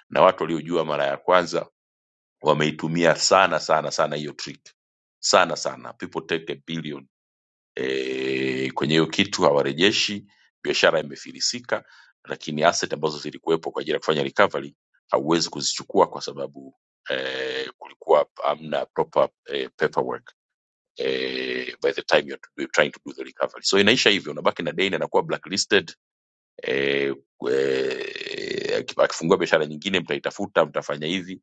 A: na watu waliojua mara ya kwanza wameitumia sana sana sana hiyo trick sana sana people take a billion e, kwenye hiyo kitu hawarejeshi biashara imefilisika lakini asset ambazo zilikuwepo kwa ajili ya kufanya recovery hauwezi kuzichukua kwa sababu e, kulikuwa hamna proper e, paperwork eh, by the time you're, to- you're trying to do the recovery so inaisha hivyo unabaki na deni anakuwa blacklisted eh, eh, akifungua biashara nyingine mtaitafuta mtafanya hivi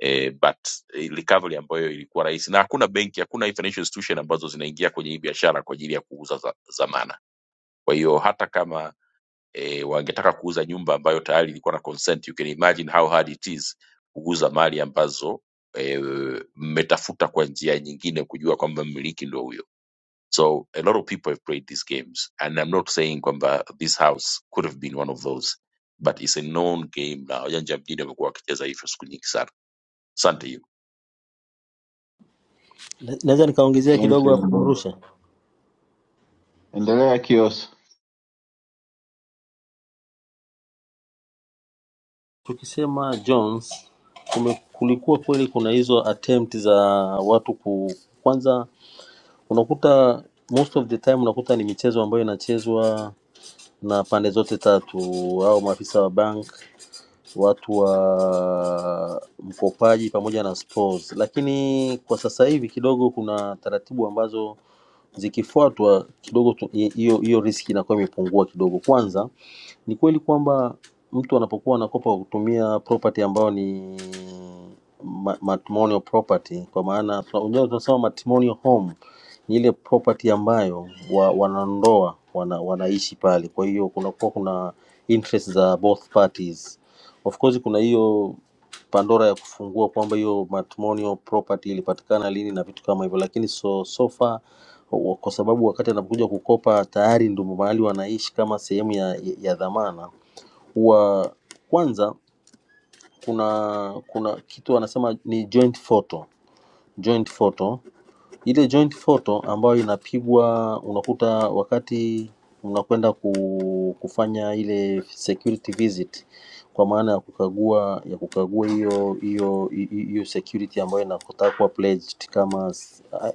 A: eh, but eh, recovery ambayo ilikuwa rahisi na hakuna benki hakuna hii financial institution ambazo zinaingia kwenye hii biashara kwa ajili ya kuuza za, zamana kwa hiyo hata kama e, wangetaka kuuza nyumba ambayo tayari ilikuwa na consent you can imagine how hard it is kuuza mali ambazo eh, mmetafuta e, kwa njia nyingine kujua kwamba mmiliki ndo huyo so a lot of people have played these games and i'm not saying kwamba this house could have been one of those but it's a known game na wajanja mjini wamekuwa wakicheza hivyo siku nyingi sana asante hiyo
L: Na- Naweza nikaongezea
B: Thank
L: kidogo
B: you,
L: hapo
B: Mbongo.
L: mrusha.
B: Endelea Kios.
L: Tukisema Jones kume, kulikuwa kweli kuna hizo attempt za watu ku kwanza, unakuta most of the time unakuta ni michezo ambayo inachezwa na pande zote tatu, au maafisa wa bank watu wa mkopaji pamoja na stores, lakini kwa sasa hivi kidogo kuna taratibu ambazo zikifuatwa kidogo tu- hi- hiyo hiyo riski inakuwa imepungua kidogo. Kwanza ni kweli kwamba mtu anapokuwa anakopa kwa kutumia property ambayo ni ma- matrimonial property, kwa maana tuna- unajua tunasema matrimonial home ni ile property ambayo wa, wanandoa wana, wanaishi pale, kwa hiyo kunakuwa kuna interest za both parties Of course kuna hiyo Pandora ya kufungua kwamba hiyo matrimonial property ilipatikana lini na vitu kama hivyo, lakini so, so far wa- kwa sababu wakati anapokuja kukopa tayari ndio mahali wanaishi kama sehemu ya, ya dhamana, huwa kwanza kuna kuna kitu wanasema ni joint photo, joint photo ile joint photo ambayo inapigwa unakuta wakati unakwenda ku- kufanya ile security visit kwa maana ya kukagua ya kukagua hiyo hiyo hiyo security ambayo inataka kuwa pledged kama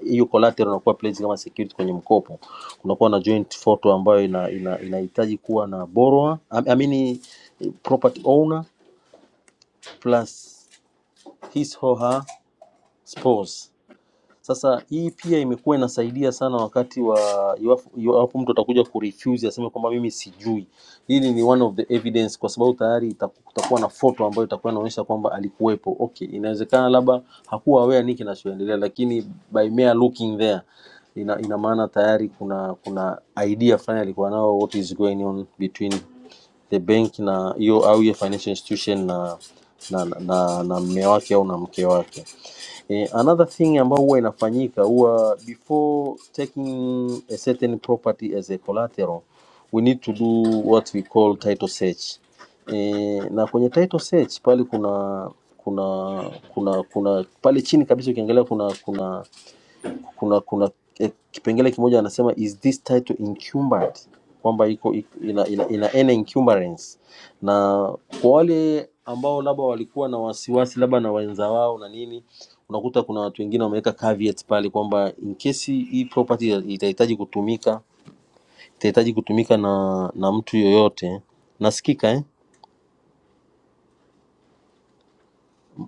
L: hiyo collateral inakuwa pledged kama security kwenye mkopo, kunakuwa na joint photo ambayo ina, ina, inahitaji kuwa na borrower I I mean eh, property owner plus his or her spouse sasa hii pia imekuwa inasaidia sana wakati wa iwapo iwapo mtu atakuja kurefuse aseme kwamba mimi sijui. Hili ni one of the evidence, kwa sababu tayari ita- kutakuwa na foto ambayo itakuwa inaonyesha kwamba alikuwepo. Okay, inawezekana labda hakuwa aware nini kinachoendelea, lakini by mere looking there ina, ina maana tayari kuna kuna idea fulani alikuwa nao what is going on between the bank na hiyo au hiyo financial institution na na na, na, na mme wake au na mke wake. Eh, another thing ambayo huwa inafanyika huwa before taking a certain property as a collateral we need to do what we call title search. Eh, na kwenye title search pale kuna kuna kuna kuna pale chini kabisa ukiangalia kuna kuna kuna kuna eh, kipengele kimoja anasema is this title incumbent kwamba iko iko- ina, ina, ina any incumbrance na kwa wale ambao labda walikuwa na wasiwasi labda na wenza wao na nini unakuta kuna watu wengine wameweka caveat pale kwamba in case hii property itahitaji kutumika itahitaji kutumika na na mtu yoyote nasikika eh?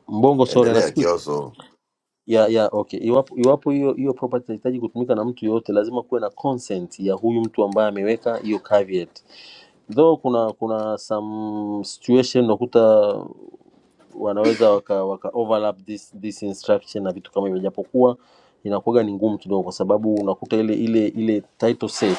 L: mbongo sorry
K: Endelea
L: nasikika
K: kioso,
L: ya ya okay iwapo iwapo hiyo hiyo property inahitaji kutumika na mtu yoyote lazima kuwe na consent ya huyu mtu ambaye ameweka hiyo caveat though kuna kuna some situation unakuta wanaweza waka, waka overlap this, this instruction na vitu kama hivyo, japokuwa inakuwaga ni ngumu kidogo, kwa sababu unakuta ile ile ile title search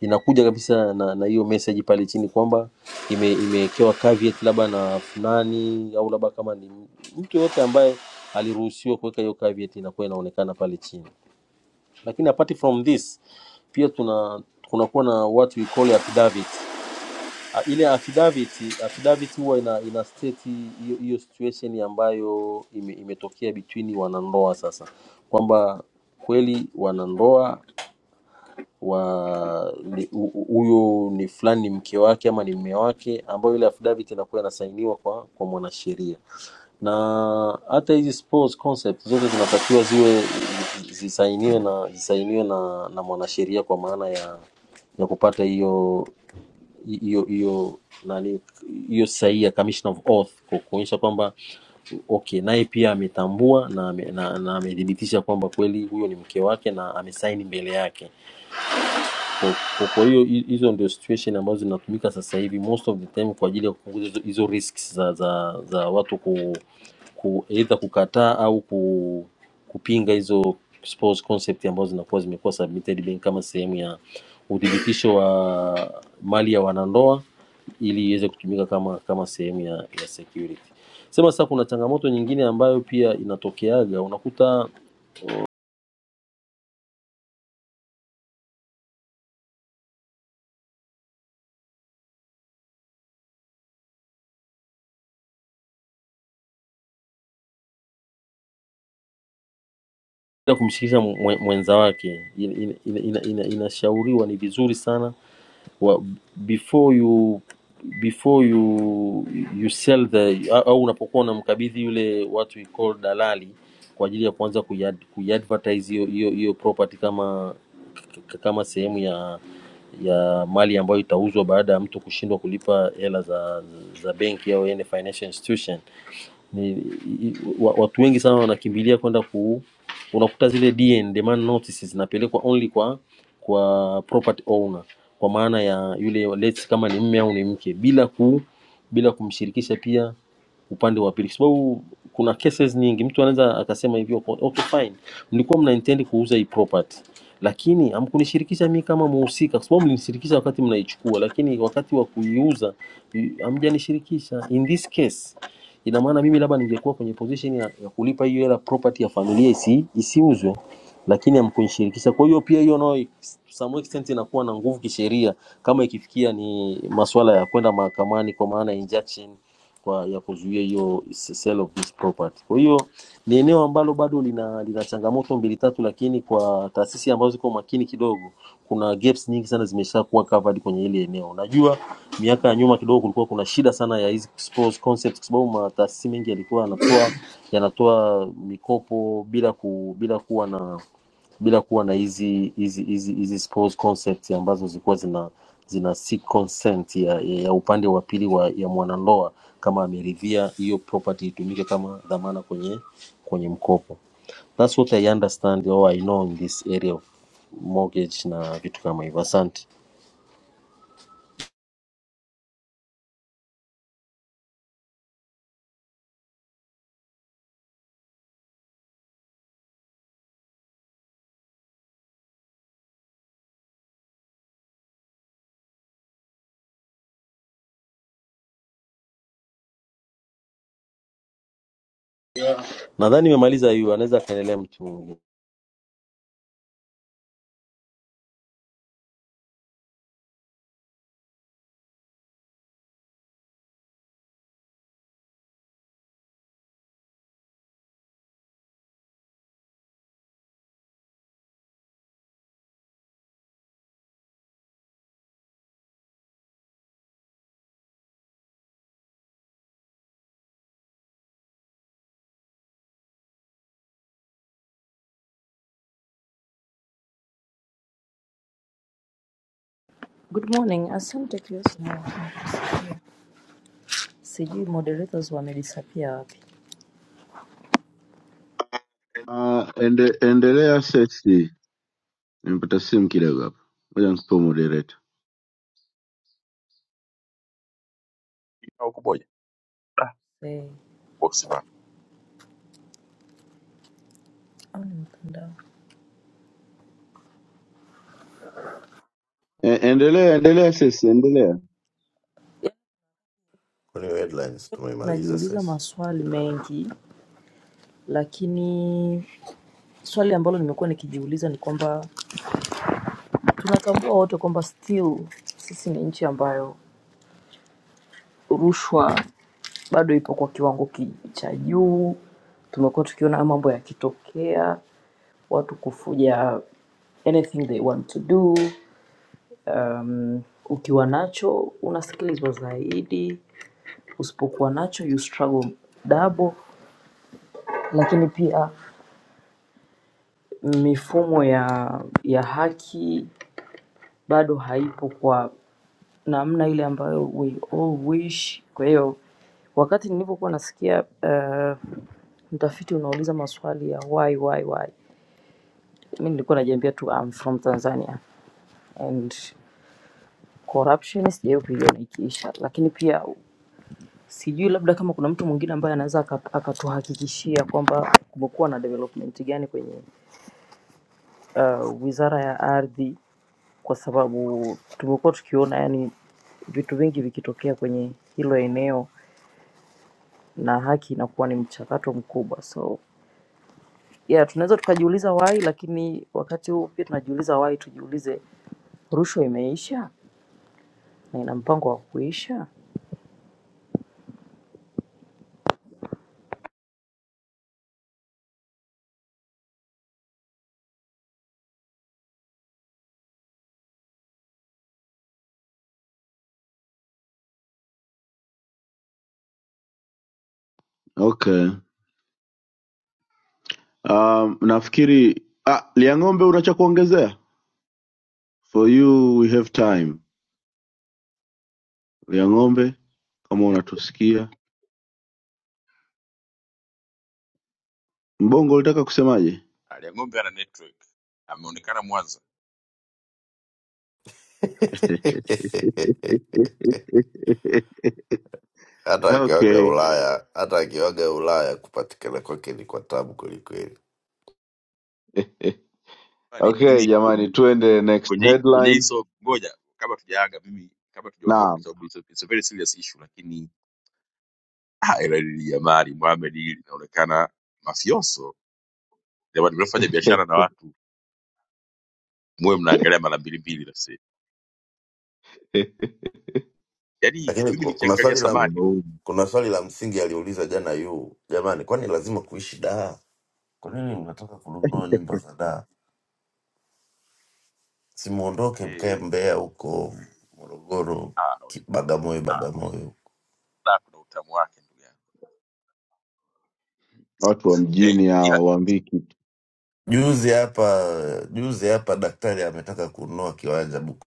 L: inakuja kabisa na na hiyo message pale chini kwamba ime- imewekewa caveat labda na fulani au labda kama ni mtu yoyote ambaye aliruhusiwa kuweka hiyo caveat inakuwa inaonekana pale chini. Lakini apart from this pia tuna kunakuwa na what we call affidavit Ah, ile affidavit affidavit huwa ina, ina state hiyo hiyo situation ambayo ime, imetokea between wanandoa sasa kwamba kweli wanandoa wa ni- hu- hu- huyo ni fulani ni mke wake ama ni mme wake, ambayo ile affidavit inakuwa inasainiwa kwa kwa mwanasheria, na hata hizi spouse concept zote zinatakiwa ziwe zisainiwe na zisainiwe na, na mwanasheria kwa maana ya ya kupata hiyo hiyo hiyo nani hiyo sahihi ya commission of oath kwa kuonyesha kwamba okay naye pia ametambua na amethibitisha na, na amethibitisha kwamba kweli huyo ni mke wake na amesaini mbele yake kwa, kwa, kwa hiyo hi- hizo ndio situation ambazo zinatumika sasa hivi most of the time kwa ajili ya kupunguza hizo, hizo risks za, za, za watu ku, ku either kukataa au ku, kupinga hizo sports concept ambazo zinakuwa zimekuwa submitted bank kama sehemu ya uthibitisho wa mali ya wanandoa ili iweze kutumika kama kama sehemu ya, ya security. Sema sasa kuna changamoto nyingine ambayo pia inatokeaga, unakuta bila kumshirikisha mwe- mwenza wake inashauriwa ina, ina, ina, ina inashauriwa ni vizuri sana wa, before you before you you sell the au au unapokuwa unamkabidhi yule watu you call dalali kwa ajili ya kuanza kuiad- kuiadvertise hiyo hiyo hiyo property kama k- kama sehemu ya ya mali ambayo itauzwa baada ya mtu kushindwa kulipa hela za za benki au any financial institution ni, i- wa- watu wengi sana wanakimbilia kwenda ku unakuta zile DN demand notices zinapelekwa only kwa kwa property owner kwa maana ya yule let's kama ni mme au ni mke bila ku bila kumshirikisha pia upande wa pili kwa sababu kuna cases nyingi mtu anaweza akasema hivyo kwa- okay fine mlikuwa mna intend kuuza hii property lakini hamkunishirikisha mimi kama muhusika kwa sababu mlinishirikisha wakati mnaichukua lakini wakati wa kuiuza i- hamjanishirikisha in this case ina maana mimi labda ningekuwa kwenye position ya, ya kulipa hiyo hela property ya familia isi, isiuzwe lakini hamkunishirikisha. Kwa hiyo pia hiyo nayo to some extent inakuwa na nguvu kisheria kama ikifikia ni masuala ya kwenda mahakamani kwa maana ya injunction kwa ya kuzuia hiyo sale of this property. Kwa hiyo ni eneo ambalo bado lina, lina changamoto mbili tatu, lakini kwa taasisi ambazo ziko makini kidogo kuna gaps nyingi sana zimeshakuwa covered kwenye hili eneo. Unajua miaka ya nyuma kidogo kulikuwa kuna shida sana ya hizi sports concepts kwa sababu mataasisi mengi yalikuwa yanatoa yanatoa mikopo bila ku, bila kuwa na bila kuwa na hizi hizi hizi hizi sports concepts ambazo zilikuwa zina zina seek consent ya, ya, ya upande wa pili wa ya mwanandoa kama ameridhia hiyo property itumike kama dhamana kwenye kwenye mkopo. That's what I understand or I know in this area of mortgage na vitu kama hivyo. Asante, nadhani nimemaliza hiyo, anaweza akaendelea mtu mwingine.
M: Good morning. Asante Kristo. Sijui moderators wamedisappear wapi.
B: Uh, ende, endelea Sesi. Nimepata simu kidogo hapa, ngoja nikupe moderator.
A: Au kuboja.
M: Hey,
A: boksi bana.
M: au ni mtandao.
B: E, endelea endelea, sisi endelea.
K: kwani hiyo headlines tumeimaliza
M: Najiuliza
K: sasa?
M: maswali mengi lakini swali ambalo nimekuwa nikijiuliza ni kwamba tunatambua wote kwamba still sisi ni nchi ambayo rushwa bado ipo kwa kiwango ki- cha juu. Tumekuwa tukiona haya mambo yakitokea, watu kufuja anything they want to do. Um, ukiwa nacho unasikilizwa zaidi usipokuwa nacho you struggle double, lakini pia mifumo ya ya haki bado haipo kwa namna ile ambayo we all wish. Kwa hiyo wakati nilipokuwa nasikia uh, mtafiti unauliza maswali ya why why why, mi nilikuwa najiambia tu I'm from Tanzania and corruption sijawahi kuiona ikiisha, lakini pia sijui labda kama kuna mtu mwingine ambaye anaweza aka- akatuhakikishia kwamba kumekuwa na development gani kwenye uh, wizara ya ardhi kwa sababu tumekuwa tukiona yani vitu vingi vikitokea kwenye hilo eneo na haki inakuwa ni mchakato mkubwa so yeah, tunaweza tukajiuliza wai lakini wakati huu pia tunajiuliza wai tujiulize rushwa imeisha na ina mpango wa kuisha
B: Okay, um, nafikiri ah, Liang'ombe una cha kuongezea? For you we have time. Liang'ombe, kama unatusikia, mbongo ulitaka kusemaje?
A: Alia ng'ombe ana network, ameonekana Mwanza.
K: hata akiwaga
B: okay
K: Ulaya, hata akiwaga Ulaya kupatikana kwake ni kwa tabu kwelikweli.
A: Bali,
B: okay,
A: Mimi
B: jamani, tuende next
A: kwenye hii- kwenye
B: headline.
A: hizo, ngoja kabla tujaaga, mimi kabla tujaondoka, kwa
B: Naam.
A: sababu it's a it's a very serious issue, lakini ah, ila hili jamani, Mohamed hili linaonekana mafioso jamani, mnafanya biashara na watu muwe mnaangalia mara mbili mbili na sasa. Yaani
K: Lakini
A: mimi
K: ku- kuna
A: nikiangalia
K: swali la
B: watu
A: samani hilo
B: wanaume,
K: kuna swali la msingi aliuliza jana yu, jamani, kwani lazima kuishi Dar? Kwa nini mnataka kununua nyumba za Dar? Simuondoke mkae
A: eh,
K: Mbeya huko Morogoro,
A: ah, we,
K: Ki- Bagamoyo, Bagamoyo.
A: na kuna utamu wake ndugu yangu
B: watu wa
A: eh,
B: mjini
A: ila
B: hawa waambii kitu,
K: Juzi hapa juzi hapa daktari ametaka kununua kiwanja Bukoba,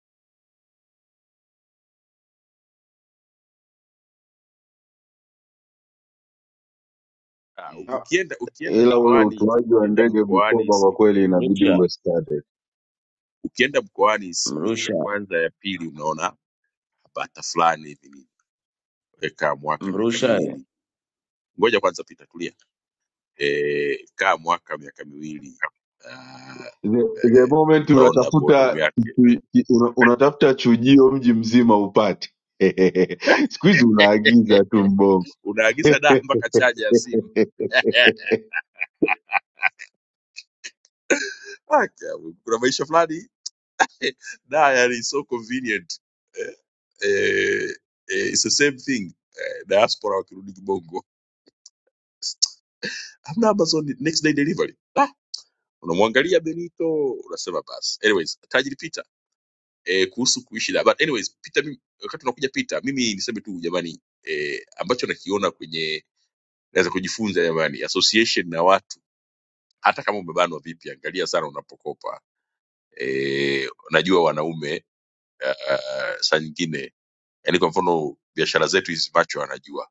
A: ah, u-
B: Ah,
A: ukienda ukienda
B: ila ule
A: mkoani
B: utuaji wa
A: ukienda
B: ndege
A: mkoani
B: Bukoba kwa kweli
A: siku
B: inabidi
H: Mrusha,
B: uwe studied.
A: Ukienda mkoani wiki ya
H: Mrusha,
A: kwanza ya pili unaona bata fulani hivi nini. Eh, kaa mwaka miaka
H: Mrusha.
A: miwili. Ngoja kwanza pita tulia. Eh, kaa mwaka miaka miwili. ah,
B: the, the
A: eh,
B: moment
A: utaona bodomu
B: unatafuta
A: yake.
B: kitu- ki- una, unatafuta chujio mji mzima upate siku hizi
A: Eh,
B: unaagiza tu mbongo
A: unaagiza daa mpaka chaja ya simu. Haki ya Mungu. Kuna maisha fulani eh, daa yani so convenient. Eh, eh, eh, it's the same thing. Eh, diaspora wakirudi kibongo. Hamna Amazon next day delivery. unamwangalia benito unasema basi anyways tajiri peter eh, kuhusu kuishi na but anyways peter mimi, wakati unakuja peter mimi niseme tu jamani eh, ambacho nakiona kwenye naweza kujifunza jamani association na watu hata kama umebanwa vipi angalia sana unapokopa eh, najua wanaume uh, saa nyingine yani kwa mfano biashara zetu hizi macho anajua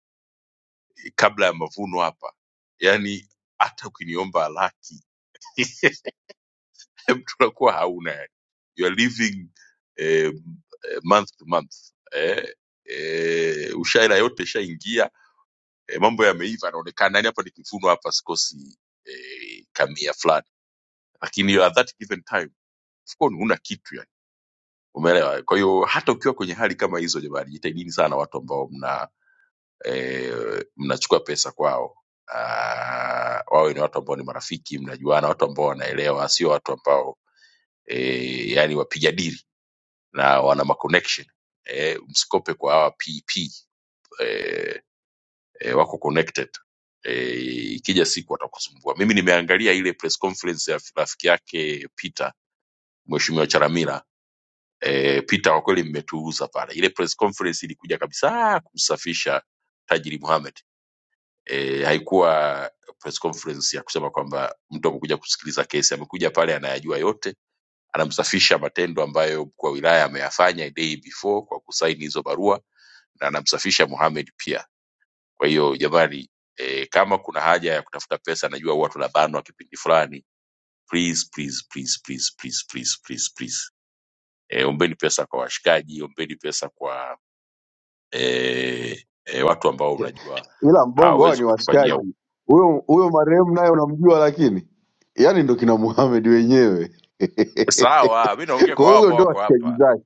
A: Eh, kabla ya mavuno hapa yani hata ukiniomba laki mtu unakuwa hauna yani. you are living eh, eh, month to month eh, eh, ushaira yote ishaingia eh, mambo yameiva yanaonekana yani hapa ni kifuno hapa sikosi eh, kamia fulani lakini at that given time of course huna kitu yani umeelewa kwa hiyo hata ukiwa kwenye hali kama hizo jamani jitahidini sana watu ambao mna eh, mnachukua pesa kwao Ah, wawe ni watu ambao ni marafiki mnajuana watu ambao wanaelewa sio watu ambao eh, yani wapiga dili na wana maconnection eh, msikope kwa hawa pp eh, eh, wako connected eh, ikija siku atakusumbua. Mimi nimeangalia ile press conference ya rafiki yake Peter, Mheshimiwa Charamira. Eh, Peter kwa kweli mmetuuza pale. Ile press conference ilikuja kabisa kumsafisha Tajiri Mohamed. Eh, haikuwa press conference ya kusema kwamba mtu amekuja kusikiliza kesi, amekuja pale anayajua yote, anamsafisha matendo ambayo mkuu wa wilaya ameyafanya day before kwa kusaini hizo barua na anamsafisha Mohamed pia Kwa hiyo jamani, eh, kama kuna haja ya kutafuta pesa, najua huwa tunabanwa kipindi fulani. Please, please, please, please, please, please, please, please. Eh, ombeni pesa kwa washikaji, ombeni pesa kwa eh, eh, watu ambao unajua
B: ila mbongo hawa
A: hawawezi
B: ni
A: kukufanyia u-
B: washikaji huyo huyo marehemu naye unamjua lakini yaani ndo kina muhamed wenyewe
A: sawa. Mi naongea
B: kwa
A: kwa hao
B: hiyo huyo
A: ambao
B: ndo
A: wako
B: washikaji
A: hapa.
B: zake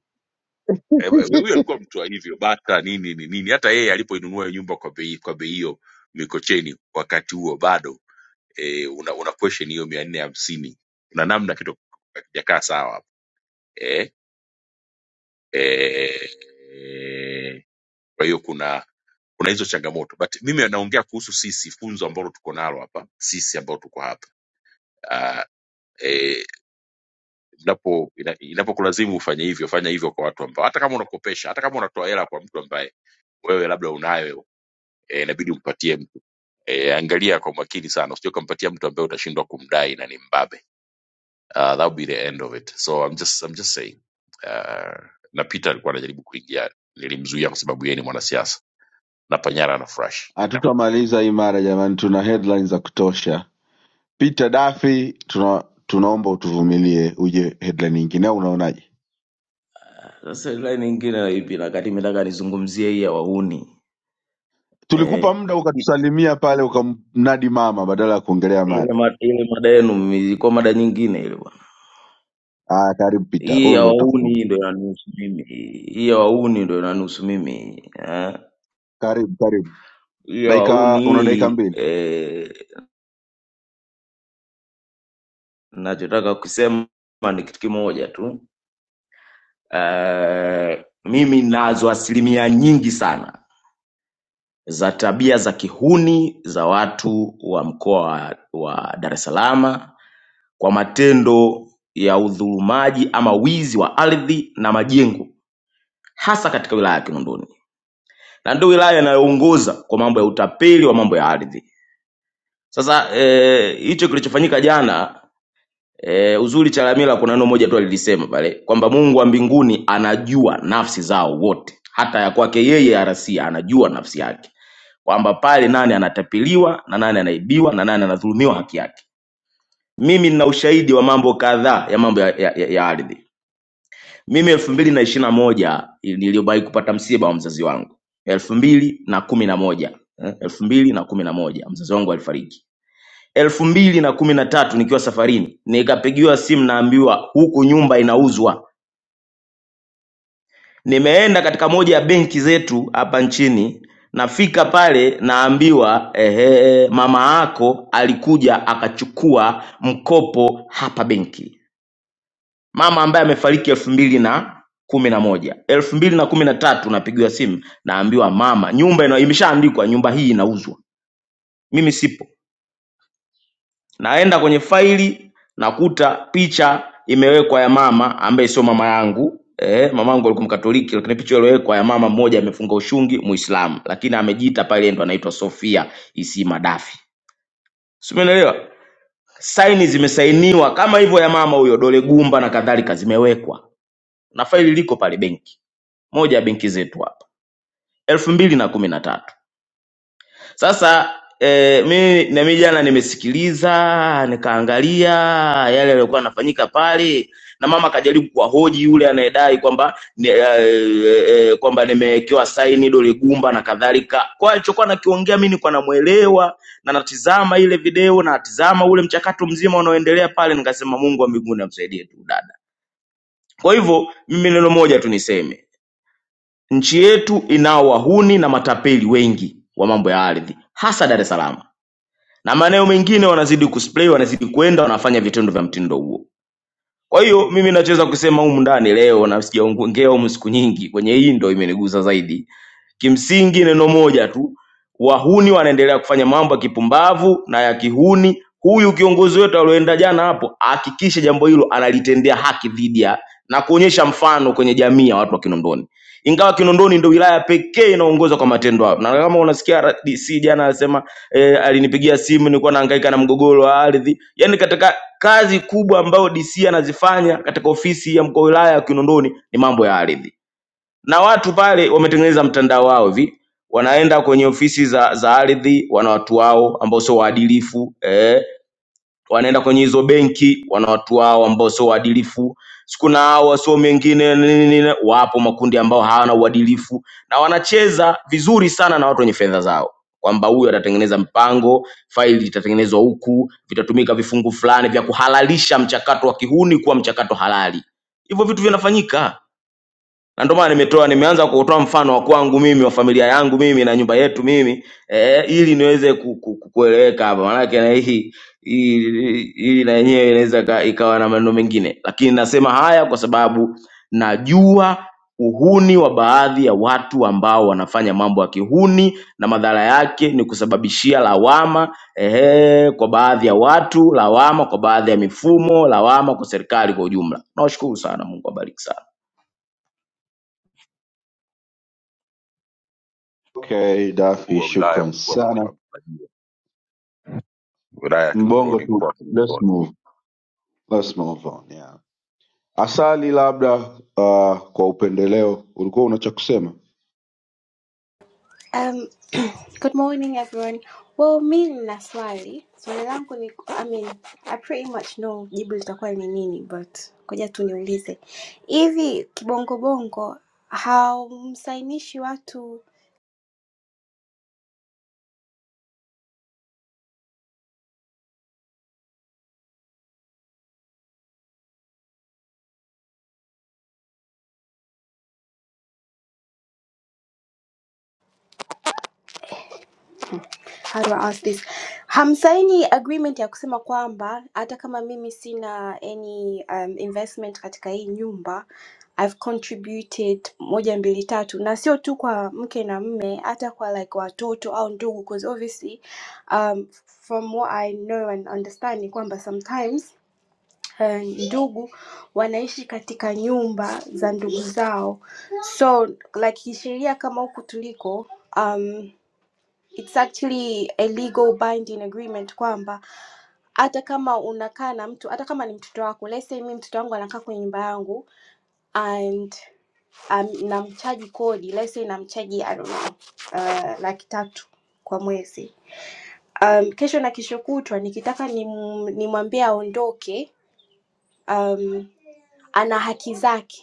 A: Eh, eh, Huyo alikuwa mtu wa hivyo bata nini ni nini, hata yeye alipoinunua hiyo nyumba kwa bei kwa bei hiyo Mikocheni wakati huo bado eh, una, una question hiyo mia nne hamsini kuna namna kitu hakijakaa sawa hapo. Eh? eh, eh, kwa hiyo kuna kuna hizo changamoto but mimi naongea kuhusu sisi funzo ambalo tuko nalo hapa sisi ambao tuko hapa uh, eh, inapo ina- inapokulazimu ufanye hivyo fanya hivyo kwa watu ambao hata kama unakopesha hata kama unatoa hela kwa mtu ambaye wewe labda unayo eh, inabidi umpatie mtu eh, angalia kwa makini sana usije ukampatia mtu ambaye utashindwa kumdai na ni mbabe uh, that would be the end of it so I'm just, I'm just saying uh, na Peter alikuwa anajaribu kuingia nilimzuia kwa sababu yeye ni mwanasiasa na Panyara na Fresh,
B: hatutamaliza hii mara jamani tuna headline za kutosha peter dafi tuna, tunaomba utuvumilie uje headline nyingine au unaonaje
H: Sasa line nyingine ipi na kati nimetaka nizungumzie hii ya wahuni.
B: Tulikupa
H: Eh,
B: muda ukatusalimia pale ukamnadi mama badala ya kuongelea
H: ile
B: mada.
H: mada, ile mada yenu ilikuwa mada nyingine ile bwana.
B: Ah, karibu Pita,
H: Hii
B: huo
H: ya
B: ndo utafunga.
H: wahuni ndio inanihusu mimi. Hii ya wahuni ndio inanihusu mimi. Eh.
B: Karibu, karibu. Dakika
H: yauni
B: una dakika
H: hii
B: mbili.
H: eh, nachotaka kusema ni kitu kimoja tu eh, mimi nazo asilimia nyingi sana za tabia za kihuni za watu wa mkoa wa, wa Dar es Salaam kwa matendo ya udhulumaji ama wizi wa ardhi na majengo hasa katika wilaya ya Kinondoni na ndio wilaya inayoongoza kwa mambo ya utapeli wa mambo ya ardhi. Sasa eh, hicho eh, kilichofanyika jana E, uzuri Chalamila kuna neno moja tu alilisema pale kwamba Mungu wa mbinguni anajua nafsi zao wote, hata ya kwake yeye arasia anajua nafsi yake, kwamba pale nani anatapiliwa na nani anaibiwa na nani anadhulumiwa haki yake. Mimi nina ushahidi wa mambo kadhaa ya mambo ya, ya, ya, ya ardhi. Mimi elfu mbili na ishiri na moja niliwahi kupata msiba wa mzazi wangu elfu mbili na kumi na moja eh, elfu mbili na kumi na moja mzazi wangu alifariki elfu mbili na kumi na tatu nikiwa safarini, nikapigiwa simu, naambiwa huku nyumba inauzwa. Nimeenda katika moja ya benki zetu hapa nchini, nafika pale naambiwa ehe, mama yako alikuja akachukua mkopo hapa benki, mama ambaye amefariki elfu mbili na kumi na moja elfu mbili na kumi na tatu napigiwa simu, naambiwa mama, nyumba ina- imeshaandikwa, nyumba hii inauzwa, mimi sipo Naenda kwenye faili nakuta picha imewekwa ya mama ambaye sio mama yangu eh, mamangu alikuwa Mkatoliki, lakini picha iliyowekwa ya mama mmoja amefunga ushungi Muislamu, lakini amejiita pale ndo anaitwa Sofia Isima Dafi, si umeelewa? Saini zimesainiwa kama hivyo ya mama huyo, dole gumba na kadhalika, zimewekwa na faili liko pale benki moja ya benki zetu hapa elfu mbili na kumi na tatu. Sasa eh, mimi na mimi jana nimesikiliza nikaangalia yale yaliyokuwa yanafanyika pale, na mama akajaribu kuwahoji yule anayedai kwamba ni- eh, eh, eh, kwamba nimewekewa saini dole gumba na kadhalika. Kwa hiyo alichokuwa nakiongea mimi nilikuwa namuelewa na natizama ile video na natizama ule mchakato mzima unaoendelea pale, nikasema Mungu wa mbinguni amsaidie tu dada. Kwa hivyo mimi neno moja tu niseme, nchi yetu inao wahuni na matapeli wengi wa mambo ya ardhi, hasa Dar es Salaam na maeneo mengine wanazidi kusplay, wanazidi kwenda, wanafanya vitendo vya mtindo huo. Kwa hiyo mimi nachoweza kusema humu ndani leo, na sijaongea humu siku nyingi, kwenye hii ndo imenigusa zaidi Kimsingi neno moja tu, wahuni wanaendelea kufanya mambo ya kipumbavu na ya kihuni. Huyu kiongozi wetu alioenda jana hapo, ahakikishe jambo hilo analitendea haki dhidi ya na kuonyesha mfano kwenye jamii ya watu wa Kinondoni, ingawa Kinondoni ndio wilaya pekee inaongozwa kwa matendo hayo. Na kama unasikia RDC jana anasema eh, alinipigia simu nilikuwa nahangaika na mgogoro wa ardhi. Yaani katika kazi kubwa ambayo DC anazifanya katika ofisi ya mkoa wilaya ya Kinondoni ni mambo ya ardhi na watu pale wametengeneza mtandao wao hivi, wanaenda kwenye ofisi za, za ardhi, wana watu wao ambao sio waadilifu eh. Wanaenda kwenye hizo benki, wana watu wao ambao sio waadilifu. Sikuna hao wasomi wengine nini nini, wapo makundi ambao hawana uadilifu na wanacheza vizuri sana na watu wenye fedha zao, kwamba huyu atatengeneza mpango, faili itatengenezwa huku, vitatumika vifungu fulani vya kuhalalisha mchakato wa kihuni kuwa mchakato halali. Hivyo vitu vinafanyika na ndio maana nimetoa nimeanza kutoa mfano wa kwangu mimi wa familia yangu mimi na nyumba yetu mimi eh, ili niweze ku, ku, ku- kueleweka hapa maanake na hii hii hii na yenyewe inaweza ika- ikawa na maneno mengine lakini nasema haya kwa sababu najua uhuni wa baadhi ya watu ambao wanafanya mambo ya kihuni na madhara yake ni kusababishia lawama ehe, kwa baadhi ya watu lawama kwa baadhi ya mifumo lawama kwa serikali kwa ujumla nawashukuru sana mungu abariki sana
B: Okay,
A: mkuu
B: Dafi,
A: wa wilaya,
B: shukran
A: mkuu wa
B: sana.
A: mkoa, msajili wa wilaya ya
B: Mbongo
A: Kinondoni,
B: tu.
A: mkoa wa
B: Let's
A: Kinondoni.
B: move. Let's move on. Yeah. Asali labda uh, kwa upendeleo ulikuwa una cha kusema?
N: Um, good morning, everyone. Well, mimi naswali swali Swali langu ni I mean, I pretty much know jibu litakuwa ni nini but ngoja tu niulize hivi kibongo bongo haumsainishi watu how do I ask this? Hamsaini agreement ya kusema kwamba hata kama mimi sina any um, investment katika hii nyumba I've contributed moja mbili tatu, na sio tu kwa mke na mme, hata kwa like watoto au ndugu, because obviously um, from what I know and understand ni kwamba sometimes um, ndugu wanaishi katika nyumba za ndugu zao, so like kisheria kama huku tuliko um, it's actually a legal binding agreement kwamba hata kama unakaa na mtu hata kama ni mtoto wako let's say mi mtoto wangu anakaa kwenye nyumba yangu and um, namchaji kodi let's say namchaji I don't know, uh, laki tatu kwa mwezi um, kesho na kesho kutwa nikitaka nim- nimwambie aondoke um, ana haki zake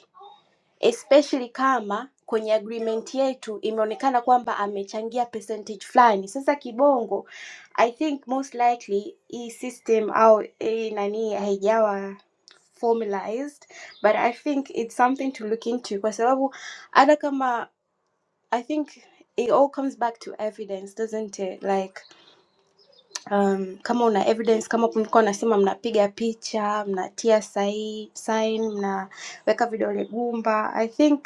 N: especially kama kwenye agreement yetu imeonekana kwamba amechangia percentage fulani. Sasa kibongo, I think most likely hii system au hii nani haijawa formalized but I think it's something to look into kwa sababu hata kama I think it all comes back to evidence doesn't it like um, kama una evidence kama mlikuwa unasema mnapiga picha mnatia sahi- sign mnaweka vidole gumba I think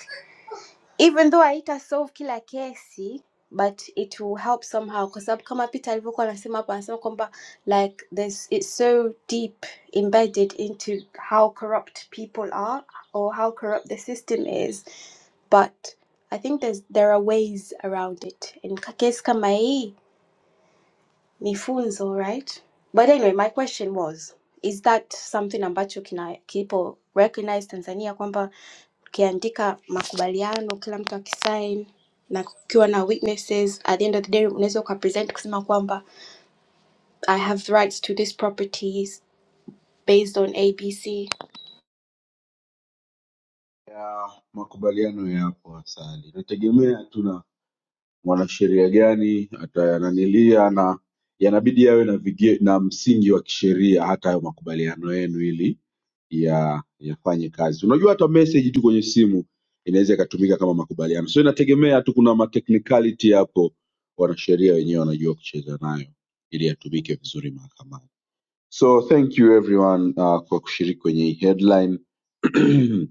N: even though haitasolve kila kesi but it will help somehow kwa sababu kama Peter alivyokuwa anasema hapo anasema kwamba like there's it's so deep embedded into how corrupt people are or how corrupt the system is but I think there's there are ways around it and ka- kesi kama hii ni funzo right but anyway my question was is that something ambacho kina kipo recognize Tanzania kwamba ukiandika makubaliano kila mtu akisign na kukiwa na witnesses at the end of the day unaweza ukapresent kusema kwamba i have rights to this properties based on abc
B: Ya makubaliano yapo Asali. Nategemea mwanasheria gani atayananilia na yanabidi yawe na vige, na msingi wa kisheria hata hayo makubaliano yenu ili ya yafanye kazi unajua hata message tu kwenye simu inaweza ikatumika kama makubaliano so inategemea tu kuna matechnicality hapo wanasheria wenyewe wanajua kucheza nayo ili yatumike vizuri mahakamani so thank you everyone uh, kwa kushiriki kwenye hii headline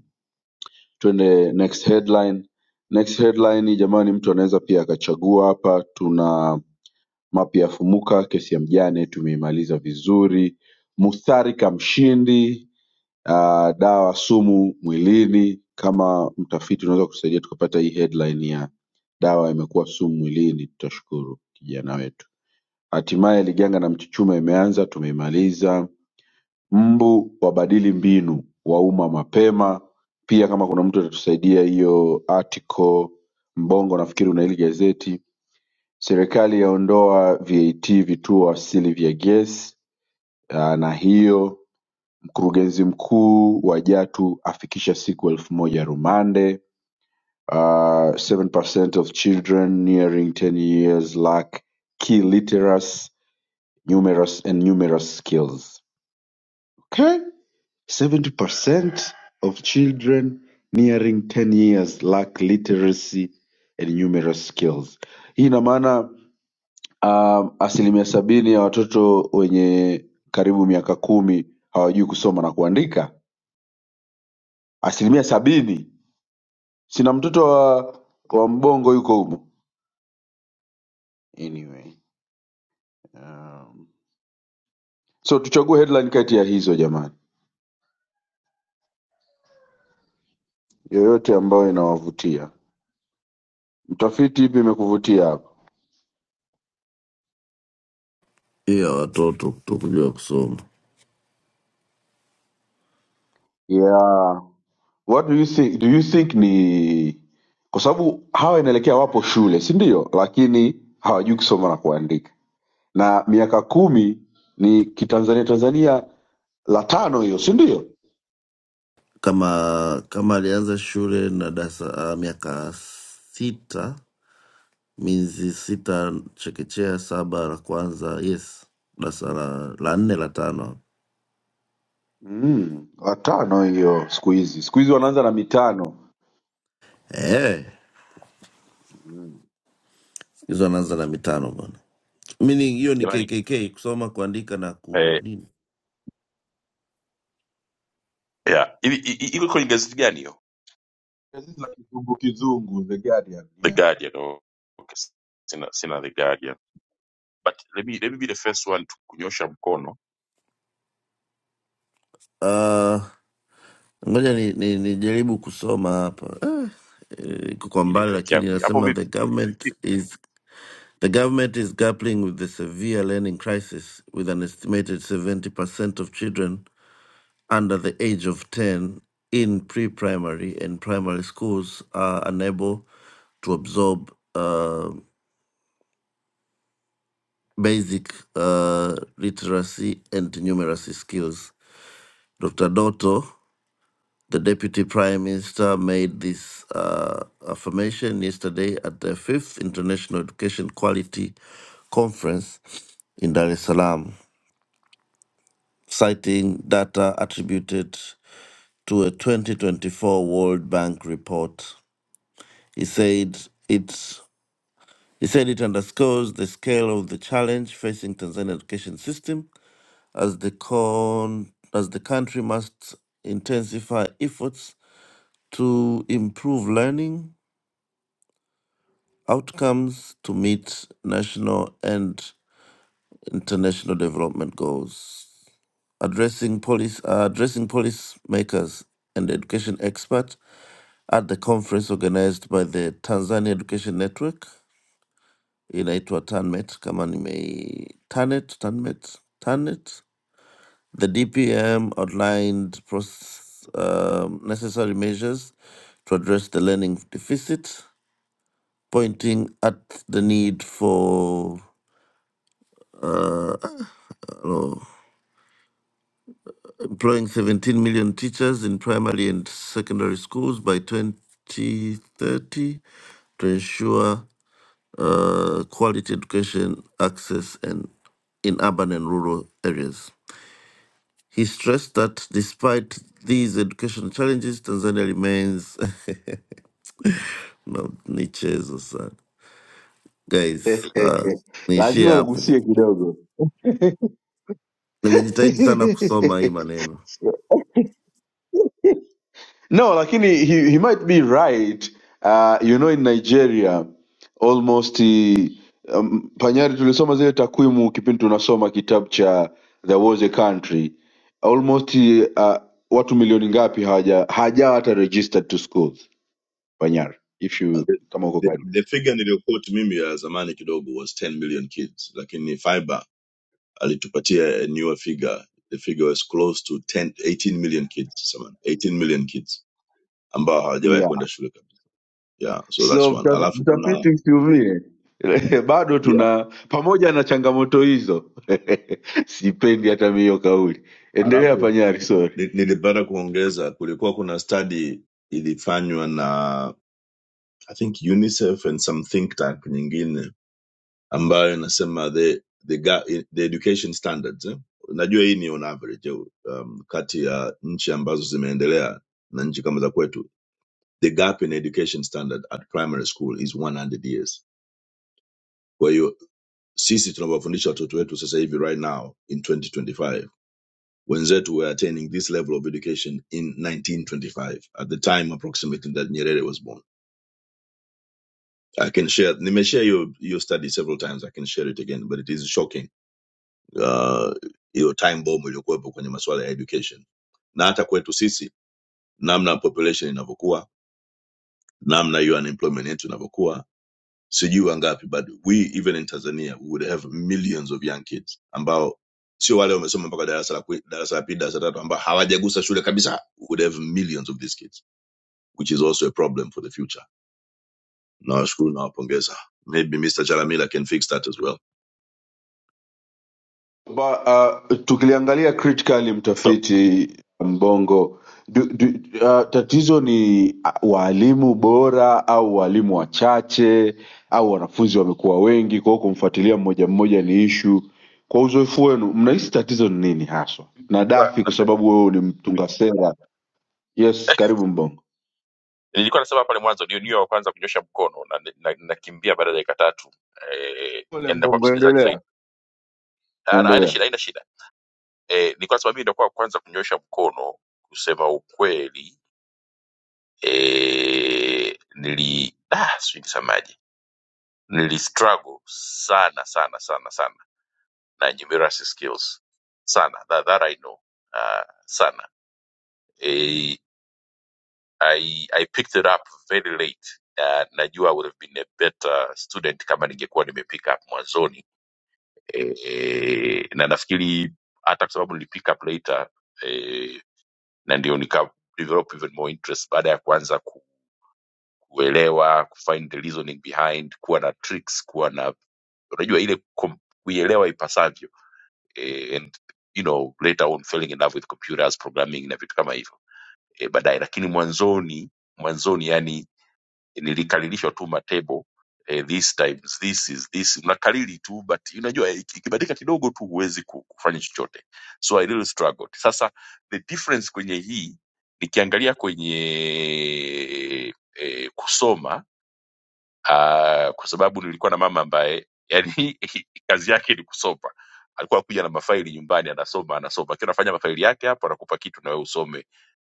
B: Twende next headline. Next headline jamani, mtu anaweza pia akachagua hapa. Tuna mapi ya Fumuka, kesi ya mjane tumeimaliza vizuri. Mutharika mshindi, ah, dawa sumu mwilini. Kama mtafiti unaweza kutusaidia tukapata hii headline ya dawa imekuwa sumu mwilini, tutashukuru kijana wetu. Hatimaye Liganga na Mchuchuma imeanza, tumeimaliza mbu wabadili mbinu wauma mapema pia kama kuna mtu atatusaidia hiyo article mbongo nafikiri una hili gazeti serikali yaondoa vat vituo asili vya gesi ah, na hiyo mkurugenzi mkuu wa jatu afikisha siku elfu moja rumande uh, 7% of children nearing 10 years lack key literacy numerous and numerous skills okay Seventy percent of children nearing ten years lack literacy and numerous skills. Hii ina maana um, asilimia sabini ya watoto wenye karibu miaka kumi hawajui kusoma na kuandika. Asilimia sabini. Sina mtoto wa, wa mbongo yuko humo. Anyway, um, so tuchague headline kati ya hizo jamani, yoyote ambayo inawavutia. Mtafiti, ipi imekuvutia hapa?
K: iya watoto kutokujua kusoma
B: Yeah. what do you think, do you think ni kwa sababu hawa inaelekea wapo shule si ndio lakini hawajui kusoma na kuandika na miaka kumi ni kitanzania tanzania la tano hiyo si ndio
K: kama kama alianza shule na darasa uh, miaka sita miezi sita chekechea saba la kwanza yes darasa la, la nne la tano
B: mm, la tano hiyo siku hizi siku hizi wanaanza na mitano
K: Eh,
B: mm.
K: siku hizo anaanza na mitano bwana mini hiyo ni
A: Jamani
K: kkk kusoma kuandika na ku
A: eh,
K: nini
A: yeah. Hivi i- i- iko kwenye gazeti gani hiyo?
B: Gazeti la kizungu kizungu, The Guardian.
A: The
B: Yeah.
A: Guardian. Oh, okay. Sina sina The Guardian. But let me, let me be the first one to kunyosha mkono
K: Ah, ngoja nijaribu ni, ni nijaribu kusoma hapa Ah, eh, iko kwa
A: ile
K: mbali
A: network
K: lakini
A: yangu. hii. Hapo
K: inasema the
A: vipi?
K: government is The government is grappling with the severe learning crisis, with an estimated 70% of children under the age of 10 in pre primary and primary schools are unable to absorb uh, basic uh, literacy and numeracy skills. Dr. Dotto, the Deputy Prime Minister, made this uh, affirmation yesterday at the fifth International Education Quality Conference in Dar es Salaam. citing data attributed to a 2024 World Bank report. He said it he said it underscores the scale of the challenge facing Tanzania education system as the con, as the country must intensify efforts to improve learning outcomes to meet national and international development goals. Addressing police uh, addressing policymakers and education experts at the conference organized by the Tanzania Education Network inaitwa TANMET kama nime TANET, TANMET, TANET. The DPM outlined process, um, necessary measures to address the learning deficit, pointing at the need for employing 17 million teachers in primary and secondary schools by 2030 to ensure uh, quality education access and in urban and rural areas. He stressed that despite these educational challenges, Tanzania remains no nichezo sana guys. Uh, niishie
B: lazima
K: hapo,
B: ugusie kidogo
K: nimejitahidi sana kusoma hii maneno.
B: No, lakini he, he might be right. Uh, you know in Nigeria almost uh, um, Panyari tulisoma zile takwimu kipindi tunasoma kitabu cha There Was a Country almost eh, uh, watu milioni ngapi hawaja hawajawa hata registered to schools Panyari if you
I: Uh, the,
B: kama uko
I: the,
B: karibu.
I: the figure niliyoquote mimi ya zamani kidogo was 10 million kids, lakini fiber alitupatia a newer figure the figure was close to 10, 18 million kids someone 18 million kids ambao hawajawahi
B: Yeah.
I: kwenda shule kabisa yeah so that's
B: So
I: one
B: mta-
I: alafu kuna
B: mtafiti msiumie. Bado
I: yeah
B: tuna pamoja na changamoto hizo. Sipendi hata mimi hiyo kauli. Endelea
I: alafu
B: Panyari, sorry.
I: ni- nilipata kuongeza kulikuwa kuna study ilifanywa na i think unicef and some think tank nyingine ambayo inasema the the, ga- the education standards eh? najua hii ni on average eh, um, kati ya nchi ambazo zimeendelea na nchi kama za kwetu the gap in education standard at primary school is 100 years. Kwa hiyo sisi tunawafundisha watoto wetu sasa hivi right now in 2025 wenzetu were attaining this level of education in 1925 at the time approximately that Nyerere was born. I can share, nime share your, your study several times, I can share it again, but it is shocking. Uh, hiyo time bomb iliyokuwepo kwenye masuala ya education. Na hata kwetu sisi, namna population inavyokuwa, namna hiyo unemployment yetu inavyokuwa, sijui wangapi but we even in tanzania we would have millions of young kids ambao sio wale wamesoma mpaka darasa la kwe- darasa la pili darasa la tatu ambao hawajagusa shule kabisa we would have millions of these kids which is also a problem for the future nawashukuru nawapongeza maybe mr chalamila can fix that as well
B: Ba, uh, tukiliangalia critically
A: So,
B: mtafiti Mbongo du, du, uh, tatizo ni uh, waalimu bora au waalimu wachache au wanafunzi wamekuwa wengi, kwa hiyo kumfuatilia mmoja mmoja ni ishu. Kwa uzoefu wenu mnahisi tatizo ni nini haswa? Na
A: nilikuwa
B: Dafi, kwa
A: nasema
B: sababu wewe ni mtunga sera. Yes, karibu Mbongo.
A: nilikuwa nasema pale mwanzo ndio niyo wa kwanza kunyosha mkono na nakimbia na, nakimbia baada ya dakika tatu eh,
B: Pole
A: enda kwa
B: Mbongo,
A: msikilizaji
B: endelea
A: zaidi. Ah, Haina
B: endelea.
A: shida, haina shida. Eh, nilikuwa nasema mimi ndio kwa kwanza kunyosha mkono kusema ukweli eh, nili ah, sijui nisemaje nilistruggle sana sana sana sana na numeracy skills sana that, that i know uh, sana eh, I, I picked it up very late uh, najua I would have been a better student kama ningekuwa nime pick up mwanzoni eh, eh, na nafikiri hata kwa sababu nili pick up later eh, na ndio nika develop even more interest baada ya kuanza kuelewa kufind the reasoning behind kuwa na tricks kuwa na unajua ile kom- kuielewa ipasavyo eh, and you know later on falling in love with computers programming na vitu kama hivyo eh, baadaye lakini mwanzoni mwanzoni yani nilikaririshwa tu matebo eh, these times this is this unakariri tu but unajua eh, iki- ikibadilika kidogo tu huwezi ku- kufanya chochote so i really struggled sasa the difference kwenye hii nikiangalia kwenye eh, kusoma uh, kwa sababu nilikuwa na mama ambaye yani kazi yake ni kusoma alikuwa akuja na mafaili nyumbani anasoma anasoma akiwa anafanya mafaili yake hapo anakupa kitu na wewe usome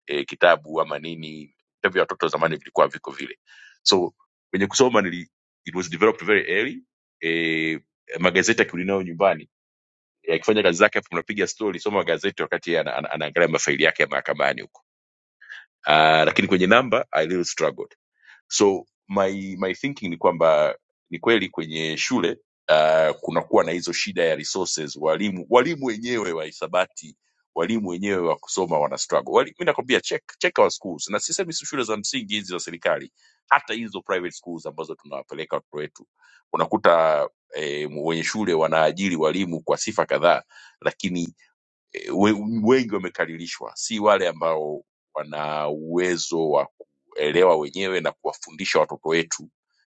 A: e, kitabu ama nini Vitabu vya watoto zamani vilikuwa viko vile so kwenye kusoma nili, it was developed very early e, magazeti akirudi nayo nyumbani eh, akifanya kazi zake hapo unapiga story soma gazeti wakati yeye ana- ana- anaangalia mafaili yake ya mahakamani huko uh, lakini kwenye namba i little struggled so my my thinking ni kwamba ni kweli kwenye shule uh, kunakuwa na hizo shida ya resources walimu walimu wenyewe wa hisabati walimu wenyewe wa kusoma wana struggle Wali, mi nakwambia check check our schools na sisemi si shule za msingi hizi za serikali hata hizo private schools ambazo tunawapeleka watoto wetu unakuta eh, wenye shule wanaajiri walimu kwa sifa kadhaa lakini eh, we- wengi wamekaririshwa, si wale ambao wana uwezo wa kuelewa wenyewe na kuwafundisha watoto wetu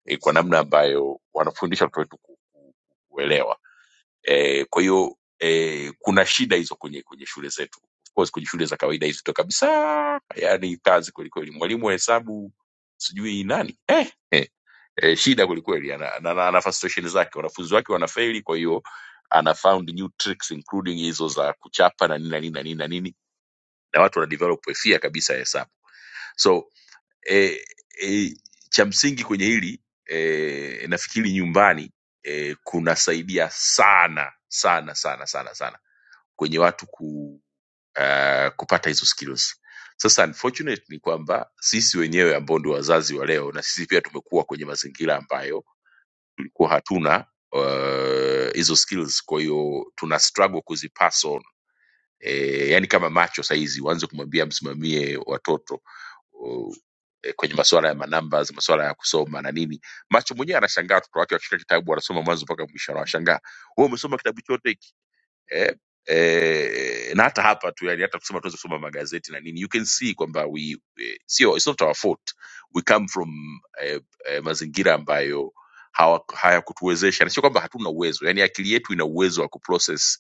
A: eh, kwa namna ambayo wanafundisha watoto wetu ku- ku- kuelewa eh, kwa hiyo eh, kuna shida hizo kwenye kwenye shule zetu of course kwenye shule za kawaida hizi tu kabisa yani kazi kwelikweli mwalimu wa hesabu sijui nani eh, eh, eh, shida kwelikweli ana, ana, ana, ana frustration zake wanafunzi wake wanafeli kwa hiyo ana found new tricks including hizo za kuchapa na nini na nini na nini na nini na watu wana develop fear kabisa ya hesabu so e, e, cha msingi kwenye hili e, nafikiri nyumbani e, kunasaidia sana sana sana sana sana kwenye watu ku, uh, kupata hizo skills sasa unfortunate ni kwamba sisi wenyewe ambao ndio wazazi wa leo na sisi pia tumekuwa kwenye mazingira ambayo tulikuwa hatuna uh, hizo skills kwa hiyo tuna struggle kuzipass on e, yani kama macho sahizi waanze kumwambia msimamie watoto o, e, kwenye masuala ya manamba masuala ya kusoma na nini macho mwenyewe anashangaa watoto wake wakishika kitabu wanasoma mwanzo mpaka mwisho anawashangaa wewe umesoma kitabu chote hiki eh? Eh, na hata hapa tu yani hata kusema tuweze kusoma magazeti na nini you can see kwamba we eh, sio it's not our fault we come from eh, eh, mazingira ambayo hawa- hayakutuwezesha na sio kwamba hatuna uwezo yani akili yetu ina uwezo wa kuprocess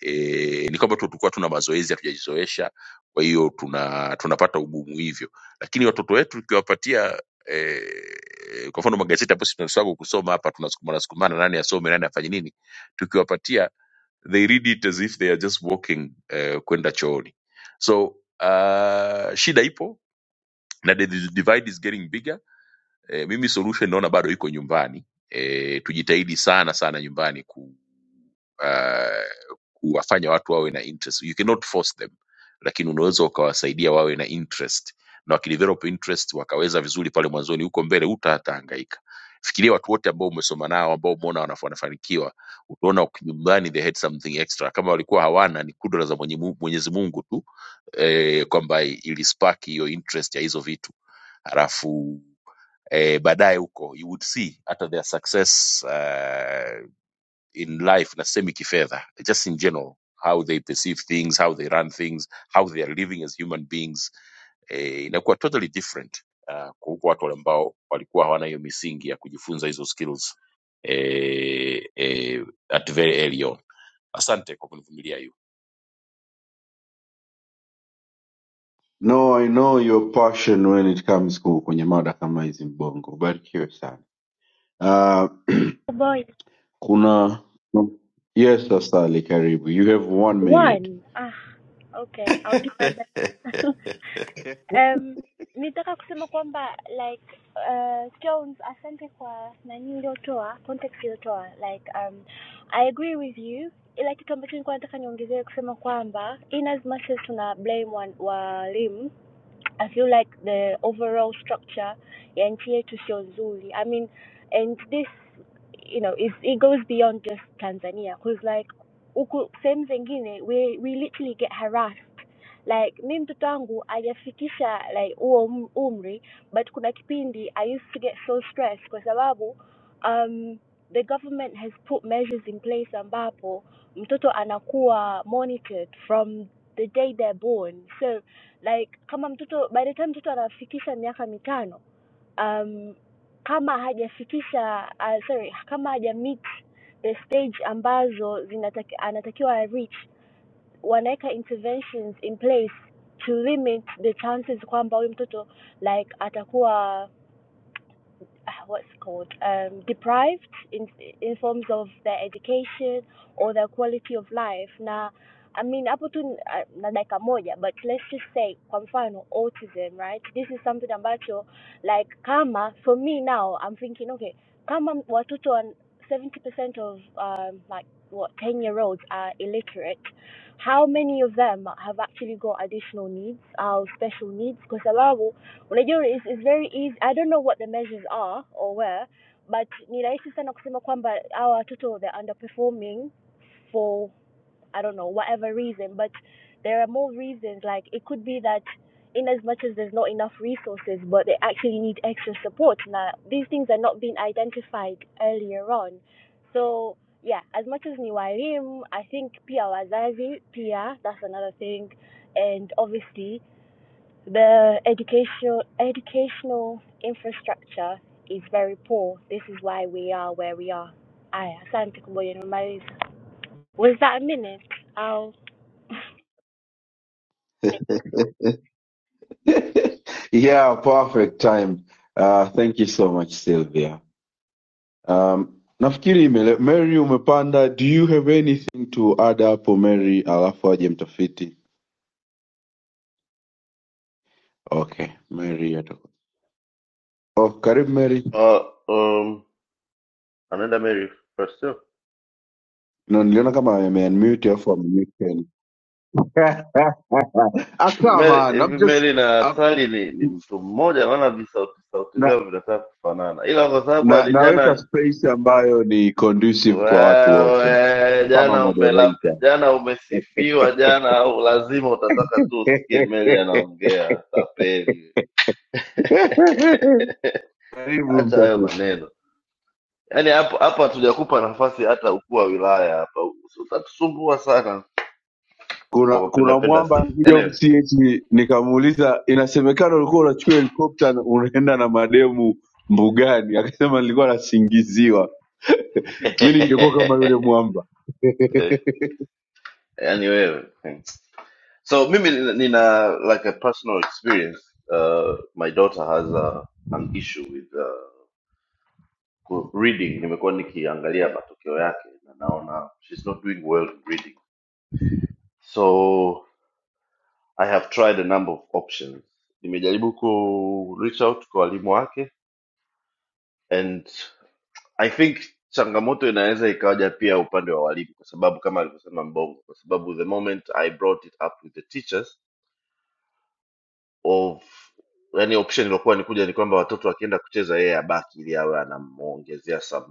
A: e, ni kwamba tu tulikuwa tuna mazoezi hatujajizoesha kwa hiyo tuna tunapata ugumu hivyo lakini watoto wetu tukiwapatia e, kwa mfano magazeti ambayo sisi tunaswaga kusoma hapa tunasukumana sukumana nani asome nani afanye nini tukiwapatia they read it as if they are just walking eh, kwenda chooni so uh, shida ipo na the the divide is getting bigger eh, mimi solution naona bado iko nyumbani eh, tujitahidi sana sana nyumbani ku, uh, kuwafanya watu wawe na interest you cannot force them lakini unaweza ukawasaidia wawe na interest na wakidevelop interest wakaweza vizuri pale mwanzoni huko mbele huta hatahangaika fikiria watu wote ambao umesoma nao ambao umeona wanaf- wanafanikiwa utaona uki- nyumbani they had something extra kama walikuwa hawana ni kudra za mwenye Mu- mwenyezi mungu tu eh, kwamba ilispaki hiyo interest ya hizo vitu halafu eh, baadaye huko you would see hata their success uh, in life nasemi kifedha just in general how they perceive things how they run things how they are living as human beings eh, inakuwa totally different uh, kwa huko watu wale ambao walikuwa hawana hiyo misingi ya kujifunza hizo skills eh, eh, at very early on asante kwa kunivumilia hiyo
B: No, I know your passion when it comes ku- kwenye mada kama hizi Mbongo, ubarikiwe sana. Uh, Kuna no. yes, Asali Karibu. You have one
N: What?
B: minute.
N: Ah, okay, I'll do my best. um, nitaka kusema kwamba like uh, Jones, asante kwa nani uliotoa context uliotoa like um, I agree with you, ila kitu ambacho nilikuwa nataka niongezee kusema kwamba in as much as tuna blame wan- walimu I feel like the overall structure and to show I mean, and this, you know, is it goes beyond just Tanzania because like huku sehemu zingine we we literally get harassed like mi mtoto wangu hajafikisha like huo um- umri but kuna kipindi i used to get so stressed kwa sababu um, the government has put measures in place ambapo mtoto anakuwa monitored from the day they're born so like kama mtoto by the time mtoto anafikisha miaka mitano um, kama hajafikisha uh, sorry kama haja meet the stage ambazo zinataki, anatakiwa reach wanaweka interventions in place to limit the chances kwamba huyu mtoto like atakuwa uh, what's called um, deprived in in forms of their education or their quality of life now, i mean hapo tu ni- ah, na dakika moja but let's just say kwa mfano autism right this is something ambacho like kama for me now i'm thinking okay kama watoto wa 70% of um, like what 10 year olds are illiterate how many of them have actually got additional needs or special needs kwa sababu unajua is, is very easy i don't know what the measures are or where but ni rahisi sana kusema kwamba our watoto they're underperforming for i don't know whatever reason but there are more reasons like it could be that in as much as there's not enough resources but they actually need extra support now these things are not being identified earlier on so yeah as much as ni walimu i think pia wazazi pia that's another thing and obviously the educational educational infrastructure is very poor. This is why we are where we are. Aya, asante kuboja nimemaliza. Was that a minute? I'll
B: yeah, perfect time. Uh, thank you so much, Sylvia. Um, nafikiri imele- Mary umepanda. Do you have anything to add hapo Mary, alafu aje mtafiti? Okay, Mary ataku. Oh, karibu Mary.
K: Uh, um, anaenda Mary first. sio?
B: No, niliona kama ame unmute alafu ame mute tena. ah, come
K: Mary,
B: on. I'm
K: hivi
B: just
K: Mary na
B: I'm,
K: Sally ni, ni mtu mmoja, maana visauti sauti
B: na,
K: vyao vinataka kufanana, ila kwa sababu
B: na, naweka
K: alijana
B: space ambayo ni conducive kwa watu wote.
K: Wewe
B: kama
K: jana umelape,
B: moderator.
K: jana umesifiwa jana, au lazima utataka tu usikie Meli anaongea tapeli.
B: Karibu
K: Acha hayo
B: mtafiti.
K: maneno, yaani hapo hapa hatujakupa nafasi hata ukuu wa wilaya hapa, Usi- utatusumbua sana
B: Kuna
K: unapopenda
B: kuna
K: penda
B: mwamba
K: sifa.
B: alikuja huku
K: Anyway.
B: CH nikamuuliza, inasemekana ulikuwa unachukua helikopta na unaenda na mademu mbugani, akasema nilikuwa nasingiziwa. Mi ningekuwa kama yule mwamba.
K: Yaani wewe so mimi nina nina like a personal experience uh, my daughter has a, an issue with uh Ku- reading nimekuwa nikiangalia matokeo yake na naona she's not doing well in reading so i have tried a number of options nimejaribu ku reach out kwa walimu wake and i think changamoto inaweza ikaja pia upande wa walimu kwa sababu kama alivyosema mbongo kwa sababu the moment i brought it up with the teachers of yani option iliokuwa nikuja ni kwamba watoto wakienda kucheza yeye abaki ili awe anamwongezea some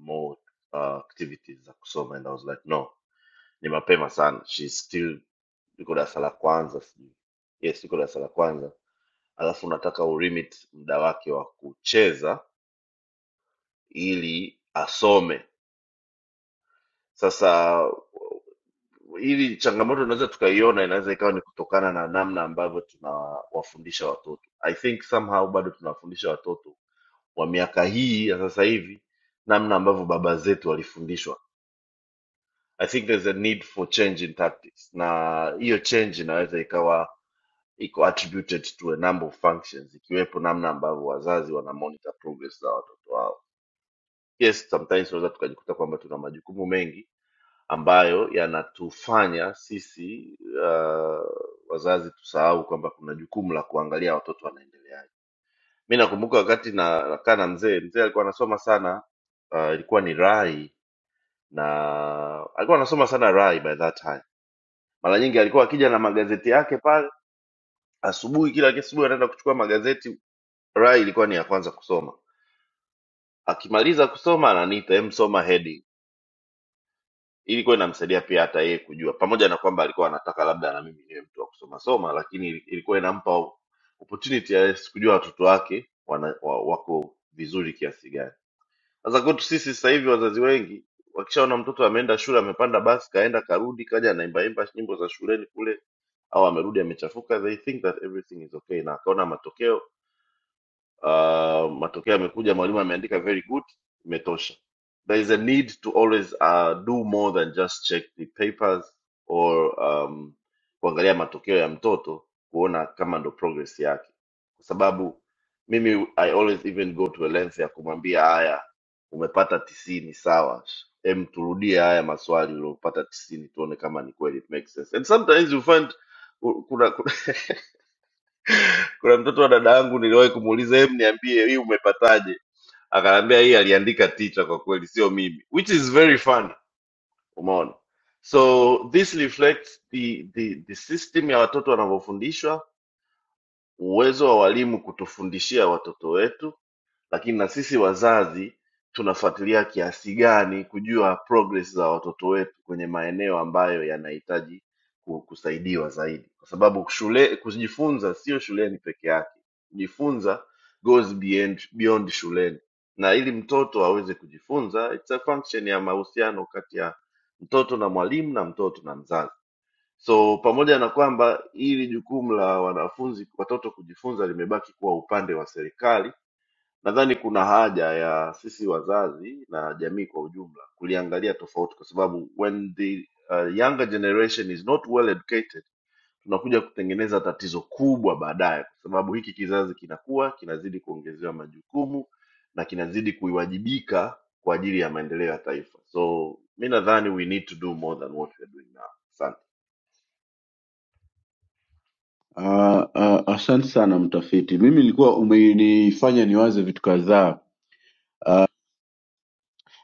K: more uh, activities za kusoma and i was like no ni mapema sana she's still yuko darasa la kwanza sijui yes yuko darasa la kwanza alafu unataka ulimit muda wake wa kucheza ili asome sasa ili changamoto tunaweza tukaiona inaweza ikawa ni kutokana na namna ambavyo tunawafundisha watoto i think somehow bado tunawafundisha watoto wa miaka hii ya sasa hivi namna ambavyo baba zetu walifundishwa i think there's a need for change in tactics na hiyo change inaweza ikawa iko attributed to a number of functions ikiwepo namna ambavyo wazazi wana monitor progress za watoto wao yes sometimes tunaweza tukajikuta kwamba tuna majukumu mengi ambayo yanatufanya sisi uh, wazazi tusahau kwamba kuna jukumu la kuangalia watoto wanaendeleaje mi nakumbuka wakati na- nakaa na mzee mzee alikuwa anasoma sana uh, ilikuwa ni rai na alikuwa anasoma sana rai by that time mara nyingi alikuwa akija na magazeti yake pale asubuhi kila asubuhi anaenda kuchukua magazeti Rai ilikuwa ni ya kwanza kusoma. Akimaliza kusoma ananiita, "Hem, soma heading." Ilikuwa inamsaidia pia hata yeye kujua, pamoja na kwamba alikuwa anataka labda na mimi niwe mtu wa kusoma soma, lakini ili- ilikuwa inampa opportunity ya yes kujua watoto wake wana, wa, wako vizuri kiasi gani. Sasa kwetu sisi sasa hivi wazazi wengi wakishaona mtoto ameenda shule, amepanda basi, kaenda karudi, kaja anaimbaimba nyimbo za shuleni kule, au amerudi amechafuka, they think that everything is okay, na akaona matokeo uh, matokeo yamekuja mwalimu ameandika very good imetosha there is a need to always uh, do more than just check the papers or um, kuangalia matokeo ya mtoto kuona kama ndo progress yake kwa sababu mimi i always even go to a length ya kumwambia haya umepata tisini sawa em turudie haya maswali uliopata tisini tuone kama ni kweli it makes sense and sometimes you find kuna kuna, kuna mtoto wa dada yangu niliwahi kumuuliza em niambie hii umepataje akaambia hii aliandika teacher kwa kweli sio mimi which is very fun umeona so this reflects the, the, the system ya watoto wanavyofundishwa uwezo wa walimu kutufundishia watoto wetu lakini na sisi wazazi tunafuatilia kiasi gani kujua progress za watoto wetu kwenye maeneo ambayo yanahitaji ku- kusaidiwa zaidi kwa sababu shule kujifunza sio shuleni peke yake kujifunza goes beyond, beyond shuleni na ili mtoto aweze kujifunza it's a function ya mahusiano kati ya mtoto na mwalimu na mtoto na mzazi so pamoja na kwamba hili jukumu la wanafunzi watoto kujifunza limebaki kuwa upande wa serikali Nadhani kuna haja ya sisi wazazi na jamii kwa ujumla kuliangalia tofauti, kwa sababu when the uh, younger generation is not well educated, tunakuja kutengeneza tatizo kubwa baadaye, kwa sababu hiki kizazi kinakuwa kinazidi kuongezewa majukumu na kinazidi kuiwajibika kwa ajili ya maendeleo ya taifa. So mi nadhani we need to do more than what we are doing now. Asante.
B: Ah, ah, Asante sana mtafiti, mimi nilikuwa umenifanya niwaze vitu kadhaa.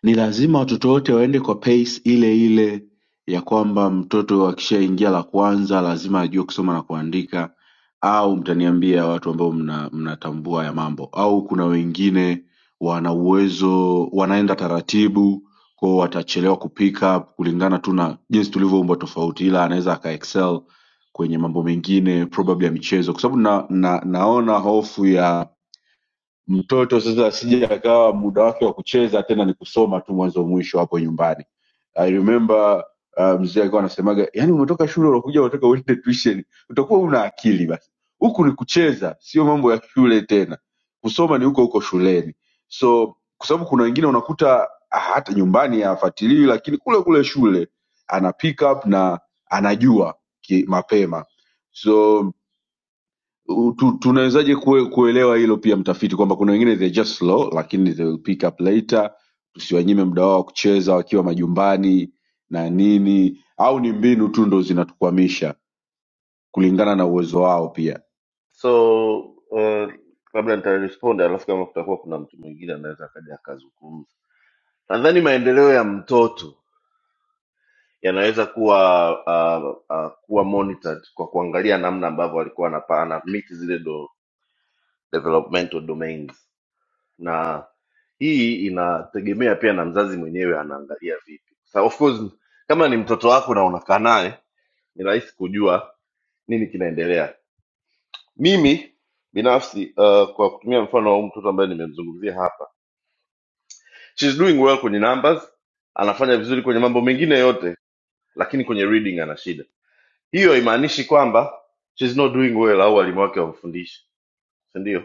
B: Ni lazima watoto wote waende kwa pace ile ile ya kwamba mtoto akishaingia la kwanza lazima ajue kusoma na kuandika au mtaniambia watu ambao mna, mnatambua ya mambo au kuna wengine wana uwezo wanaenda taratibu kwao watachelewa kupick up kulingana tu na jinsi tulivyoumbwa tofauti ila anaweza aka excel kwenye mambo mengine probably ya michezo kwa sababu na, na, naona hofu ya mtoto sasa asije akawa muda wake wa kucheza tena ni kusoma tu mwanzo mwisho hapo nyumbani i remember uh, mzee alikuwa anasemaga yani umetoka shule unakuja unataka uende tuition utakuwa una akili basi huku ni kucheza sio mambo ya shule tena kusoma ni huko huko shuleni so kwa sababu kuna wengine unakuta ah, hata nyumbani hafuatilii lakini kule kule shule ana pick up na anajua ki, mapema so U- tu- tunawezaje kue, kuelewa hilo pia mtafiti kwamba kuna wengine they just slow lakini they will pick up later tusiwanyime muda wao wa kucheza wakiwa majumbani na nini au ni mbinu tu ndo zinatukwamisha kulingana na uwezo wao pia
K: So uh, kabla nitarespond, alafu kama kutakuwa kuna mtu mwingine anaweza akaja akazungumza. nadhani maendeleo ya mtoto yanaweza kuwa uh, uh, kuwa monitored kwa kuangalia namna ambavyo alikuwa anapa- ana meet zile do, developmental domains na hii inategemea pia na mzazi mwenyewe anaangalia vipi so of course kama ni mtoto wako na unakaa naye ni rahisi kujua nini kinaendelea mimi binafsi uh, kwa kutumia mfano wa huyu mtoto ambaye nimemzungumzia hapa she's doing well kwenye numbers anafanya vizuri kwenye mambo mengine yote lakini kwenye reading ana shida hiyo haimaanishi kwamba she's not doing well au walimu wake wamfundishi sindio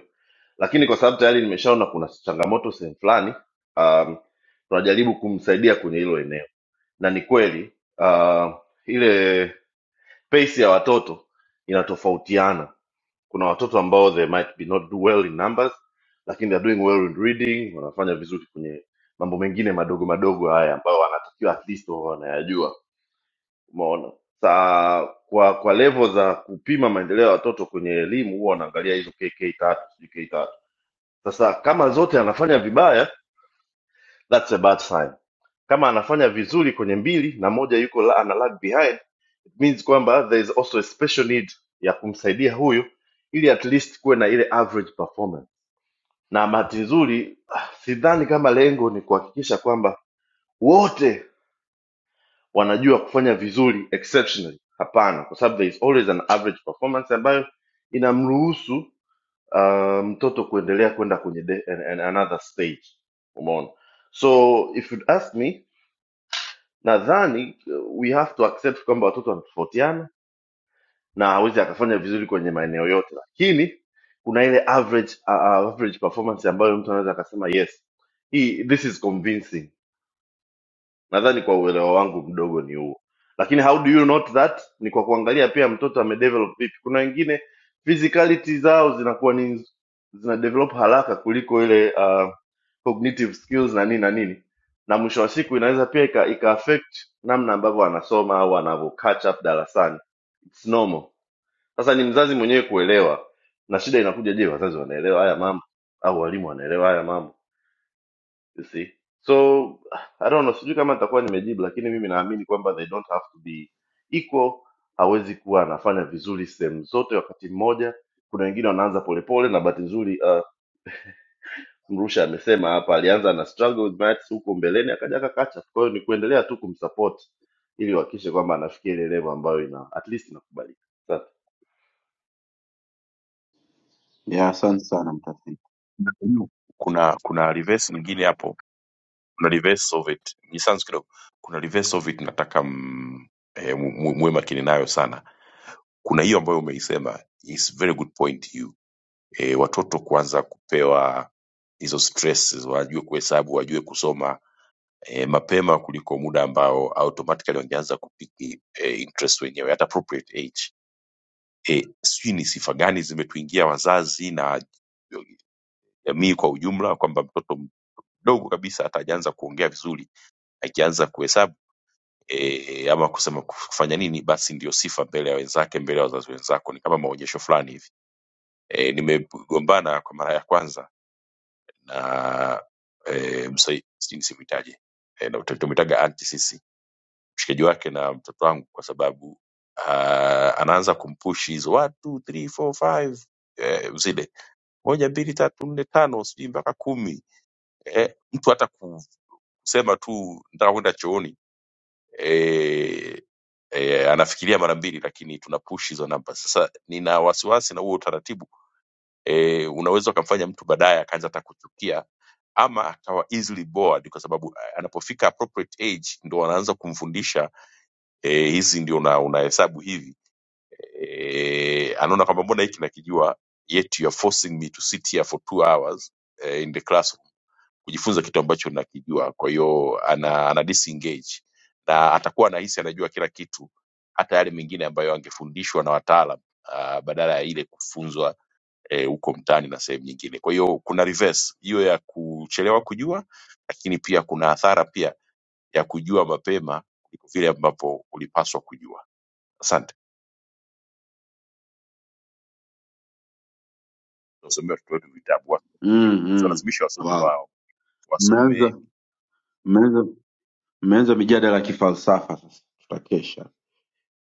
K: lakini kwa sababu tayari nimeshaona kuna changamoto sehemu fulani um, tunajaribu kumsaidia kwenye hilo eneo na ni kweli uh, ile pace ya watoto inatofautiana kuna watoto ambao they might be not do well in numbers lakini they're doing well in reading wanafanya vizuri kwenye mambo mengine madogo madogo haya ambayo wanatakiwa at least wawe wanayajua umeona sa kwa kwa levo za kupima maendeleo ya watoto kwenye elimu huwa wanaangalia hizo kk tatu sijui k tatu sasa kama zote anafanya vibaya that's a bad sign kama anafanya vizuri kwenye mbili na moja yuko la, ana lag behind it means kwamba there is also a special need ya kumsaidia huyu ili at least kuwe na ile average performance na bahati nzuri ah, sidhani kama lengo ni kuhakikisha kwamba wote wanajua kufanya vizuri exceptionally hapana kwa sababu there is always an average performance ambayo inamruhusu uh, mtoto kuendelea kwenda kwenye de, an, an, another stage umeona so if you'd ask me nadhani uh, we have to accept kwamba watoto wanatofautiana na hawezi akafanya vizuri kwenye maeneo yote lakini kuna ile average uh, average performance ambayo mtu anaweza akasema yes hii this is convincing nadhani kwa uelewa wangu mdogo ni huo lakini how do you note that ni kwa kuangalia pia mtoto amedevelop vipi kuna wengine physicality zao zinakuwa ni zina develop haraka kuliko ile uh, cognitive skills na nini na nini na mwisho wa siku inaweza pia ika, ika affect namna ambavyo anasoma au anavyo catch up darasani it's normal sasa ni mzazi mwenyewe kuelewa na shida inakuja je wazazi wanaelewa haya mambo au walimu wanaelewa haya mambo you see so i don't know sijui kama nitakuwa nimejibu lakini mimi naamini kwamba they don't have to be equal hawezi kuwa anafanya vizuri sehemu zote wakati mmoja kuna wengine wanaanza polepole na bahati nzuri uh, mrusha amesema hapa alianza na struggle with maths huko mbeleni akaja akakacha kwa hiyo ni kuendelea tu kumsupport ili uhakikishe kwamba anafikia ile level ambayo ina at least inakubalika Sasa,
B: ya asante sana mtafiti
A: kuna kuna reverse nyingine hapo kuna reverse of it ni sans kidogo kuna reverse of it nataka mm, eh, mu- mu- muwe makini nayo sana kuna hiyo ambayo umeisema is very good point you e, watoto kuanza kupewa hizo stresses, wajue kuhesabu, wajue kusoma e, mapema kuliko muda ambao automatically wangeanza kupiki e, interest wenyewe at appropriate age. E, sijui ni sifa gani zimetuingia wazazi na jamii kwa ujumla kwamba mtoto mdogo kabisa hata hajaanza kuongea vizuri, akianza kuhesabu e, ama kusema kufanya nini, basi ndio sifa mbele ya wenzake, mbele ya wazazi wenzako, ni kama maonyesho fulani hivi. E, nimegombana kwa mara ya kwanza na eh, msai- sijui nisimwitaje eh, na tumetaga anti sisi mshikaji wake na mtoto wangu kwa sababu uh, anaanza kumpushi hizo watu three, four, five, eh, zile moja mbili tatu nne tano sijui mpaka kumi eh, mtu hata kusema tu nataka kwenda chooni eh, eh, anafikiria mara mbili lakini tuna push hizo namba sasa nina wasiwasi na huo utaratibu e, unaweza ukamfanya mtu baadaye akaanza hata kuchukia ama akawa easily bored kwa sababu eh, anapofika appropriate age ndo wanaanza kumfundisha e, hizi ndio una- unahesabu hivi e, anaona kwamba mbona hiki nakijua yet you are forcing me to sit here for two hours eh, in the classroom kujifunza kitu ambacho nakijua kwa hiyo ana, ana disengage na atakuwa anahisi anajua kila kitu hata yale mengine ambayo angefundishwa na wataalam ah, badala ya ile kufunzwa eh, huko e, mtaani na sehemu nyingine. Kwa hiyo kuna reverse hiyo ya kuchelewa kujua, lakini pia kuna athara pia ya kujua mapema kuliko vile ambapo ulipaswa kujua. Asante. Tunasomewa watoto wetu vitabu, wasomeni.
B: mm, mm.
A: tunalazimisha wasomi
B: wow.
A: wao,
B: mmeanza
A: wasomeni.
B: mmeanza mmeanza mijadala ya kifalsafa sasa tutakesha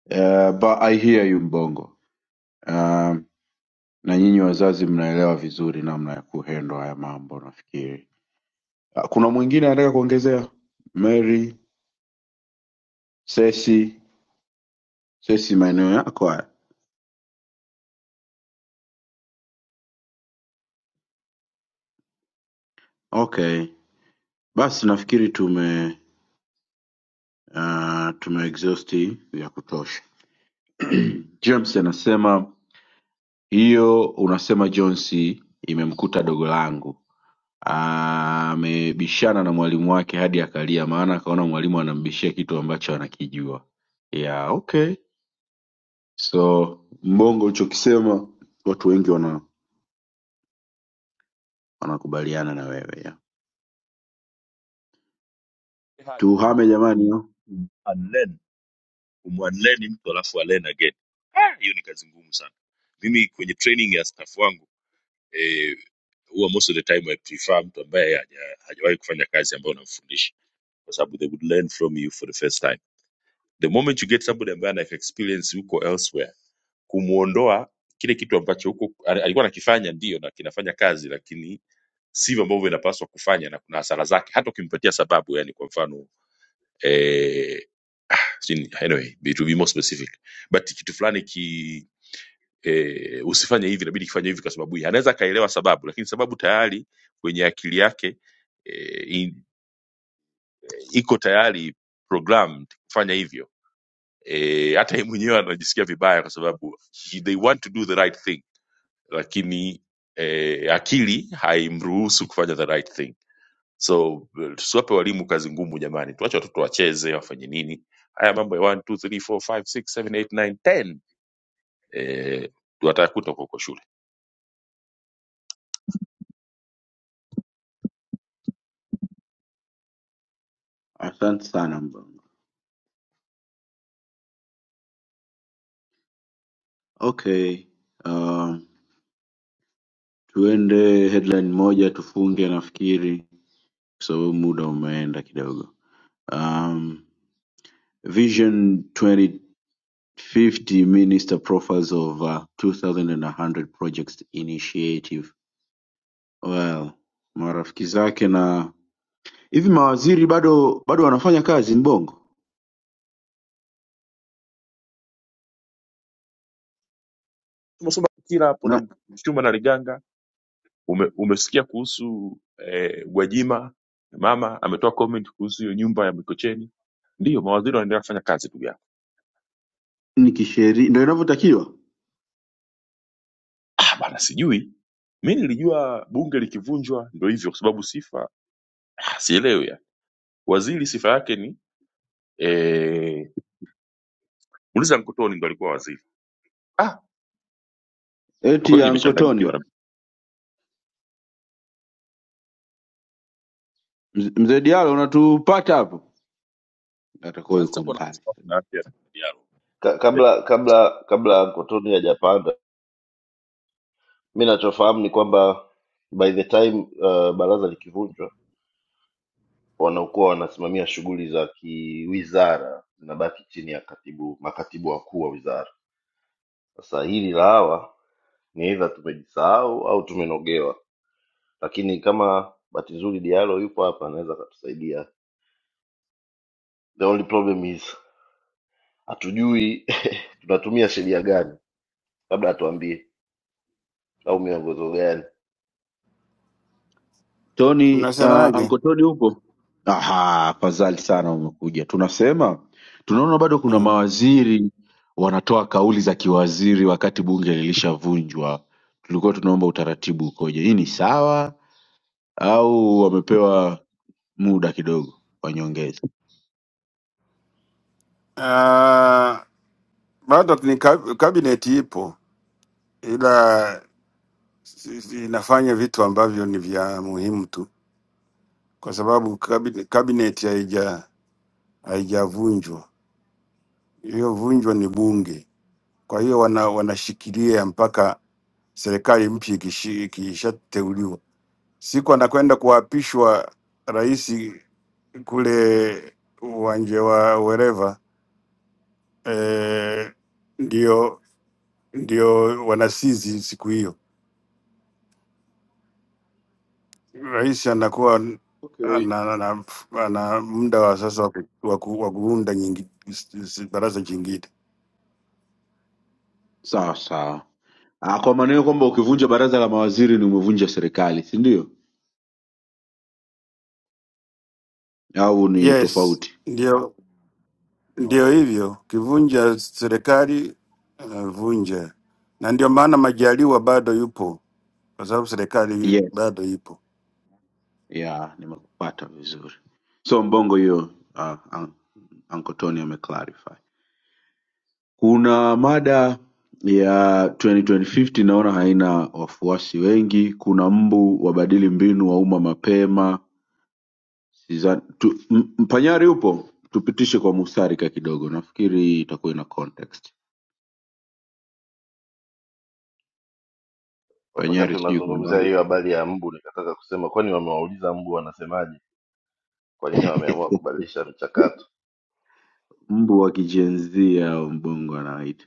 B: uh, but i hear you mbongo uh, na nyinyi wazazi mnaelewa vizuri namna ya kuhendwa haya mambo nafikiri Ah, Kuna mwingine anataka kuongezea? Mary, Sesi, Sesi maeneo yako haya. Okay, basi nafikiri tume uh, tume exhausti ya kutosha. James anasema hiyo unasema Jones imemkuta dogo langu Ah, amebishana na mwalimu wake hadi akalia, maana akaona mwalimu anambishia kitu ambacho anakijua. Yeah, okay. So mbongo ulichokisema watu wengi wana wanakubaliana na wewe yeah.
A: Ni hard kum-
B: Tuhame jamani
A: kum-
B: yo.
A: kum- unlearn, kumunlearn mtu alafu alen again. Ah, Hiyo ni kazi ngumu sana. Mimi kwenye training ya staff wangu eh, huwa most of the time I prefer mtu ambaye haja- hajawahi kufanya kazi ambayo namfundisha kwa sababu they would learn from you for the first time the moment you get somebody ambaye ana experience huko elsewhere kumuondoa kile kitu ambacho huko ali- alikuwa anakifanya ndio na kinafanya kazi lakini sivyo ambavyo inapaswa kufanya na kuna hasara zake hata ukimpatia sababu yani kwa mfano eh, sijui- anyway be- to be more specific but kitu fulani ki eh, usifanye hivi inabidi kifanye hivi kwa sababu hii anaweza akaelewa sababu lakini sababu tayari kwenye akili yake eh, in- iko tayari programmed kufanya hivyo e, hata yeye mwenyewe anajisikia vibaya kwa sababu he, they want to do the right thing lakini e, akili haimruhusu kufanya the right thing so eh, tusiwape walimu kazi ngumu jamani tuache watoto wacheze wafanye nini haya mambo ya 1 2 3 4 5 6 7 8 9 10 e, watayakuta huko huko shule
B: Asante sana mbongo. Okay. Um, tuende headline moja tufunge nafikiri kwa sababu muda umeenda kidogo. Um, Vision 2050 Minister profiles of uh, 2100 projects initiative. Well, marafiki zake na hivi mawaziri bado bado wanafanya kazi mbongo
A: tumesoma kila hapo na
B: na
A: mchuma na liganga ume, umesikia kuhusu eh, gwajima mama ametoa comment kuhusu hiyo nyumba ya mikocheni ndiyo mawaziri wanaendelea kufanya kazi ndugu yangu
B: ni kisheria ndio inavyotakiwa.
A: ah bana sijui mi nilijua bunge likivunjwa ndo hivyo kwa sababu sifa ah, sielewi ya. waziri sifa yake ni eh, uliza nkotoni ndo alikuwa waziri ah kwa
B: Eti
A: kweli
B: Uncle
A: nimechanganyikiwa
B: Tony,
A: na-
B: mz- mzee Diallo unatupata hapo? atakuwa
A: naanza
B: yuko
A: kuwa na
B: mbali
A: wasiwasi na afya ya Diallo.
K: ka,
A: The
K: kabla kabla kabla Uncle Tony hajapanda mi nachofahamu ni kwamba by the time uh, baraza likivunjwa wanaokuwa wanasimamia shughuli za kiwizara zinabaki chini ya katibu makatibu wakuu wa wizara. Sasa hili la hawa ni aidha tumejisahau au tumenogewa, lakini kama bahati nzuri Diallo yupo hapa, anaweza akatusaidia. The only problem is hatujui tunatumia sheria gani, labda atuambie au miongozo gani.
B: tony uh,
O: Mnasemaje?
B: anko tony upo aha afadhali sana umekuja tunasema tunaona bado kuna
O: Mm.
B: mawaziri wanatoa kauli za kiwaziri wakati bunge lilishavunjwa tulikuwa tunaomba utaratibu ukoje hii ni sawa au wamepewa muda kidogo wa nyongeza
O: Ah, bado ni kab- kabineti ipo, ila si- si- inafanya vitu ambavyo ni vya muhimu tu, kwa sababu kabi- kabineti haija haijavunjwa. Iliyovunjwa ni bunge, kwa hiyo wana, wanashikilia mpaka serikali mpya ikishi- ikishateuliwa. Siku anakwenda kuapishwa rais kule uwanja wa wereva eh, ndio ndio wanasizi siku hiyo. Rais anakuwa
B: okay.
O: ana, ana, ana muda wa sasa wa ku- wa ku- wa kuunda nyingi, s- s- baraza jingine.
B: sawa sawa Ah, kwa maana hiyo kwamba ukivunja baraza la mawaziri ni umevunja serikali si ndio au ni
O: Yes,
B: tofauti
O: ndio
B: no.
O: ndio hivyo, kivunja serikali anavunja, na ndio maana Majaliwa bado yupo, kwa sababu serikali
B: Yes.
O: bado ipo
B: ya nimekupata vizuri so mbongo hiyo uh, un- Uncle Tony ameclarify kuna mada ya 2050 naona haina wafuasi wengi kuna mbu wabadili mbinu wa umma mapema Sizan, tu, m, mpanyari upo tupitishe kwa musarika kidogo nafikiri itakuwa ina context
K: Wakati
B: panyari sijui kwa
K: unazungumzia
B: mbali
K: hiyo habari ya mbu, nikataka kusema kwani wamewauliza mbu wanasemaje, kwa nini wameamua kubadilisha mchakato?
B: mbu wa kijenzia au mbongo anaita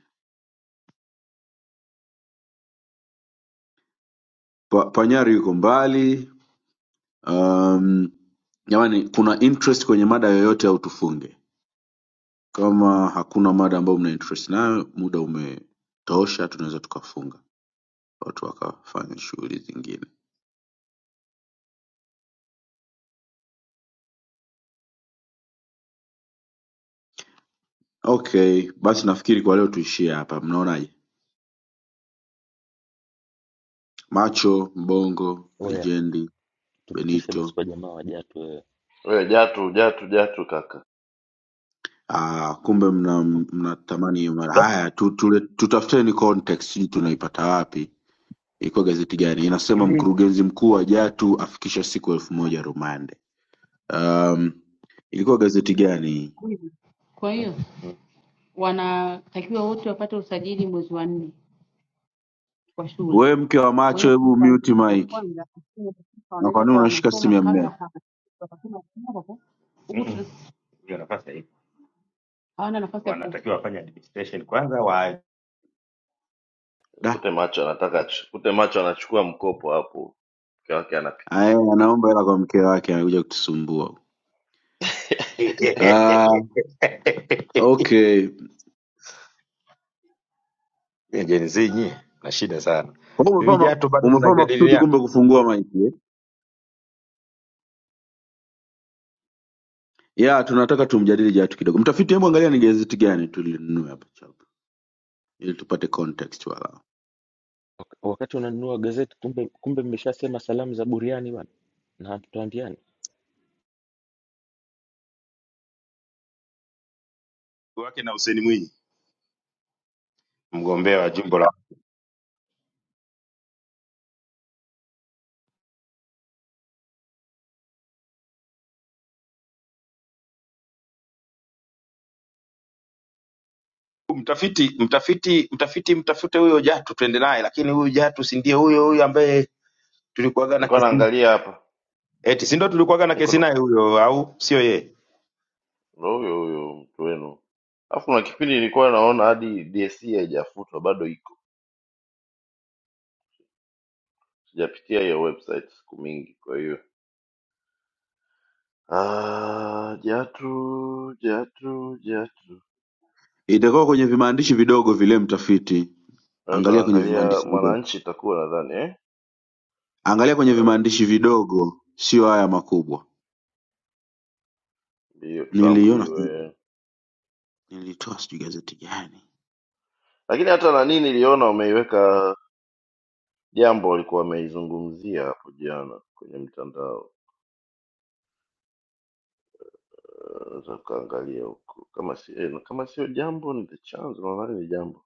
B: pa, panyari yuko mbali um, jamani kuna interest kwenye mada yoyote au tufunge kama hakuna mada ambayo mna interest nayo muda umetosha tunaweza tukafunga watu wakafanya shughuli zingine okay basi nafikiri kwa leo tuishie hapa mnaonaje macho mbongo
P: Oya,
B: lijendi
P: tupitishe
B: benito
P: basi kwa jamaa wajatu wewe.
K: Wewe Jatu, Jatu, Jatu kaka
B: ah, kumbe mnatamani mna mnatamani hiyo mada haya tu, tule, tutafuteni context hii tunaipata wapi ilikuwa gazeti gani inasema
F: hivi.
B: mkurugenzi mkuu wa jatu afikisha siku elfu moja rumande Um, ilikuwa gazeti gani hii?
F: Kwa hiyo mm, wanatakiwa wote wapate usajili mwezi wa nne kwa shule.
B: Wewe mke wa
F: Kwa
B: macho,
F: hiyo nafikiri
B: hebu
F: kuanzia
B: mute
F: mwezi wa
B: mic.
F: kwanza lakini
B: Na kwa
F: wanaweza
B: nini
F: kawa
B: unashika simu
F: wanasoma
B: ya
F: kabla
B: mmeo?
F: hapa wakasoma huku mm, mm. Hiyo nafasi haipo. hawana nafasi ya ku wanatakiwa wafanye administration kwanza wa
B: Da,
K: Kute macho anataka ach- kute macho anachukua mkopo hapo, mke wake
B: aye
K: anapitisha.
B: anaomba hela kwa mke wake, anakuja kutusumbua. Ah, okay.
F: Gen Z nyie na shida sana.
B: Kwa hiyo
F: Hivi
B: umefanya
F: Jato bado
B: umefanya makusudi
F: tunajadiliana
B: kumbe kufungua mic eh? Ya, tunataka tumjadili Jatu kidogo. Mtafiti, hebu angalia ni gazeti gani tulinunua hapa chapa ili tupate context wala.
P: Wak- Wakati unanunua gazeti kumbe kumbe mmeshasema salamu za buriani bwana. Na hatutoambiani.
F: wake na Hussein Mwinyi, mgombea wa jimbo la mtafiti mtafiti mtafiti mtafute huyo Jatu tuende naye, lakini huyu Jatu si ndiye huyo huyo ambaye tulikuwaga na
K: Nilikuwa
F: kesi naye
K: naangalia hapa,
F: eti, si ndio tulikuwaga na
K: niko
F: kesi
K: na
F: naye huyo, au sio yeye?
K: ndo huyo huyo mtu wenu. Alafu kuna kipindi nilikuwa naona hadi DSC haijafutwa bado iko, sijapitia hiyo website siku mingi, kwa hiyo ah, jatu jatu jatu
B: Itakuwa kwenye vimaandishi vidogo vile mtafiti.
K: Nilikuwa
B: Angalia kwenye
K: naangalia
B: vimaandishi vidogo.
K: Mwananchi itakuwa nadhani eh,
B: Angalia kwenye vimaandishi vidogo, sio haya makubwa.
K: hiyo Trump
B: Niliona
K: iwe,
B: Nilitoa sijui gazeti gani.
K: lakini hata nani niliona wameiweka jambo walikuwa wameizungumzia hapo jana kwenye mtandao unaweza ukaangalia huko kama si eh, na kama sio jambo ni the chance nadhani ni jambo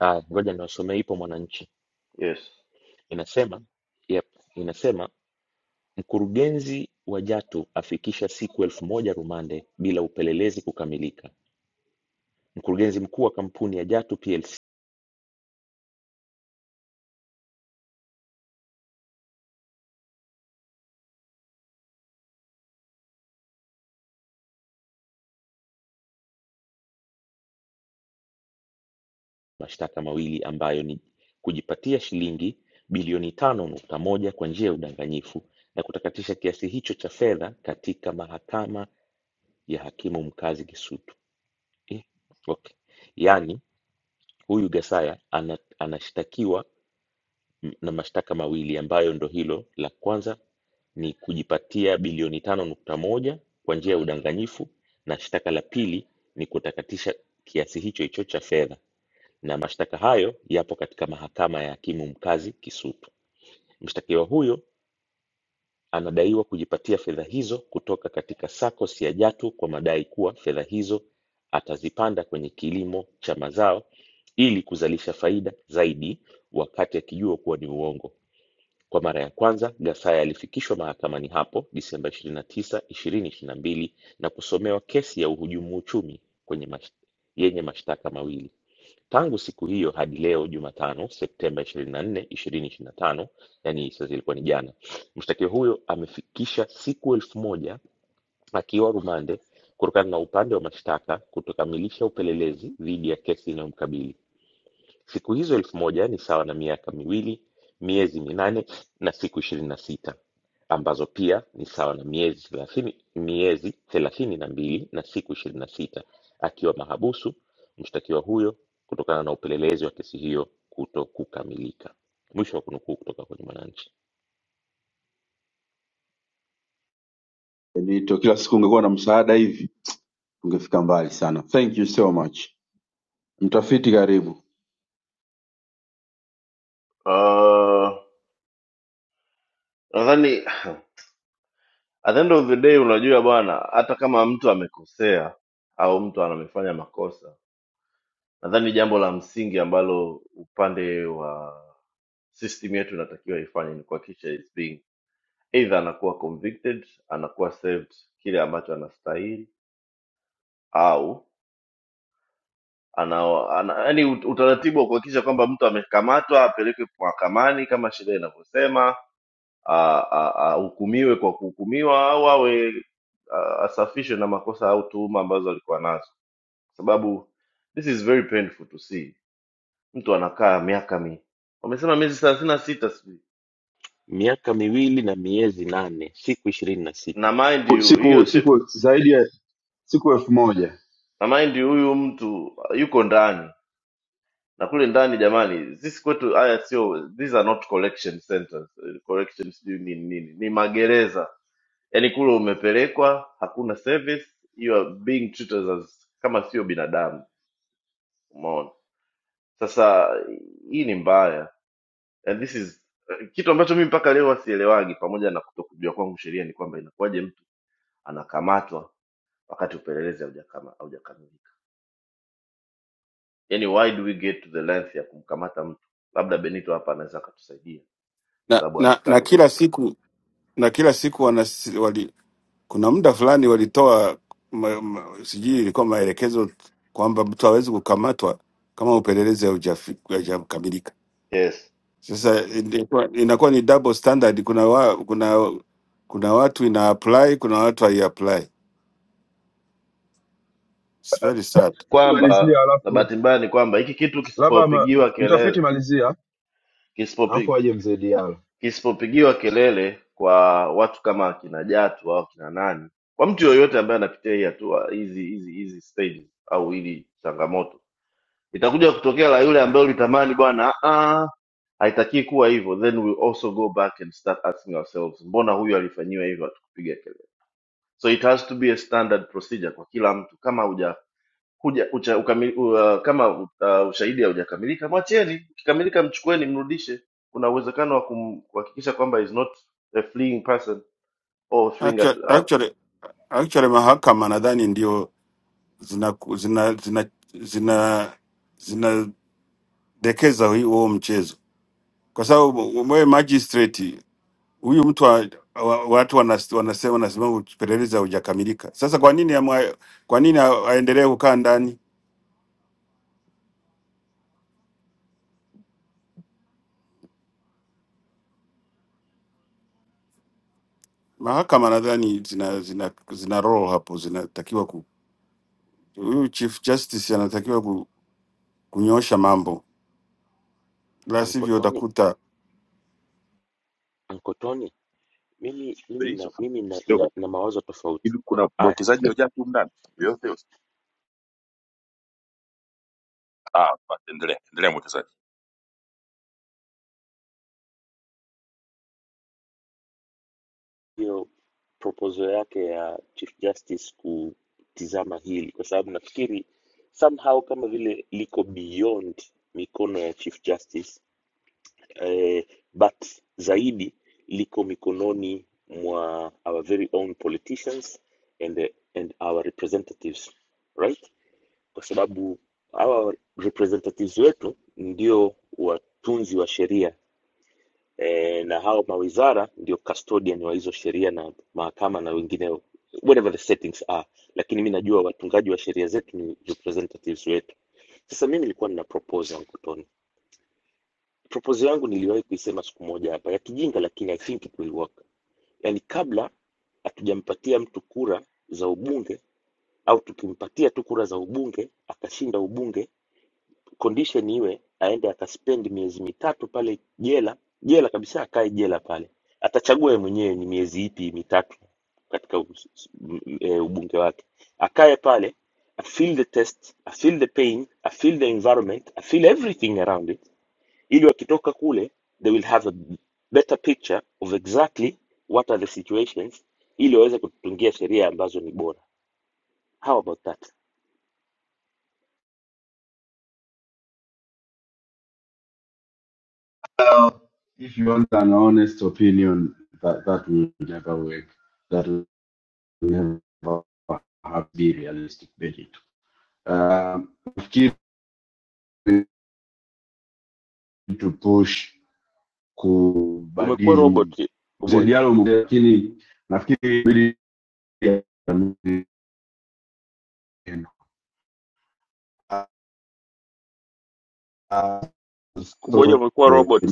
P: Ah, ngoja niwasomee ipo Mwananchi.
K: yes
P: Inasema, yep, inasema mkurugenzi wa Jatu afikisha siku elfu moja rumande bila upelelezi kukamilika. Mkurugenzi mkuu wa kampuni ya Jatu PLC mashtaka mawili ambayo ni kujipatia shilingi bilioni tano nukta moja kwa njia ya udanganyifu na kutakatisha kiasi hicho cha fedha katika mahakama ya hakimu mkazi Kisutu eh, okay. Yaani huyu Gasaya ana, anashtakiwa m- na mashtaka mawili ambayo ndo hilo la kwanza ni kujipatia bilioni tano nukta moja kwa njia ya udanganyifu na shtaka la pili ni kutakatisha kiasi hicho hicho cha fedha na mashtaka hayo yapo katika mahakama ya hakimu mkazi Kisutu. Mshtakiwa huyo Anadaiwa kujipatia fedha hizo kutoka katika SACCOS ya Jatu kwa madai kuwa fedha hizo atazipanda kwenye kilimo cha mazao ili kuzalisha faida zaidi, wakati akijua kuwa ni uongo. Kwa mara ya kwanza, Gasaya alifikishwa mahakamani hapo Disemba 29, 2022 na mbili na kusomewa kesi ya uhujumu uchumi kwenye mash... yenye mashtaka mawili. Tangu siku hiyo hadi leo Jumatano Septemba 24, 2025, yani sasa ilikuwa ni jana, mshtakiwa huyo amefikisha siku elfu moja akiwa rumande kutokana na upande wa mashtaka kutokamilisha upelelezi dhidi ya kesi inayomkabili. Siku hizo elfu moja ni sawa na miaka miwili, miezi minane na siku ishirini na sita ambazo pia ni sawa na miezi thelathini, miezi thelathini na mbili na siku ishirini na sita akiwa mahabusu mshtakiwa huyo kutokana na upelelezi wa kesi hiyo kuto kukamilika. Mwisho wa kunukuu kutoka kwenye Mwananchi.
B: Benito, kila siku ungekuwa na msaada hivi ungefika mbali sana. Thank you so much. Mtafiti karibu.
K: uh, nadhani at the end of the day unajua bwana hata kama mtu amekosea au mtu anamefanya makosa nadhani jambo la msingi ambalo upande wa system yetu inatakiwa ifanye ni kuhakikisha is being either anakuwa convicted anakuwa served kile ambacho anastahili au ana, ana yani utaratibu wa kuhakikisha kwamba mtu amekamatwa apelekwe mahakamani kama sheria inavyosema, a- a- ahukumiwe kwa kuhukumiwa au awe a- asafishwe na makosa au tuhuma ambazo alikuwa nazo, kwa sababu this is very painful to see mtu anakaa miaka mi wamesema miezi thelathini na sita sijui
P: Miaka miwili na miezi nane siku ishirini na
K: na
P: sita.
K: mind you hiyo
B: Siku
K: si,
B: siku zaidi ya siku elfu moja.
K: na mind you huyu mtu yuko ndani na kule ndani jamani sisi kwetu haya sio these are not collection centers Eh, collection sijui ni nini ni magereza yaani kule umepelekwa hakuna service you are being treated as kama sio binadamu umeona sasa hii ni mbaya and this is eh, kitu ambacho mimi mpaka leo wasielewagi pamoja na kutokujua kwangu sheria ni kwamba inakuwaje mtu anakamatwa wakati upelelezi haujakama- haujakamilika yaani why do we get to the length ya kumkamata mtu labda benito hapa anaweza akatusaidia kwa
O: na,
K: sababu
O: na,
K: amekaa
O: na
K: kwenye
O: kila
K: mfumo
O: siku na kila siku Kuna muda fulani walitoa ma, ma, sijui ilikuwa maelekezo kwamba mtu hawezi kukamatwa kama upelelezi haujafi- haujakamilika.
K: yes
O: Sasa inakuwa inakuwa ni double standard. Kuna wa, kuna kuna watu ina apply, kuna watu hai apply. It's very sad.
B: Mtafiti
K: kwamba
B: malizia,
K: na
B: alafu
K: bahati mbaya ni kwamba hiki kitu
B: labda ma-
K: kisipopigiwa kelele
B: mtafiti malizia, alafu
K: kisipopi,
B: aje mzee Diallo.
K: kisipopigiwa kelele kwa watu kama akina jatu au akina nani kwa mtu yoyote ambaye anapitia hii hatua hizi hizi hizi stages au hili changamoto itakuja kutokea la yule ambaye ulitamani bwana ah, ah, haitakii kuwa hivyo then we also go back and start asking ourselves mbona huyu alifanyiwa hivyo hatukupiga kelele so it has to be a standard procedure kwa kila mtu kama huja huja ucha, ukami, u, kama uh, ushahidi haujakamilika mwacheni ukikamilika mchukueni mrudishe kuna uwezekano wa kum- kuhakikisha kwamba is not a fleeing person or fleeing at,
O: Actua-
K: uh,
O: Actually, actually mahakama nadhani ndio zina zina zina zina zinadekeza huo mchezo, kwa sababu wewe magistrate huyu mtu wa, wa, watu wanas- wanasema wanasema upelelezi haujakamilika. Sasa kwa nini amwa, kwa nini a- aendelee kukaa ndani? Mahakama nadhani zina zina zina role hapo, zinatakiwa ku huyu Chief Justice anatakiwa ku, kunyoosha mambo, la sivyo
P: Ankotoni,
O: utakuta
P: Ankotoni, mimi mimi
A: experience
P: na
A: of
P: mimi na, na,
A: Diallo.
P: na mawazo tofauti.
A: hivi kuna
P: Aya,
A: mwekezaji wa jadi humu ndani yoyote ah basi endelea endelea mwekezaji
P: hiyo proposal yake ya Chief Justice kutizama hili, kwa sababu nafikiri somehow kama vile liko beyond mikono ya Chief Justice eh, but zaidi liko mikononi mwa our very own politicians and, eh, and our representatives right, kwa sababu hawa representatives wetu ndio watunzi wa sheria e, na hao mawizara ndio custodian wa hizo sheria na mahakama na wengineo whatever the settings are lakini mi najua watungaji wa sheria zetu ni representatives wetu sasa mimi nilikuwa nina propose yangu tony propose yangu niliwahi kuisema siku moja hapa ya kijinga lakini i think it will work yani kabla hatujampatia mtu kura za ubunge au tukimpatia tu kura za ubunge akashinda ubunge condition iwe aende akaspend miezi mitatu pale jela jela kabisa akae jela pale atachagua yeye mwenyewe ni miezi ipi mitatu katika us- s- m- e, ubunge wake akae pale a feel the test a feel the pain a feel the environment a feel everything around it ili wakitoka kule they will have a better picture of exactly what are the situations ili waweze kutungia sheria ambazo ni bora how about that
B: If you want an honest opinion that that will never work. That will never have be realistic Benito. Um, nafikiri to push
P: umekuwa
B: kubadili
P: robot
B: mzee
P: kuboja
B: Diallo, mzee, lakini nafikiri inabidi
P: kuboja umekuwa robot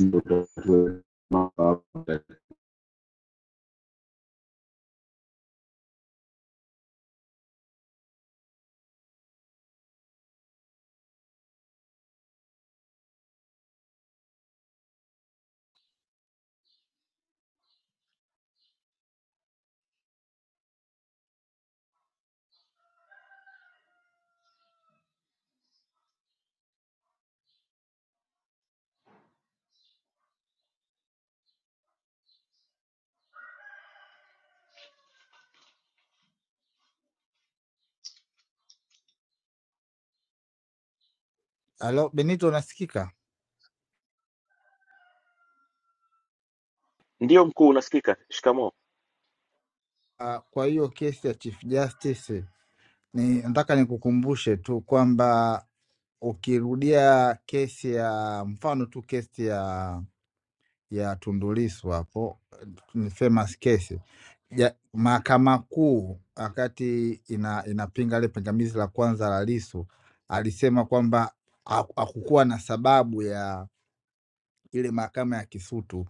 Q: Alo, Benito unasikika?
P: Ndio mkuu, unasikika? Shikamoo.
Q: Ah, Kwa hiyo kesi ya Chief Justice ni nataka nikukumbushe tu kwamba ukirudia kesi ya mfano tu kesi ya ya Tundu Lissu hapo ni famous case ja, Mahakama Kuu wakati ina, inapinga ile pingamizi la kwanza la Lissu alisema kwamba haku- hakukuwa na sababu ya ile mahakama ya Kisutu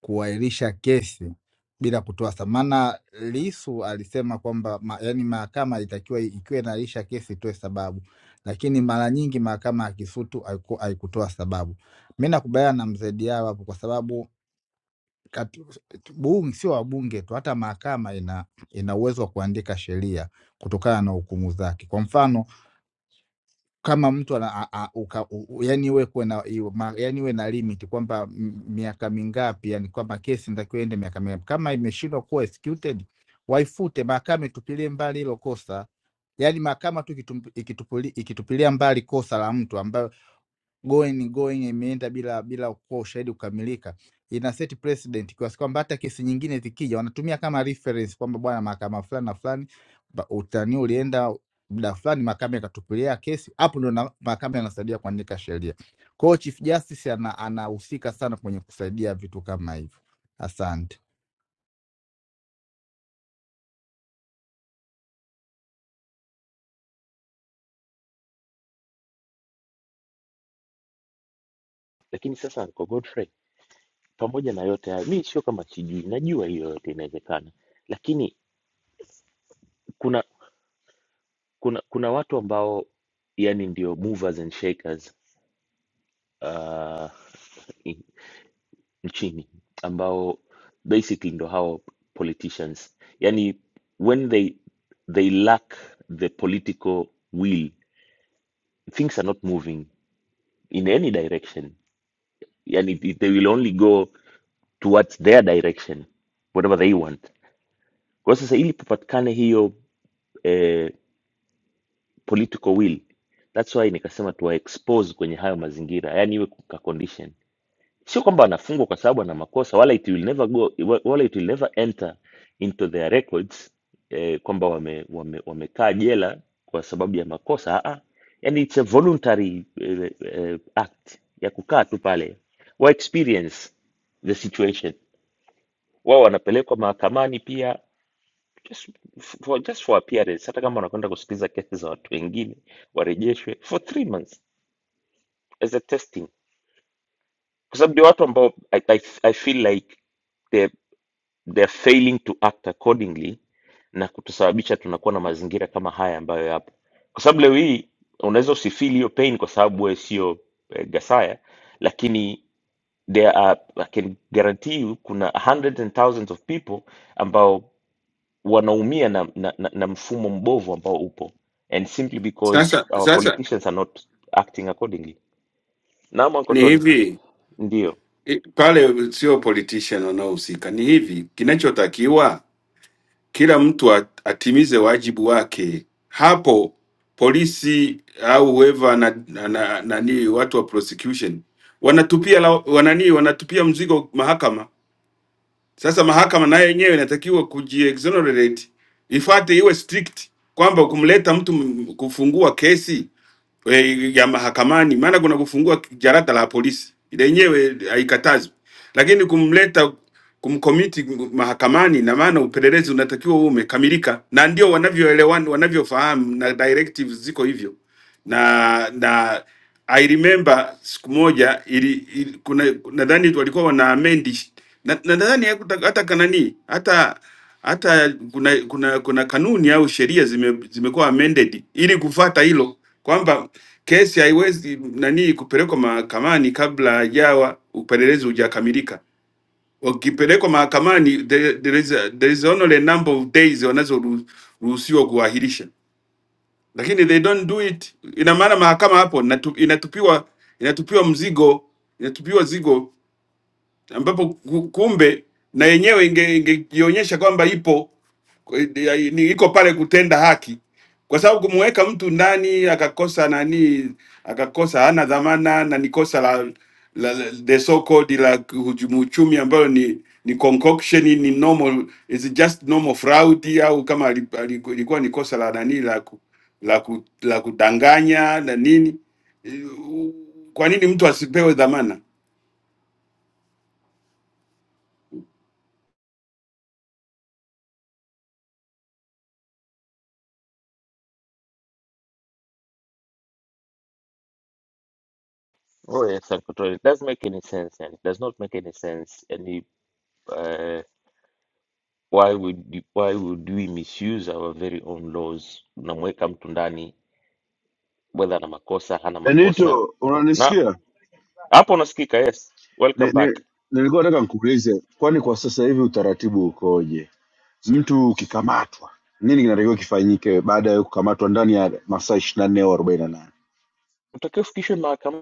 Q: kuahirisha kesi bila kutoa thamana. Lisu alisema kwamba ma, yani mahakama ilitakiwa i- ikiwa inaahirisha kesi itoe sababu, lakini mara nyingi mahakama ya Kisutu haiku- haikutoa sababu. Mi nakubaliana na mzee Diawa hapo kwa sababu kati- bunge sio wabunge tu, hata mahakama ina ina uwezo wa kuandika sheria kutokana na hukumu zake. Kwa mfano kama mtu ana, a, a, uka, u, u- yani iwe kuwe na iwe- ma- yani iwe na limit kwamba m- miaka mingapi, yani kwamba kesi inatakiwa iende miaka mingapi. Kama imeshindwa kuwa executed, waifute mahakama, itupilie mbali hilo kosa. Yani mahakama tu ikitum- ikitupuli- ikitupilia mbali kosa la mtu ambayo going going imeenda bila bila kuwa ushahidi kukamilika, ina set precedent kiasi kwamba hata kesi nyingine zikija wanatumia kama reference kwamba bwana, mahakama fulani na fulani ba- utani ulienda muda fulani, mahakama ikatupilia kesi. Hapo ndo na- mahakama yanasaidia kuandika sheria. Kwa hiyo Chief Justice ana- anahusika ana sana kwenye kusaidia vitu kama hivyo. Asante.
P: Lakini sasa kwa Godfrey, pamoja na yote hayo, mi sio kama sijui, najua hiyo yote inawezekana, lakini kuna kuna kuna watu ambao yani ndio movers and shakers uh, in- nchini ambao basically ndo hao politicians, yani when they they lack the political will things are not moving in any direction, yani they will only go towards their direction whatever they want Kwa sasa ili kupatikane hiyo eh, political will, that's why nikasema tuwa expose kwenye hayo mazingira, yani iwe ka condition. Sio kwamba anafungwa kwa sababu ana makosa, wala it will never go, wala it will never enter into their records eh, kwamba wame, wame, wamekaa jela kwa sababu ya makosa. Aa, yani it's a voluntary eh, eh, act ya kukaa tu pale, wa experience the situation, wao wanapelekwa mahakamani pia just for, just for appearance, hata kama wanakwenda kusikiliza kesi za watu wengine warejeshwe for three months as a testing, kwa sababu ndio watu ambao I, I, I feel like they they're failing to act accordingly na kutusababisha tunakuwa na mazingira kama haya ambayo yapo, kwa sababu leo hii unaweza usifeel hiyo pain kwa sababu wewe sio eh, Gasaya, lakini there are, I can guarantee you kuna hundreds and thousands of people ambao wanaumia na, na, na, na mfumo mbovu ambao upo and simply because
O: Sasa
P: our
O: sasa
P: politicians are not acting accordingly. Naam, Uncle
O: ni
P: Tony,
O: hivi
P: ndio.
O: i- pale, sio politician wanaohusika, ni hivi kinachotakiwa kila mtu at- atimize wajibu wake. Hapo polisi au whoever na, na, na, nani watu wa prosecution wanatupia la, wanani wanatupia mzigo mahakama. Sasa mahakama nayo yenyewe inatakiwa kujiexonerate, ifuate iwe strict kwamba kumleta mtu m- kufungua kesi eh, ya mahakamani, maana kuna kufungua jarata la polisi lenyewe haikatazwi, lakini kumleta kumkomiti mahakamani, na maana upelelezi unatakiwa uwe umekamilika, na ndio wanavyoelewana wanavyofahamu, na directives ziko hivyo na na I remember siku moja ili, ili kuna nadhani walikuwa wana amend na na nadhani hakuta- hata kanani hata hata kuna kuna kuna kanuni au sheria zime, zimekuwa amended ili kufata hilo kwamba kesi haiwezi nani kupelekwa mahakamani kabla hajawa upelelezi hujakamilika. Wakipelekwa mahakamani there, there is a, there is only a number of days wanazoruhusiwa kuahirisha, lakini they don't do it. Ina maana mahakama hapo inatu- inatupiwa inatupiwa mzigo inatupiwa zigo ambapo ku- kumbe na yenyewe inge- ingejionyesha inge kwamba ipo eh, eh, ni- iko pale kutenda haki, kwa sababu kumweka mtu ndani akakosa nani, akakosa hana dhamana na ni kosa la, la, la the so called la kuhujumu uchumi ambayo ni ni concoction, ni normal, is just normal fraud, au kama ali- ali- ilikuwa ni kosa la nani la, ku, la, ku, la kudanganya na nini, Eh, kwa nini mtu asipewe dhamana?
P: Oh yes, Uncle Tony, it does make any sense and it does not make any sense any uh, why would why would we misuse our very own laws? Unamweka mtu ndani whether ana makosa hana makosa,
B: Benito,
P: na
B: unanisikia?
P: hapo unasikika. Yes,
B: Ni,
P: welcome
B: ni,
P: back.
B: nilikuwa nataka nikuulize, kwani kwa sasa hivi utaratibu ukoje? Mtu ukikamatwa, nini kinatakiwa kifanyike baada ya kukamatwa ndani ya masaa ishirini na nne au arobaini na nane
P: Utakiwa ufikishwe mahakamani.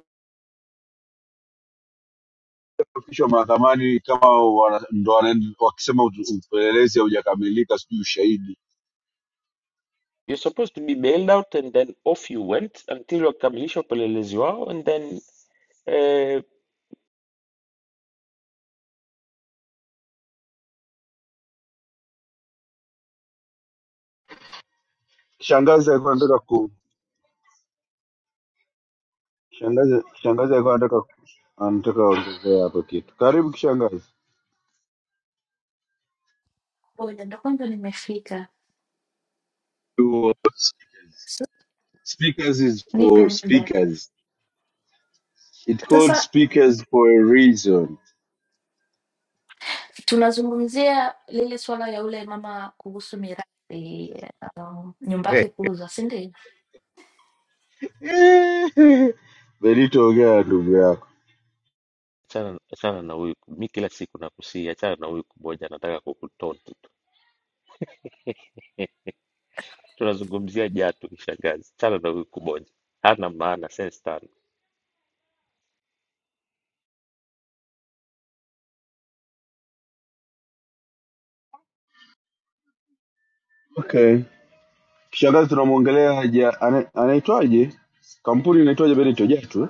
B: Fikishwa mahakamani kama wana, ndo wanaenda- wakisema ut- upelelezi haujakamilika, sijui ushahidi
P: You're supposed to be bailed out and then off you went until wakamilisha upelelezi wao and then eh,
B: Shangazi alikuwa anataka ku shangazi shangazi alikuwa anataka anataka ongezea hapo kitu. Karibu kishangazi.
R: Ngoja ndo kwanza nimefika,
B: was
R: S-
B: speakers is
R: nipe
B: for
R: muda
B: speakers. It called
R: sasa.
B: speakers for a reason.
R: Tunazungumzia lile swala ya yule mama kuhusu mirathi eh, nyumba yake kuuzwa, si ndio?
B: Benito, ongea na ndugu yako.
P: achana achana na huyu. Mi kila siku nakusihi, achana na huyu kuboja, nataka kukutonti tu. Tunazungumzia Jatu kishangazi, achana na huyu kuboja, hana maana, sense tano.
B: Okay. Kishangazi tunamwongelea haja ana- anaitwaje? Kampuni inaitwaje Benito Jetu?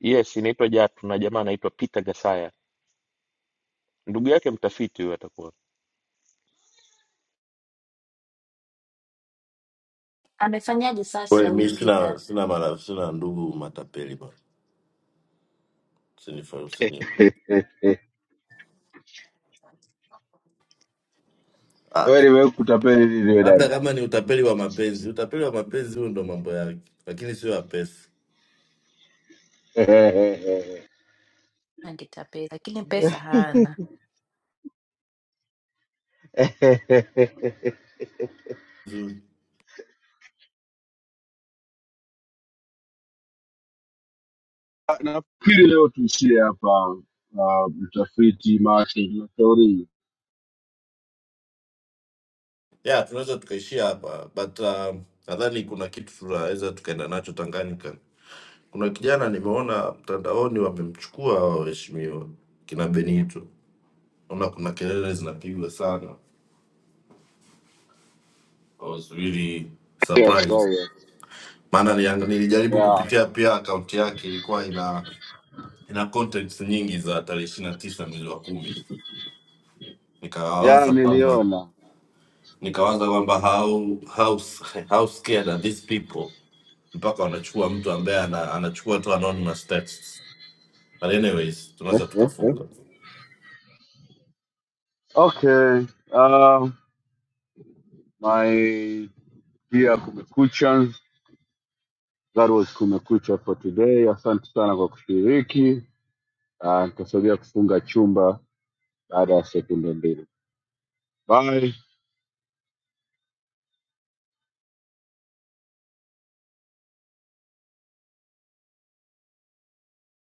P: Yes, inaitwa Jatu na jamaa anaitwa Peter Gasaya, ndugu yake mtafiti huyu atakuwa.
R: Amefanyaje sasa
K: Wewe,
R: huyo
K: mi
R: Peter?
K: sina sina mara sina ndugu matapeli bwana. Usinifa- usini-
B: eh? eh.
K: Ah,
B: Wewe nimekutapeli nini wewe dada?
R: Angetapeli, lakini pesa hana.
B: nafikiri leo tuishie hapa uh, mtafiti Martin Lushauri.
K: yeah, tunaweza tukaishia hapa but um, nadhani kuna kitu tunaweza tukaenda nacho Tanganyika. Kuna kijana nimeona mtandaoni wamemchukua hao waheshimiwa kina Benito, naona kuna kelele zinapigwa sana. I was really
B: Yes,
K: surprised
B: sorry.
K: maana nilia- nilijaribu
B: yeah.
K: kupitia pia akaunti yake ilikuwa ina ina contents nyingi za tarehe ishirini na tisa mwezi wa kumi
B: yeah,
K: nikawaza kwamba
B: niliona
K: nikawaza kwamba how, how, how scared are these people mpaka wanachukua mtu ambaye ana, anachukua tu anonymous texts but anyways
B: Eh,
K: tunaweza
B: eh, eh.
K: tukafunga
B: okay uh, my dear kumekucha that was kumekucha for today asante sana kwa kushiriki uh, nitasaidia kufunga chumba baada ya sekunde mbili bye